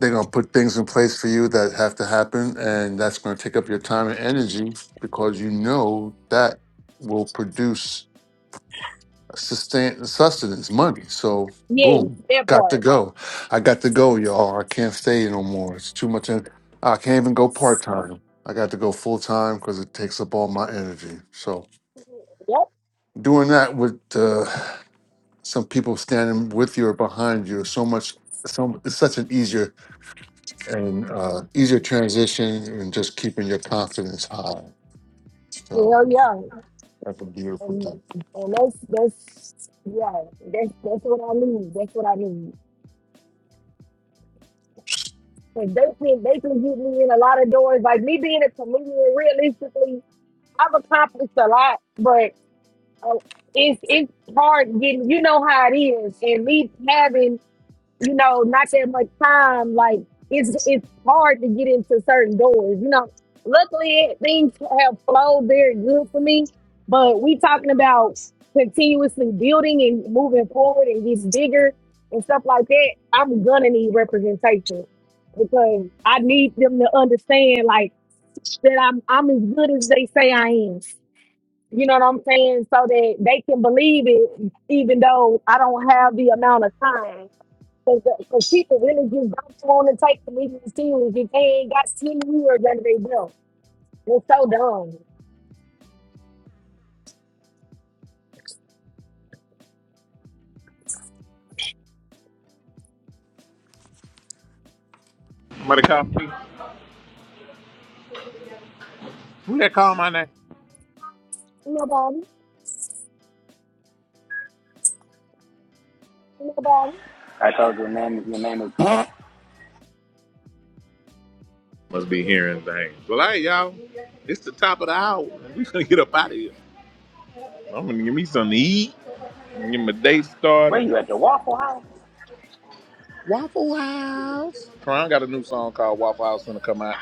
[SPEAKER 7] They're gonna put things in place for you that have to happen, and that's gonna take up your time and energy because you know that will produce sustain sustenance money. So
[SPEAKER 13] Yes,
[SPEAKER 7] boom,
[SPEAKER 13] that
[SPEAKER 7] got to
[SPEAKER 13] part.
[SPEAKER 7] go. I got to go, y'all. I can't stay no more. It's too much. En- I can't even go part time. I got to go full time because it takes up all my energy. So
[SPEAKER 13] Yep.
[SPEAKER 7] doing that with uh, some people standing with you or behind you, is so much. So it's such an easier and uh, easier transition, and just keeping your confidence high. So
[SPEAKER 13] Hell yeah.
[SPEAKER 7] that's a beautiful
[SPEAKER 13] And
[SPEAKER 7] thing.
[SPEAKER 13] and that's that's yeah, that's that's what I need. That's what I need. And they can they can get me in a lot of doors. Like me being a comedian, realistically, I've accomplished a lot, but uh, it's it's hard getting. You know how it is, and me having you know, not that much time. Like it's it's hard to get into certain doors. You know, luckily things have flowed very good for me. But we talking about continuously building and moving forward and gets bigger and stuff like that. I'm gonna need representation because I need them to understand like that I'm I'm as good as they say I am. You know what I'm saying? So that they can believe it, even though I don't have the amount of time. Because people really just don't want to take comedians serious if they ain't got 10 years under their belt. They're so dumb.
[SPEAKER 1] Somebody call me. Who that call my name?
[SPEAKER 13] Nobody, nobody,
[SPEAKER 9] I thought your name your name is.
[SPEAKER 1] Must be hearing things. Well, hey, y'all. It's the top of the hour. we going to get up out of here. I'm going to give me something to eat. Get my day started.
[SPEAKER 9] Wait, you at the Waffle House?
[SPEAKER 1] Waffle House. Karan got a new song called Waffle House gonna come out.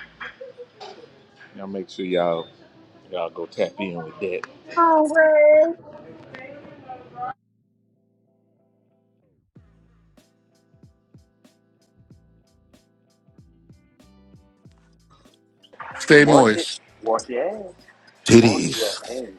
[SPEAKER 1] Y'all make sure y'all y'all go tap in with that.
[SPEAKER 13] hungry.
[SPEAKER 7] Stay
[SPEAKER 9] Wash it,
[SPEAKER 7] moist.
[SPEAKER 9] wash your ass,
[SPEAKER 6] titties.
[SPEAKER 9] wash your ass.